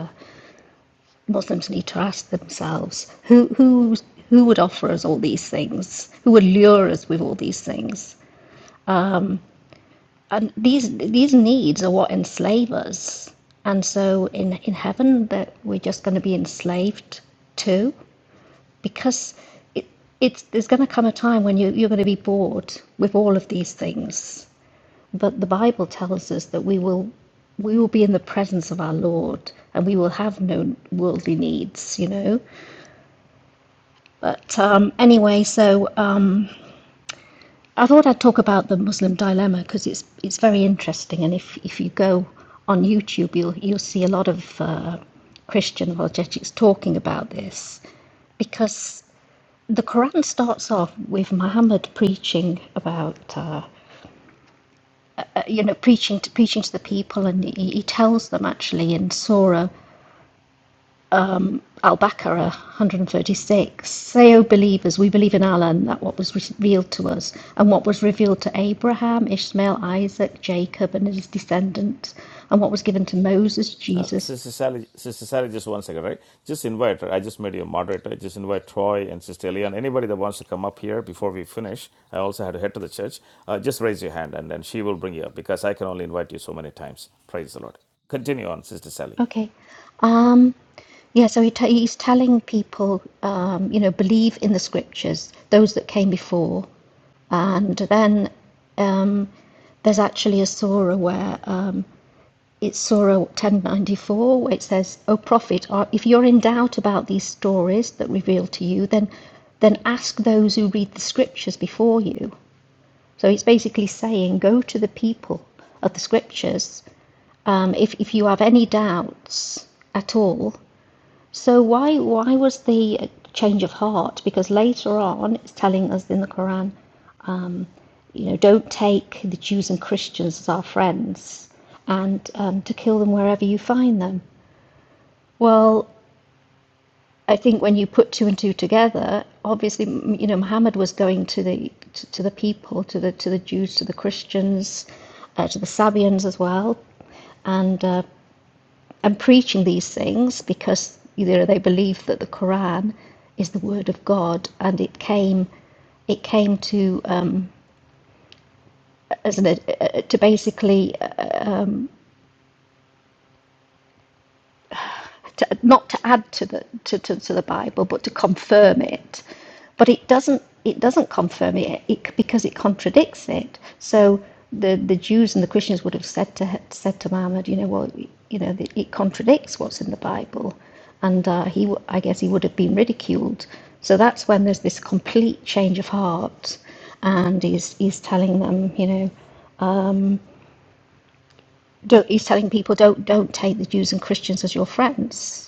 Muslims need to ask themselves who, who, who would offer us all these things? Who would lure us with all these things? And these, these needs are what enslave us. And so in, in heaven, that we're just going to be enslaved to because it, it's, there's going to come a time when you, you're going to be bored with all of these things. But the Bible tells us that we will we will be in the presence of our Lord and we will have no worldly needs, you know. But um, anyway, so um, I thought I'd talk about the Muslim dilemma because it's it's very interesting, and if if you go on YouTube, you'll you'll see a lot of uh, Christian apologetics talking about this because the Quran starts off with Muhammad preaching about uh, uh, you know preaching to preaching to the people, and he, he tells them actually in Surah. Al Baqarah 136 Say, O believers, we believe in Allah and that what was revealed to us, and what was revealed to Abraham, Ishmael, Isaac, Jacob, and his descendants, and what was given to Moses,
Uh,
Jesus.
Sister Sally, Sister Sally, just one second, right? Just invite. her. I just made you a moderator. Just invite Troy and Sister Elian. Anybody that wants to come up here before we finish, I also had to head to the church. Uh, just raise your hand, and then she will bring you up because I can only invite you so many times. Praise the Lord. Continue on, Sister Sally.
Okay. Um, yeah, so he t- he's telling people, um, you know, believe in the scriptures, those that came before. And then um, there's actually a surah where It's Surah 1094, where it says, O Prophet, if you're in doubt about these stories that reveal to you, then, then ask those who read the scriptures before you. So it's basically saying, go to the people of the scriptures. Um, if, if you have any doubts at all, so why why was the uh, change of heart? Because later on, it's telling us in the Quran, you know, don't take the Jews and Christians as our friends, and um, to kill them wherever you find them. Well, I think when you put two and two together, obviously, you know, Muhammad was going to the to, to the people, to the to the Jews, to the Christians, uh, to the Sabians as well, and uh, and preaching these things because you know they believe that the Quran is the word of God and it came it came to um, as an, uh, to basically uh, to, not to add to the to, to, to the Bible, but to confirm it. But it doesn't it doesn't confirm it, it because it contradicts it. So the, the Jews and the Christians would have said to said to Muhammad, you know, well, you know, it contradicts what's in the Bible, and uh, he I guess he would have been ridiculed. So that's when there's this complete change of heart, and he's he's telling them, you know, don't, he's telling people don't don't take the Jews and Christians as your friends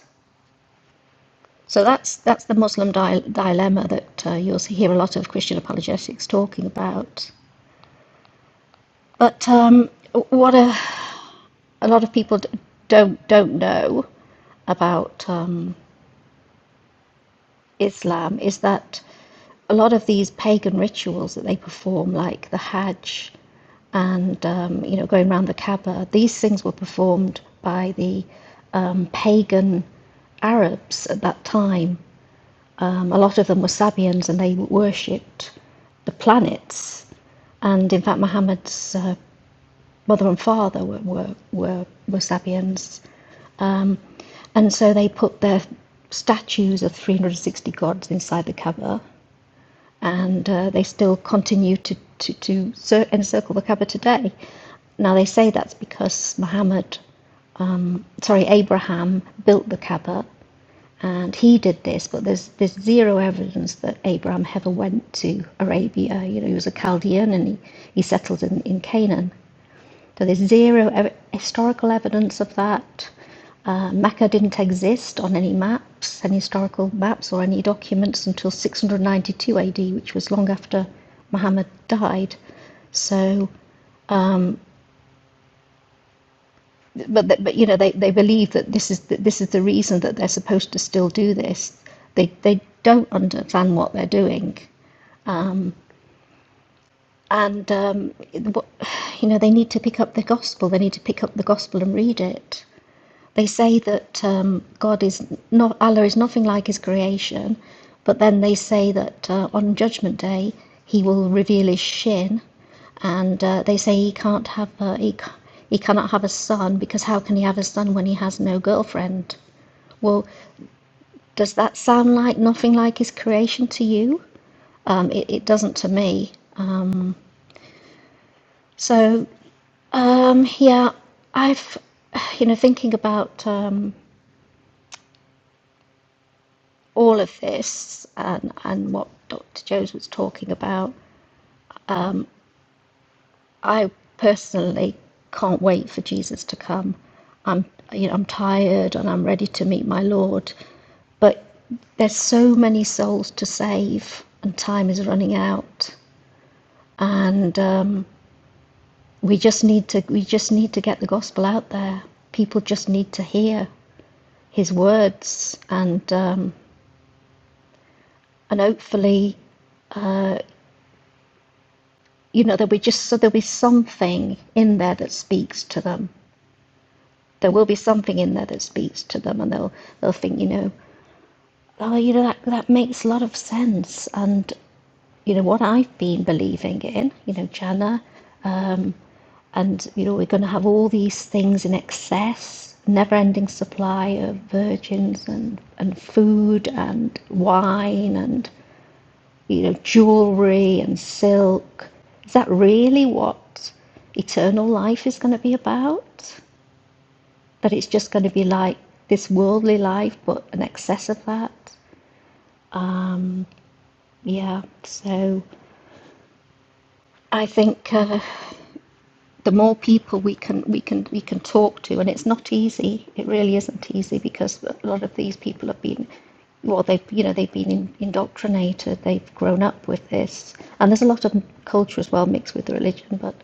So that's that's the Muslim di- dilemma that uh, you'll see- hear a lot of Christian apologetics talking about. But um, what a, a lot of people d- don't don't know about um, Islam is that a lot of these pagan rituals that they perform, like the Hajj and um, you know going around the Kaaba, these things were performed by the um, pagan Arabs at that time Um, a lot of them were Sabians and they worshipped the planets. And in fact, Muhammad's uh, mother and father were, were, were, were Sabians. And so they put their statues of 360 gods inside the Kaaba. And uh, they still continue to, to, to encircle the Kaaba today. Now, they say that's because Muhammad, um, sorry, Abraham built the Kaaba and he did this, but there's there's zero evidence that Abraham ever went to Arabia. You know, he was a Chaldean and he, he settled in, in Canaan. So there's zero ev- historical evidence of that. Uh, Mecca didn't exist on any maps, any historical maps or any documents until 692 AD, which was long after Muhammad died. So, but but you know they, they believe that this is the, this is the reason that they're supposed to still do this. They they don't understand what they're doing, and um, you know they need to pick up the gospel. They need to pick up the gospel and read it. They say that um, God is not Allah is nothing like His creation, but then they say that uh, on Judgment Day He will reveal His shin, and uh, they say He can't have a, he he cannot have a son because how can He have a son when He has no girlfriend? Well, does that sound like nothing like His creation to you? Um, it, it doesn't to me. So Um, yeah, I've, you know, thinking about um, all of this and and what Dr. Jones was talking about, I personally can't wait for Jesus to come. I'm, you know, I'm tired and I'm ready to meet my Lord, but there's so many souls to save and time is running out, and um, we just need to we just need to get the gospel out there. People just need to hear his words and. Um, and hopefully, you know, there'll be just so there'll be something in there that speaks to them. There will be something in there that speaks to them, and they'll they'll think, you know, oh, you know, that that makes a lot of sense, and you know what I've been believing in, you know, jhana, and you know, we're going to have all these things in excess, never-ending supply of virgins and and food and wine and. you know, jewelry and silk. Is that really what eternal life is going to be about? That it's just going to be like this worldly life, but an excess of that? Yeah, so I think. Uh, the more people we can we can we can talk to and it's not easy it really isn't easy because a lot of these people have been well they've you know they've been indoctrinated they've grown up with this and there's a lot of culture as well mixed with the religion but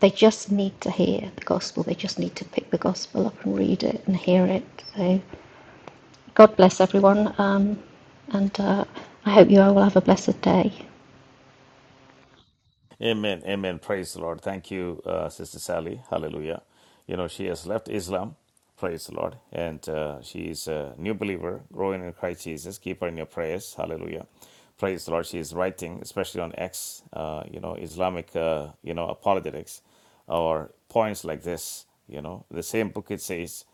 they just need to hear the gospel they just need to pick the gospel up and read it and hear it so god bless everyone um, and uh, i hope you all will have a blessed day
Amen. Amen. Praise the Lord. Thank you, uh, Sister Sally. Hallelujah. You know, she has left Islam. Praise the Lord. And uh, she is a new believer, growing in Christ Jesus. Keep her in your prayers. Hallelujah. Praise the Lord. She is writing, especially on X, uh, you know, Islamic, uh, you know, apologetics or points like this. You know, the same book it says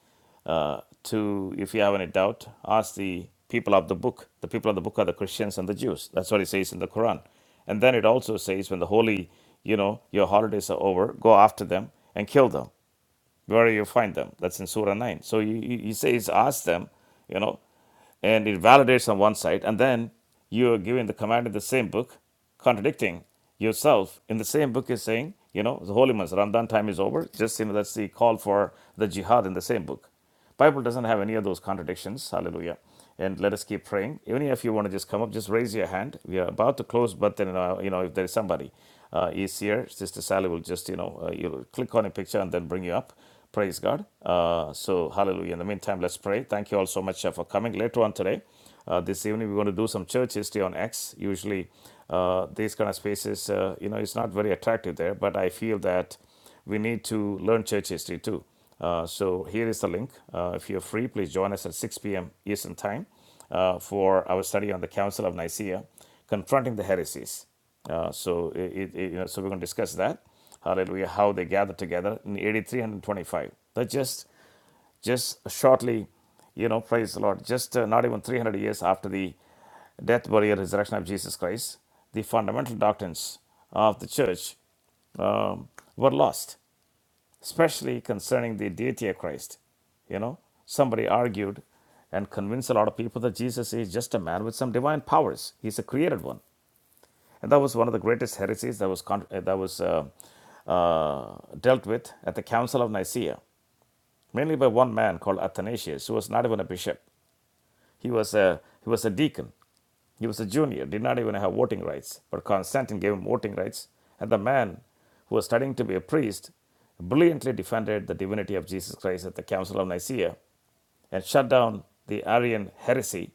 uh, to, if you have any doubt, ask the people of the book. The people of the book are the Christians and the Jews. That's what it says in the Quran. And then it also says, when the holy, you know, your holidays are over, go after them and kill them wherever you find them. That's in Surah 9. So he, he he says, ask them, you know, and it validates on one side. And then you are given the command in the same book, contradicting yourself in the same book is saying, you know, the holy months, Ramadan time is over. Just, you know, that's the call for the jihad in the same book. Bible doesn't have any of those contradictions. Hallelujah. And let us keep praying. Even if you want to just come up, just raise your hand. We are about to close, but then uh, you know if there is somebody uh, is here, Sister Sally will just you know uh, you'll click on a picture and then bring you up. Praise God. Uh, so hallelujah. In the meantime, let's pray. Thank you all so much uh, for coming. Later on today, uh, this evening we're going to do some church history on X. Usually, uh, these kind of spaces, uh, you know, it's not very attractive there, but I feel that we need to learn church history too. Uh, so here is the link. Uh, if you're free, please join us at 6 p.m. Eastern Time uh, for our study on the Council of Nicaea, confronting the heresies. Uh, so it, it, you know, so we're going to discuss that. Hallelujah! How they gathered together in AD 325. That just just shortly, you know, praise the Lord. Just uh, not even 300 years after the death, burial, resurrection of Jesus Christ, the fundamental doctrines of the church um, were lost especially concerning the deity of Christ. You know, somebody argued and convinced a lot of people that Jesus is just a man with some divine powers. He's a created one, and that was one of the greatest heresies that was con- uh, that was uh, uh, dealt with at the Council of Nicaea, mainly by one man called Athanasius, who was not even a bishop. He was a he was a deacon he was a junior, did not even have voting rights, but Constantine gave him voting rights, and the man who was studying to be a priest brilliantly defended the divinity of Jesus Christ at the Council of Nicaea and shut down the Arian heresy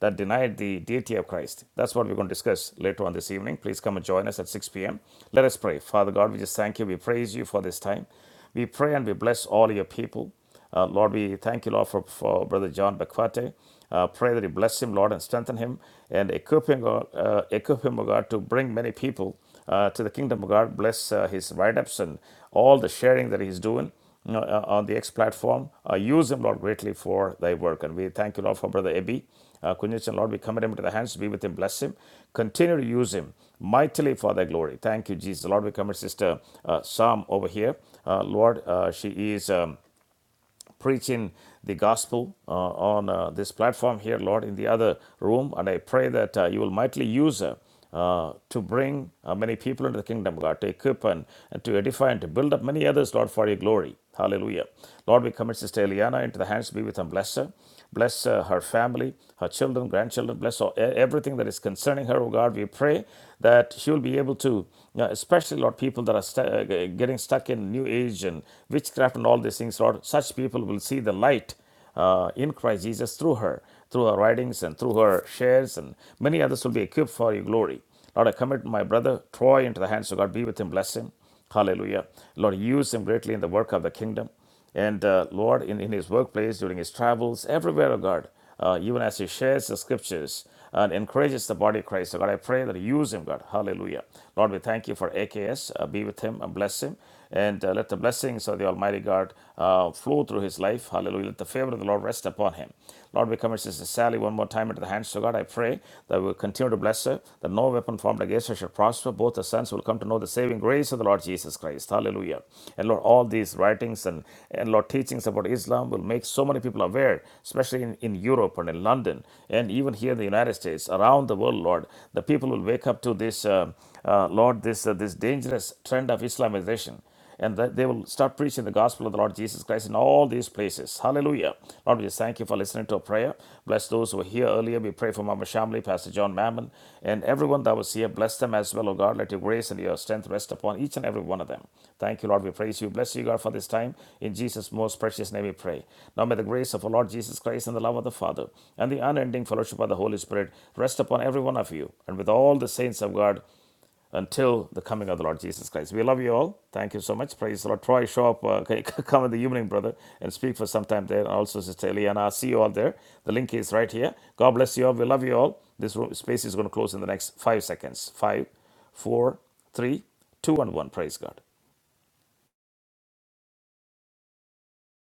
that denied the deity of Christ. That's what we're going to discuss later on this evening. Please come and join us at 6 p.m. Let us pray. Father God, we just thank you. We praise you for this time. We pray and we bless all your people. Uh, Lord, we thank you, Lord, for, for Brother John Bakwate. Uh, pray that you bless him, Lord, and strengthen him and equip him, God, uh, equip him, O God, to bring many people uh, to the kingdom of God. Bless uh, his write ups and all the sharing that he's doing uh, uh, on the X platform. Uh, use him, Lord, greatly for thy work. And we thank you, Lord, for Brother Ebi. Uh, Kunjichan, Lord, we commit him into the hands. Be with him, bless him. Continue to use him mightily for thy glory. Thank you, Jesus. Lord, we commit Sister uh, Sam over here. Uh, Lord, uh, she is. Um, preaching the gospel uh, on uh, this platform here, Lord, in the other room. And I pray that uh, you will mightily use her. Uh, to bring uh, many people into the kingdom, God, to equip and, and to edify and to build up many others, Lord, for your glory. Hallelujah. Lord, we commit Sister Eliana into the hands, be with and bless her. Bless uh, her family, her children, grandchildren. Bless all, e- everything that is concerning her, oh God. We pray that she will be able to, you know, especially, Lord, people that are stu- uh, getting stuck in New Age and witchcraft and all these things, Lord. Such people will see the light uh, in Christ Jesus through her, through her writings and through her shares, and many others will be equipped for your glory. Lord, I commit my brother Troy into the hands of God. Be with him, bless him. Hallelujah. Lord, use him greatly in the work of the kingdom. And uh, Lord, in, in his workplace, during his travels, everywhere, oh God, uh, even as he shares the scriptures and encourages the body of Christ, oh God, I pray that you use him, God. Hallelujah. Lord, we thank you for AKS. Uh, be with him and bless him. And uh, let the blessings of the Almighty God uh, flow through his life. Hallelujah. Let the favor of the Lord rest upon him. Lord, we commit Sister Sally one more time into the hands of God. I pray that we will continue to bless her, that no and no weapon formed against us shall prosper. Both the sons will come to know the saving grace of the Lord Jesus Christ. Hallelujah. And Lord, all these writings and, and Lord, teachings about Islam will make so many people aware, especially in, in Europe and in London, and even here in the United States, around the world, Lord. The people will wake up to this, uh, uh, Lord, this, uh, this dangerous trend of Islamization. And that they will start preaching the gospel of the Lord Jesus Christ in all these places. Hallelujah. Lord, we just thank you for listening to our prayer. Bless those who were here earlier. We pray for Mama Shamli, Pastor John Mammon, and everyone that was here. Bless them as well, O God. Let your grace and your strength rest upon each and every one of them. Thank you, Lord. We praise you. Bless you, God, for this time. In Jesus' most precious name we pray. Now may the grace of our Lord Jesus Christ and the love of the Father and the unending fellowship of the Holy Spirit rest upon every one of you and with all the saints of God until the coming of the Lord Jesus Christ. We love you all. Thank you so much. Praise the Lord. Troy, show up. Uh, okay, come in the evening, brother, and speak for some time there. And also, Sister Eliana, I'll see you all there. The link is right here. God bless you all. We love you all. This room, space is going to close in the next five seconds. Five, four, three, two, and one. Praise God.